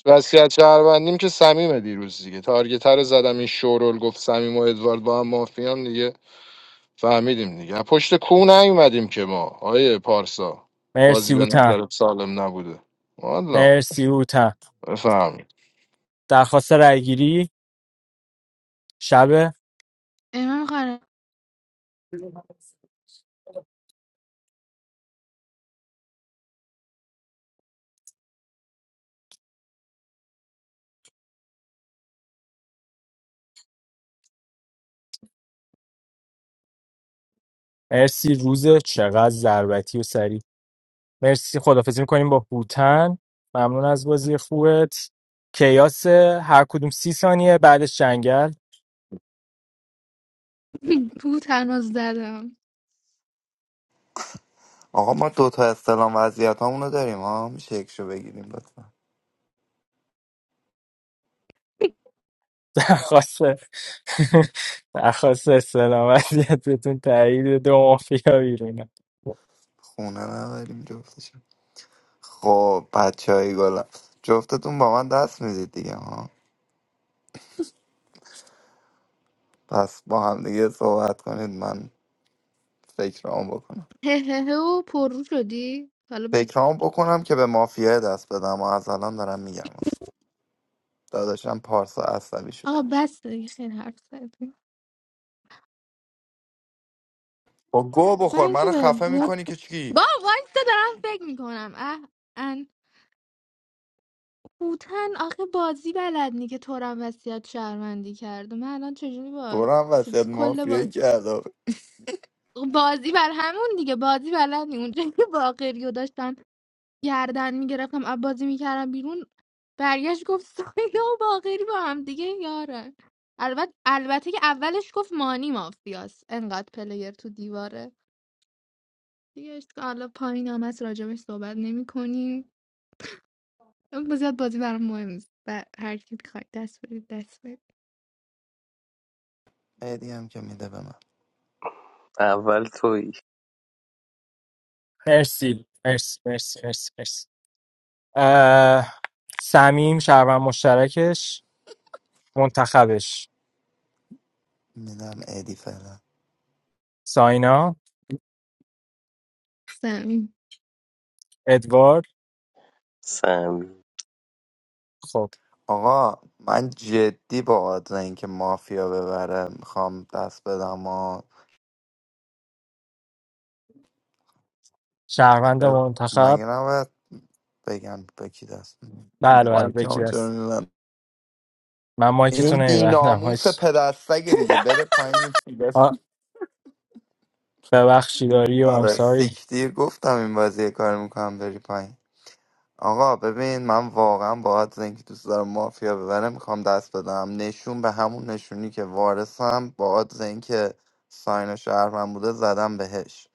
وصیت شهروندیم که سمیمه دیروز دیگه تارگتر رو زدم این شورول گفت سمیم و ادوارد با هم مافیان دیگه فهمیدیم دیگه از پشت کو نیومدیم که ما آیه پارسا بازی مرسی به اوتن نظر سالم نبوده والا مرسی اوتن بفهمید درخواست رأیگیری شب امام خانم مرسی روز چقدر ضربتی و سریع مرسی خدافزی میکنیم با هوتن ممنون از بازی خوبت کیاس هر کدوم سی ثانیه بعدش جنگل تو تناز زدم آقا ما دوتا استلام وضعیت رو داریم ها میشه یکشو بگیریم لطفا درخواست درخواست سلامتیت بهتون تایید دو مافیا بیرونه خونه نداریم جفتشون خب بچه های گلم جفتتون با من دست میدید دیگه ها پس با هم دیگه صحبت کنید من فکرام بکنم هه هه هه و پررو شدی حالا به فکرام بکنم که به مافیا دست بدم و از الان دارم میگم داداشم پارسا عصبی شد آقا بس دیگه خیلی حرف زدی با گو بخور من که منو به خفه زیاد میکنی که با چی وایستا دارم فکر میکنم اه ان هوتن آخه بازی بلد نی که تو هم وصیت شهروندی کرده من الان چجوری با دورم وسط چ- کل باز... مافیایی کرد آخه. بازی بر همون دیگه بازی بلد نی اونجا که باقری و داشت گردن میگرفتم از بازی میکردم بیرون برگشت گفت ساینا و باقری با هم دیگه یارن البته البته که اولش گفت مانی مافیاس انقدر پلیر تو دیواره دیگه اشکال حالا پایین هم هست راجبش صحبت نمی کنیم زیاد بازی برام مهم نیست و هر کی بخواد دست بدید دست بدید ادی هم که میده به من اول توی مرسی مرسی مرسی مرسی مرسی سمیم شهروند مشترکش منتخبش میدم ادی فعلا ساینا سمین ادوارد سمیم خب آقا من جدی با آدم اینکه مافیا ببره میخوام دست بدم و شهروند خب منتخب مگه نباید بگم به کی دست می‌دم؟ بله بله مایک بکی هم چرا دست می‌زنم؟ من این مایکتون نمیبندم بیناموس پدستگه دیگه بده پایین یه چیز بس- ببخشیداری و آره امسای سیکتیر گفتم این بازی یه کار میکنم بری پایین آقا ببین من واقعا باید زنگ دوست دارم مافیا ببره میخوام دست بدم نشون به همون نشونی که وارثم باید اینکه ساین شهر من بوده زدم بهش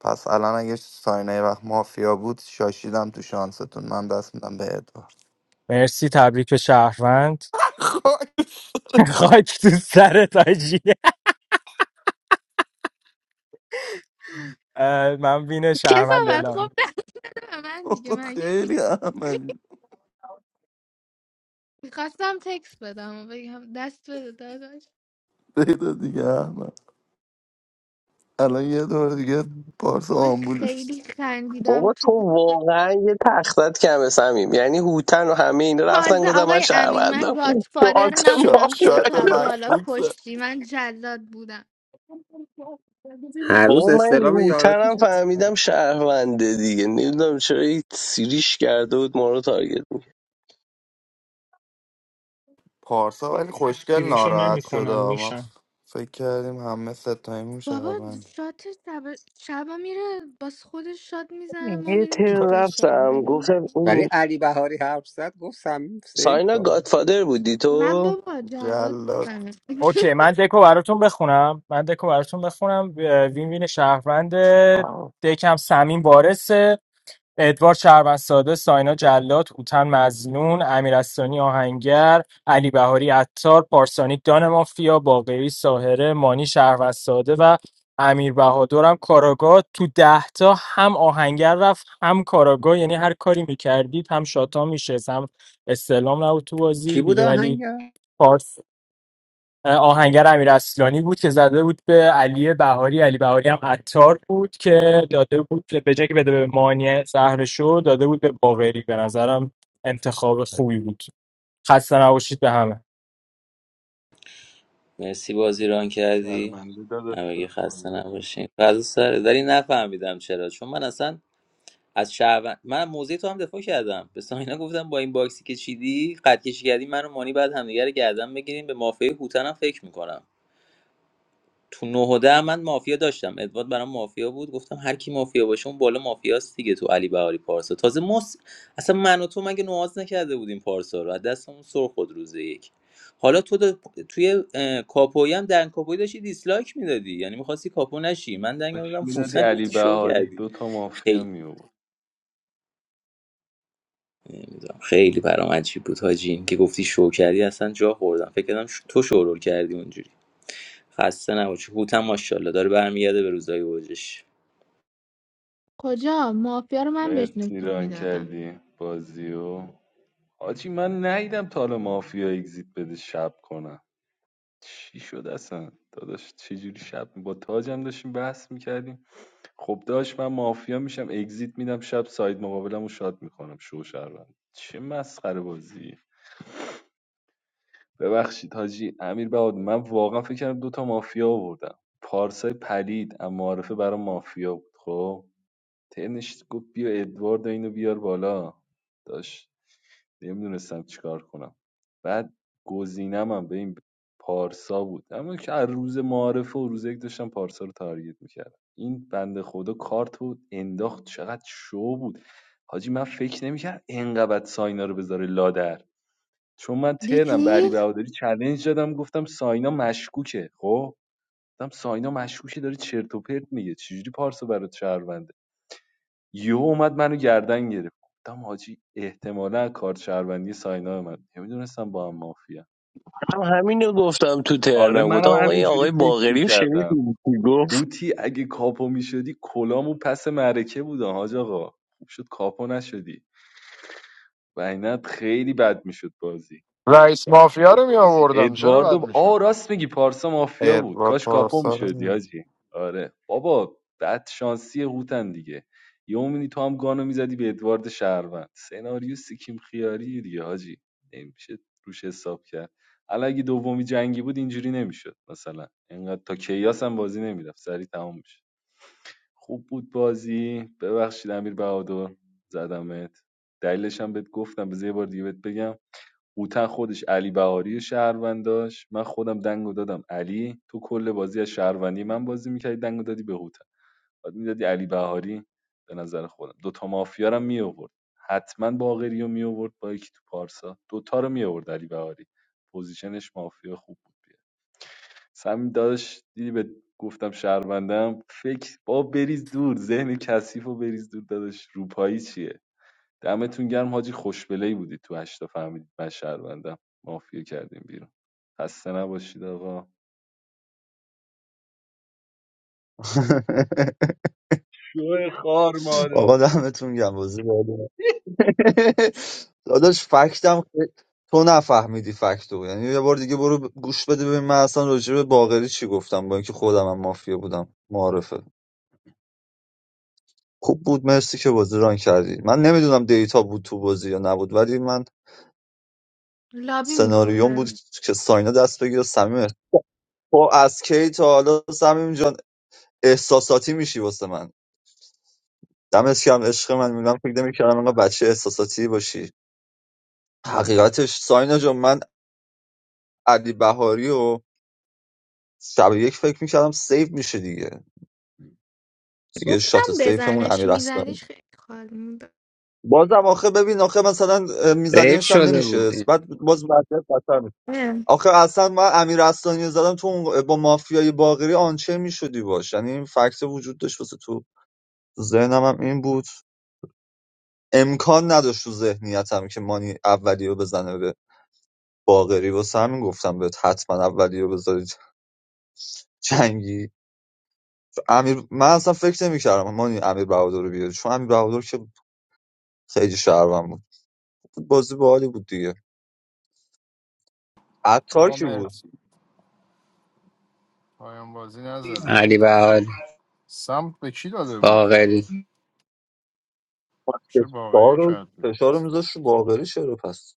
پس الان اگه ساینه یه وقت مافیا بود شاشیدم تو شانستون من دست میدم به ادوارد مرسی تبریک به شهروند خاک تو سر تاجی اه، من وین شهروند کسافت دلم خب دست به من دیگه مگه خیلی احمد میخواستم تکس بدم و بگم دست بده داداش بده دیگه احمد الان یه دور دیگه پارس وای آمبولوش خیلی خندیدم بابا تو تو واقعا یه تختت کمه سمیم یعنی هوتن و همه اینا رفتن تازه گفتم من آقای امین من شهروندم با گادفادر آتم شا... نبودم خودتو شاید از بالا مشکوک شه. کشتی من جلاد بودم Harus بابا من یه asalamu alaikum. هوتنم فهمیدم شهرونده دیگه نمیدونم چرا این سیریش کرده بود ما رو تارگت می‌کرد. پارسا ولی خوشگل دیریشو ناراحت شده نمیکنن ما میشن ف- فکر کردیم همه ستایمون بابا شهروند شات شب شبا میره باز خودش شات میزنه ما یه میریم تو تر فشار رفتم مگه می- گفتم Par-e اون ali bahari harzat ko samim sey ساینا to گادفادر بودی من تو بابا جلاد جلاد بودم اوکی من دکو براتون بخونم من دکو براتون بخونم اه، وین وین شهروند چه- دکم سمین وارثه ادوارد شهروندساده ساینا جلات هوتن مزنون امیرستانی آهنگر علی بهاری عطار پارسانی دان مافیا باقری ساهره مانی شهروندساده و امیر بهادر هم کاراگاه تو ده تا هم آهنگر رفت هم کاراگاه یعنی هر کاری میکردید هم شاتا میشه هم استعلام نبود تو بازی دیگه kibuda hain ولی ya? پارس آهنگر امیر اصلانی بود که زده بود به علی بهاری علی بهاری هم عطار بود که داده بود به جای که بده به مانی زهرشو داده بود به باقری به نظرم انتخاب خوبی بود خسته نباشید به همه مرسی بازی ران کردی شرمنده داداش به همگی خسته خدا نباشین فضا سره داری نفهمیدم چرا چون من اصلا از شهروند من موضع تو هم دفاع کردم به ساینا گفتم با این باکسی که چیدی قد کشی کردی من و مانی بعد همدیگه رو گردن بگیریم به مافیای هوتن هم فکر میکنم تو 9 و ده من مافیا داشتم ادوارد برام مافیا بود گفتم هر کی مافیا باشه اون بالا مافیاست دیگه تو علی بهاری پارسا تازه مس اصلا من و تو مگه نواز نکرده بودیم پارسا رو از دستمون سر خود روز یک حالا تو دا... توی اه... کاپویی هم دنگ کاپویی داشتی دیسلایک میدادی یعنی میخواستی کاپو نشی من دنگ داش دادم میدادی فوتن علی گفتی شو بهاری کردی دوتا مافیا خیلی می آورد نمی‌دونم، خیلی برام عجیب بود حاجی این که گفتی شو کردی اصلا جا خوردم فکر کردم ش... تو شورول کردی اونجوری خسته نباشی هوتم ماشاءالله داره برمیگرده به روزای اوجش کجا مافیا رو من بهش مرسی نشون ران میدادم کردی بازیو حاجی من نیدم تا حالا مافیا اگزیت بده شب کنم چی شد اصلا داداش چجوری شب با تاجم داشتیم بحث میکردیم خب داشت من مافیا میشم اگزیت میدم شب ساید مقابلم رو شاد میکنم شو شهروند چه مسخره بازی ببخشید حاجی امیر بهاد من واقعا فکر کردم دوتا مافیا آوردم پارسای پلید اما معرفه برای مافیا بود خب ترنش گفت بیا ادوارد اینو بیار بالا داشت نمیدونستم چیکار کنم بعد گزینم هم به این پارسا بود اما که از روز معارفه و روز یک داشتم پارسا رو تارگت میکردم این بنده خدا کارت بود انداخت چقدر شو بود حاجی من فکر نمیکرد انقدر ساینا رو بذاره لادر چون من ترنم بری دیدی بهادری چلنج دادم گفتم ساینا مشکوکه خب گفتم ساینا مشکوکه داره چرت و پرت میگه چجوری پارسا برات شهروند یهو اومد منو گردن گرفت گفتم حاجی احتمالا کارت شهروندی ساینا من نمیدونستم با هم مافیا هم همینو گفتم تو آره ترنم گفتم منم آقا این همینجوری آقای فکر باقری رو می‌کردم. شنیدی گفت هوتی اگه کاپو می‌شدی کلامو پس معرکه بودم حاج آقا خوب شد کاپو نشدی و اینت خیلی بد میشد بازی رئیس مافیا رو می آوردم چرا بد ادواردو آ میشد راست میگی پارسا مافیا بود ادوارد کاش کاپو پارسا رو میشدی نمی‌دونم. حاجی آره بابا بد شانسی هوتن دیگه یه اومدی تو هم گانو میزدی به ادوارد شهروند سناریو سیکیم خیاری دیگه حاجی نمیشه روش حساب کرد حالا اگه دومی جنگی بود اینجوری نمیشد مثلا اینقدر تا کیاس هم بازی نمیرفت سریع تمام میشه خوب بود بازی ببخشید امیر بهادر زدمت دلیلش هم بهت گفتم بذار یه بار دیگه بهت بگم هوتن خودش علی بهاری شهروند داشت من خودم دنگو دادم علی تو کل بازی از شهروندی من بازی میکردی دنگو دادی به هوتن بعد میدادی علی بهاری به نظر خودم دوتا مافیا رو می آورد حتما باقری رو می آورد با یکی تو پارسا دوتا رو می آورد علی بهاری پوزیشنش مافیا خوب بود بیاد سمی داداش دیدی به گفتم شهروندم فکر با بریز دور ذهن کثیف و بریز دور داداش روپایی چیه دمتون گرم حاجی خوشبلهی بودید تو هشتا فهمیدید من شهروندم مافیا کردیم بیرون خسته نباشید آقا شوه خار مادر آقا دمتون گم بازی باحاله. داداش فکتم خی- تو نفهمیدی فکتو یعنی یه بار دیگه برو ب- گوش بده ببین من اصلا راجع به باقری چی گفتم با اینکه خودم هم مافیا بودم معارفه خوب بود مرسی که بازی ران کردی من نمیدونم دیتا بود تو بازی یا نبود ولی من لابی سناریوم بود میکنم که ساینا دست بگیره صمیم با از کی تا حالا صمیم جان احساساتی میشی واسه من دمت گرم عشق من میگم فکر نمی‌کردم انقدر بچه احساساتی باشی حقیقتش ساینا جان من علی بهاری و شب یک فکر میکردم سیو میشه دیگه دیگه گفتم شات سیفمون بزنش امیر اصلانی میزدیش خیلی خالی میداد بازم آخه ببین آخه مثلا اه، Reep میزدیمش هم shodha نمیشه buddhe بعد باز وضعیت بدتر میشه آخه اصلا من امیر اصلانی رو زدم تو اون- با مافیای باقری آنچه میشدی باش یعنی این فکت وجود داشت واسه تو ذهنم هم این بود امکان نداشت تو ذهنیتم که مانی اولی رو بزنه به باقری واسه همین گفتم بهت حتما اولی رو بذارید جنگی امیر من اصلا فکر نمی‌کردم مانی امیر بهادر رو بیاری چون امیر بهادر که خیلی شهروند بود بود بازی باحالی بود دیگه عطار آقا کی مرد بود پایان بازی نزده ali bahal سمت به کی داده بود bahal. چه فشار باقی رو کرد بیرون فشار رو میذاشت رو باقری چرا پس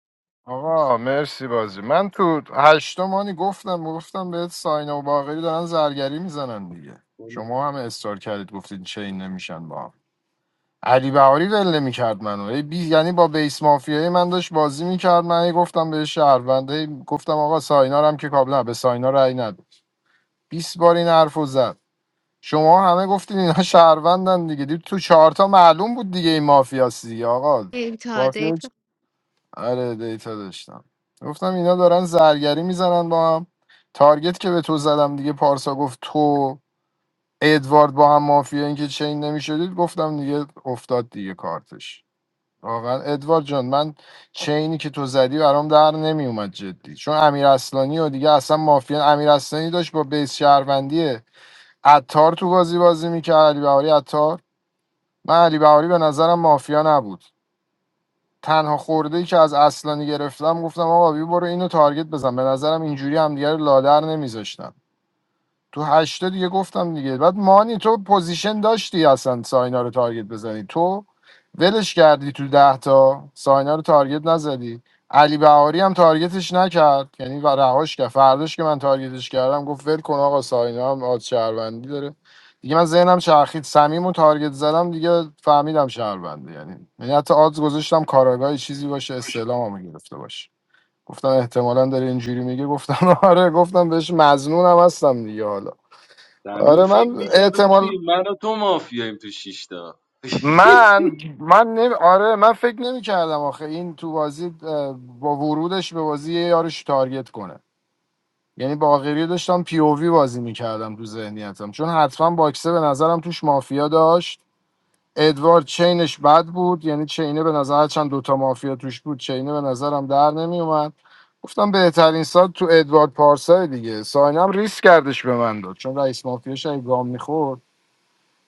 آقا مرسی بازی من تو هشتمانی گفتم گفتم بهت ساینا و باقری دارن زرگری میزنن دیگه شما هم استار کردید گفتید چین نمیشن با هم علی بهاری ول نمیکرد منو هی بی یعنی با بیس مافیای من داشت بازی میکرد من هی گفتم به شهروند هی گفتم آقا ساینا رو هم که کابلا به ساینا رأی ند 20 بار این حرفو زد شما همه گفتین اینا شهروندن دیگه دید تو چهارتا معلوم بود دیگه این مافیاست دیگه آقا دیتا آره دیتا داشتم گفتم اینا دارن زرگری میزنن با هم تارگت که به تو زدم دیگه پارسا گفت تو ادوارد با هم مافیا اینکه چین نمیشدید گفتم دیگه افتاد دیگه کارتش واقعا ادوارد جان من چینی که تو زدی برام در نمیومد جدی چون امیر اصلانی و دیگه اصلا مافیا امیر اصلانی داشت با بیس شهروندی عطار تو بازی بازی میکرد علی بهاری عطار من علی بهاری به نظرم مافیا نبود تنها خورده ای که از اصلانی گرفتم گفتم آقا بی برو اینو تارگت بزن به نظرم اینجوری همدیگه رو لادر نمیذاشتن تو هشتا دیگه گفتم دیگه بعد مانی تو پوزیشن داشتی اصلا ساینا رو تارگت بزنی تو ولش کردی تو ده تا ساینا رو تارگت نزدی علی بهاری هم تارگتش نکرد یعنی و رهاش کرد فرداش که من تارگتش کردم گفت ول کن آقا ساینا هم آد شهروندی داره دیگه من ذهنم چرخید صمیم و تارگت زدم دیگه فهمیدم شهرونده یعنی یعنی حتی آدز گذاشتم کاراگاهی چیزی باشه استعلاممو گرفته باشه گفتم احتمالا داره اینجوری میگه گفتم آره گفتم بهش مزنونم هستم دیگه حالا زمین آره فکر من میکرده بود که احتمال من و تو مافیاییم تو شیشتا من من نمی... آره من فکر نمی کردم آخه این تو بازی اه، با ورودش به بازی یه یارش تارگت کنه یعنی باقری داشتم پی او وی بازی میکردم تو ذهنیتم چون حتما باکسه به نظرم توش مافیا داشت ادوارد چینش بد بود یعنی چینه به نظر چند دوتا مافیا توش بود چینه به نظرم در نمیومد گفتم بهترین سال تو ادوارد پارسای دیگه ساینم ریسک کردش به من داد چون رئیس مافیاش اگه گام می‌خورد،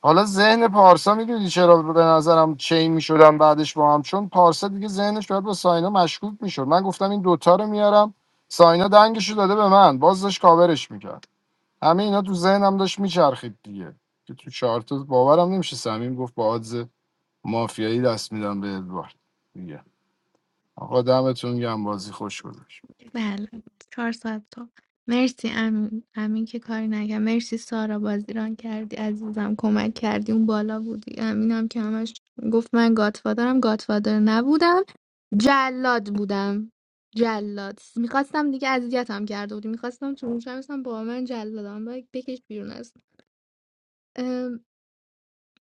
حالا ذهن پارسا میدونی چرا به نظرم چین میشدن بعدش با هم چون پارسا دیگه ذهنش باید با ساینا مشکوک میشد من گفتم این دوتا رو میارم ساینا دنگشو داده به من باز داشت کاورش میکرد همه اینا تو ذهنم داشت میچرخید دیگه که تو چارت باورم نمیشه صمیم گفت با آدز مافیایی دست میدم به ادوارد دیگه آقا دمتون گم بازی خوش گذاشت بله چهار ساعت تا مرسی امین امین که کاری نگم مرسی سارا بازیران کردی عزیزم کمک کردی اون بالا بودی امینم که همش گفت من گاتفادرم گاتفادر نبودم جلاد بودم جلاد میخواستم دیگه اذیتم کرده بودی میخواستم تو موشم با من جلادم باید بکش بیرون است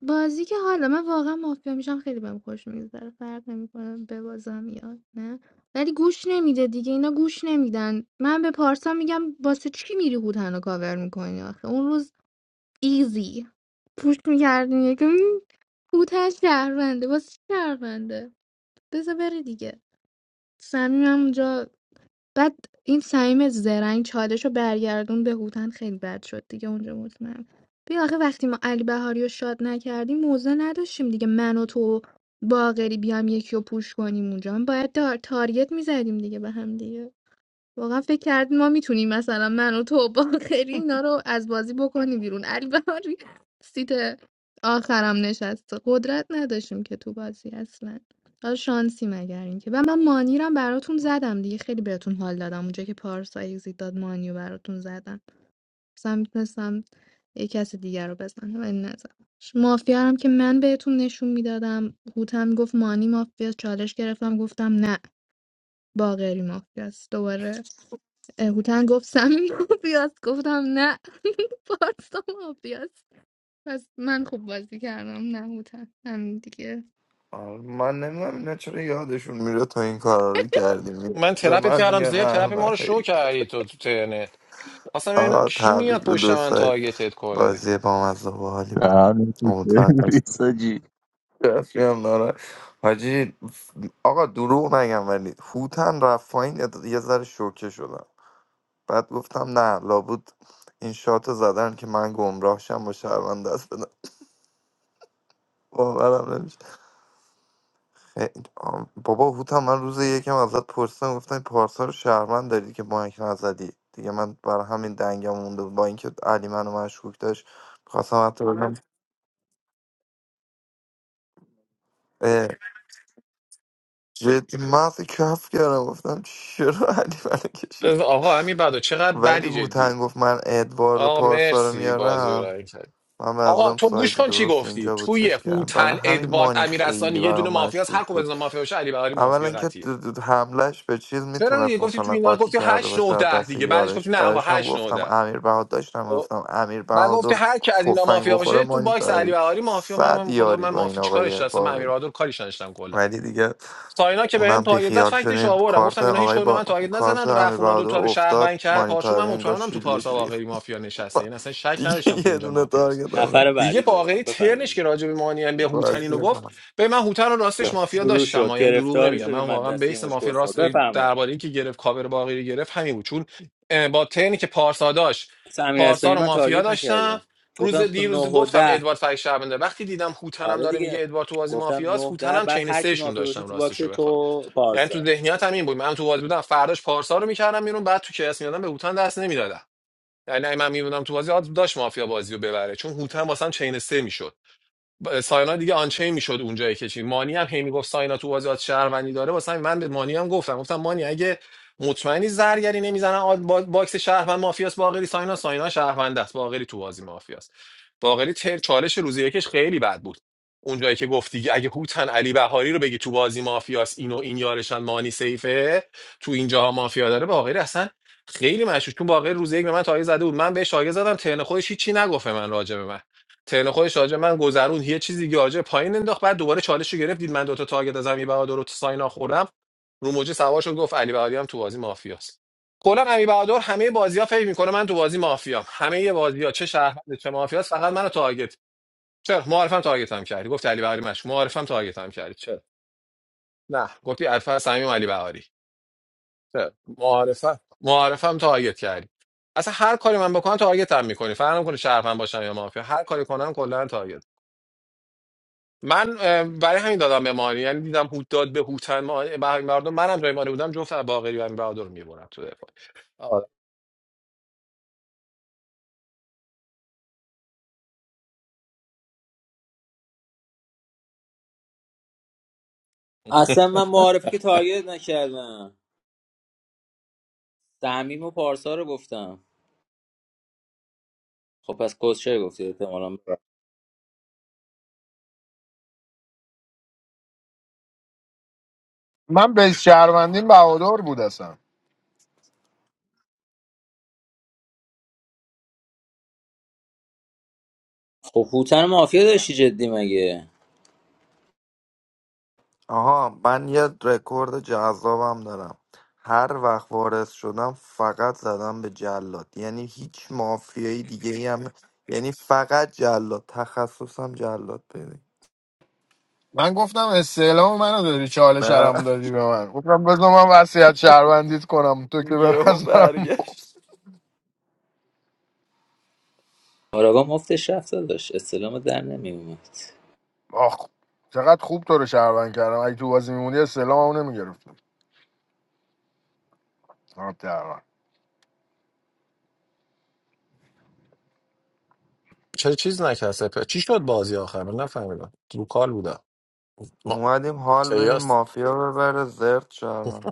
بازی که حالا من واقعا مافیا میشم خیلی بهم خوش میگذره فرق نمیکنه ببازم یا نه ولی گوش نمیده دیگه اینا گوش نمیدن من به پارسا میگم واسه چی میری هوتن رو کاور میکنی آخه اون روز ایزی پوش میکردیم یکم هوتن شهرونده واسه چی شهرونده بذار بره دیگه صمیم هم اونجا بعد این سمیم زرنگ چالش رو برگردون به هوتن خیلی بد شد دیگه اونجا مطمئن بیا آخه وقتی ما علی بهاری رو شاد نکردیم موضع نداشتیم دیگه من و تو و باقری بیام یکی رو پوش کنیم اونجا من باید دار تارگت میزدیم دیگه به هم دیگه واقعا فکر کردیم ما میتونیم مثلا من و تو با خیلی اینا رو از بازی بکنیم بیرون علی بهاری سیت آخرم نشست. قدرت نداشتیم که تو بازی اصلا حالا شانسی مگر اینکه و من مانی رو هم براتون زدم دیگه خیلی بهتون حال دادم اونجا که پارسا اگزیت داد مانی رو براتون زدم مثلا میتونستم یه کس دیگر رو بزنم ولی نزدم مافیا رو هم که من بهتون نشون میدادم هوتم گفت مانی مافیا چالش گرفتم گفتم نه باقری مافیاست دوباره اه، هوتن گفت سمی مافیاست گفتم نه پارسا مافیاست پس من خوب بازی کردم نه هوتن همین دیگه آره، من نمیدونم اینا چرا یادشون میره تا این کارا رو کردیم من به ترپت من کردم میگن زیپ ترپ ما رو شو احمقی کردی تو تو ترنت خواستم ببینم آقا کی تبریک میاد به پشت دو من سایت تارگتت کنه بازی با مزه و حالی بود دهن تو امیدوارم دست سرویس حاجی. هم داره حاجی آقا دروغ نگم ولی هوتن رفت پایین یه یه ذره شوکه شدم بعد گفتم نه لابد این شات زدن که من گمراه شم با شهروند دست بدم باورم نمیشه خیلی- آم، بابا هوتم من روز یکم ازت پرسیدم گفتم این پارسا رو شهروند داری که بانک نزدی دیگه من بر همین دنگم مونده بود. با اینکه علی منو مشکوک داشت خواستم حتی بگم اه، جدی مغز کف کردم گفتم چرا علی منو کشید آقا همین بعدو چقدر ولی بدی جدی هوتن گفت من ادوارد و آقا پارسا رو مرسی بازی رو میارم رنگ کرد من به آقا نظرم تو ساید گوش کن چی درست گفتی اینجا بود توی چیز کردم برای هوتن همین ادوارد مانی امیرحسن خیلی یه دونه برام مافیاست هر مشکوک کدوم از اینا بود مافیا باشه علی بهاری اولا مافیا که قطعیه د- د- حملش به چیز چرا دیگه میتونست گفتی تو مثلا اینا قاطی گفتی کرده هشت باشه 9 از 10 دست دیگه بعدش گفتی یارش نه آقا برایش هم هشت 9 گفتم 10 امیر بهادر داشتم خب گفتم امیر بعد گفتی بهادر هر کی از اینا تفنگ مافیا بخوره باشه تو مانی باکس علی داری بهاری مافیا من صد من خدا یاری من با این مافیا چیکارش آقای داشتم من امیر باقری بهادر کاریش نداشتم کلا ولی دیگه ساینا که بهم اونم تایید زد بیخیال فکتش شدیم آوردم کارت گفتم اینا هیچ آقای کدوم به با... من تایید کارت نزدن امیر رفت اونا دو بهادر تا رو افتاد شهروند کرد پاشو من مانیتاری انگار مطمئنم تو شیلدش پارسا ریخت واقعی مافیا نشسته یعنی اصلا شک نداشتم دیگه تو یه اینجا دونه مافیاست تارگت هم نفر نمی‌خورد. بعدی دیگه لطفا واقعی ترنش بفرمایید که راجع به مانیان به هوتن اینو بازی گفت به من هوتن رو راستش خسته مافیا نباش. شروع داشتم شد آ، یعنی دروغ گرفتاری نمیگم من شدیم از واقعا دستی یه بیس مشکل مافیا خورد راست بفرما درباره که گرفت کاور باقی رو گرفت همین بود چون اه، با ترنی که پارسا داشت اصلا امیر پارسا اسلامی رو من مافیا تارگت داشتم نکردم روز گفتم تو 9 دیروز و گفتم 10 ادوارد فک شهرونده وقتی دیدم هوتنم آره داره میگه دیگه ادوارد تو بازی گفتم مافیاست 9 10 هوتنم بعد چین هر کی سهشون مافیا باشه داشتم تو باکس راستش رو بخوای تو یعنی تو پارسا ذهنیت همین بود من تو بازی بودم فرداش پارسا رو میکردم بیرون بعد تو کیس میادم به هوتن دست نمیدادم یعنی اگه من میمونم تو بازی آدم داشت مافیا بازی رو ببره چون هوتن واسم چین سه میشد ب- ساینا دیگه آنچه میشد اونجایی که چی مانی هم هی میگفت ساینا تو بازی آز شهروندی داره واسه همین من به مانی هم گفتم گفتم مانی اگه مطمئنی زرگری نمیزنن آد- با- باکس شهروند مافیاس باقری ساینا ساینا شهروند است باقری تو بازی مافیاست باقری تر چالش روزی یکش خیلی بد بود اونجایی که گفتی دیگه اگه هوتن علی بهاری رو بگی تو بازی مافیاس اینو این یارشن مانی سیفه تو اینجاها مافیا داره باقری اصلا خیلی مشکوک چون باقری روز یک به من تایید زده بود من بهش تایه زدم ترن خودش هیچی نگفت به من راجع به من ترن خودش راجع به من گذرون یه چیزی که پایین انداخت بعد دوباره چالش رو گرفت دید من دو تا تارگت از امی بهادر رو تو ساینا خوردم رو موجی سوار شد گفت علی بهادری هم تو بازی مافیاست کلا امی بهادر همه بازی ها فکر میکنه من تو بازی مافیام همه بازی ها چه شهروند چه مافیاست فقط منو تارگت چرا معرفم تارگتم کردی گفت علی بهادری مش معرفم تارگتم کردی چرا نه گفتی الفا صمیم علی بهادری چرا معرفم معرفم تارگت کردی اصلا هر کاری من بکنم تارگتم میکنی فرق نمیکنه شهروند باشم یا مافیا هر کاری کنم کلا تارگتم من اه، برای همین دادم به مانی یعنی دیدم هوت داد به هوتن ما برای مردم منم جای مانی بودم جفت باقری و امیر بهادر رو میبرم تو دفاع آره. اصلا من معارفی که تارگت نکردم تعمیم و پارسا رو گفتم خب پس کوشر گفتی احتمالاً من به شهروندین بهادار بود اصلا خب هوتن مافیا داشتی جدی مگه آها من یه رکورد جذابم دارم هر وقت وارث شدم فقط زدم به جلاد یعنی هیچ مافیایی دیگه ای هم یعنی فقط جلاد تخصصم جلاد بده من گفتم استعلام منو داری چالش شرم دادی به من گفتم بذار من وصیت شهروندیت کنم تو که به یهو نظرم برگشت آراگام مفتش رفت داشت استلام در نمیومد آخ چقدر خوب تو رو شهروند کردم اگه تو بازی میمونی استعلام اون نمیگرفتم چه چیز نکرد سپه چی شد بازی آخر من نفهمیدم رو کال بودم اومدیم حال ما بدیم مافیا ببره زرد شهروند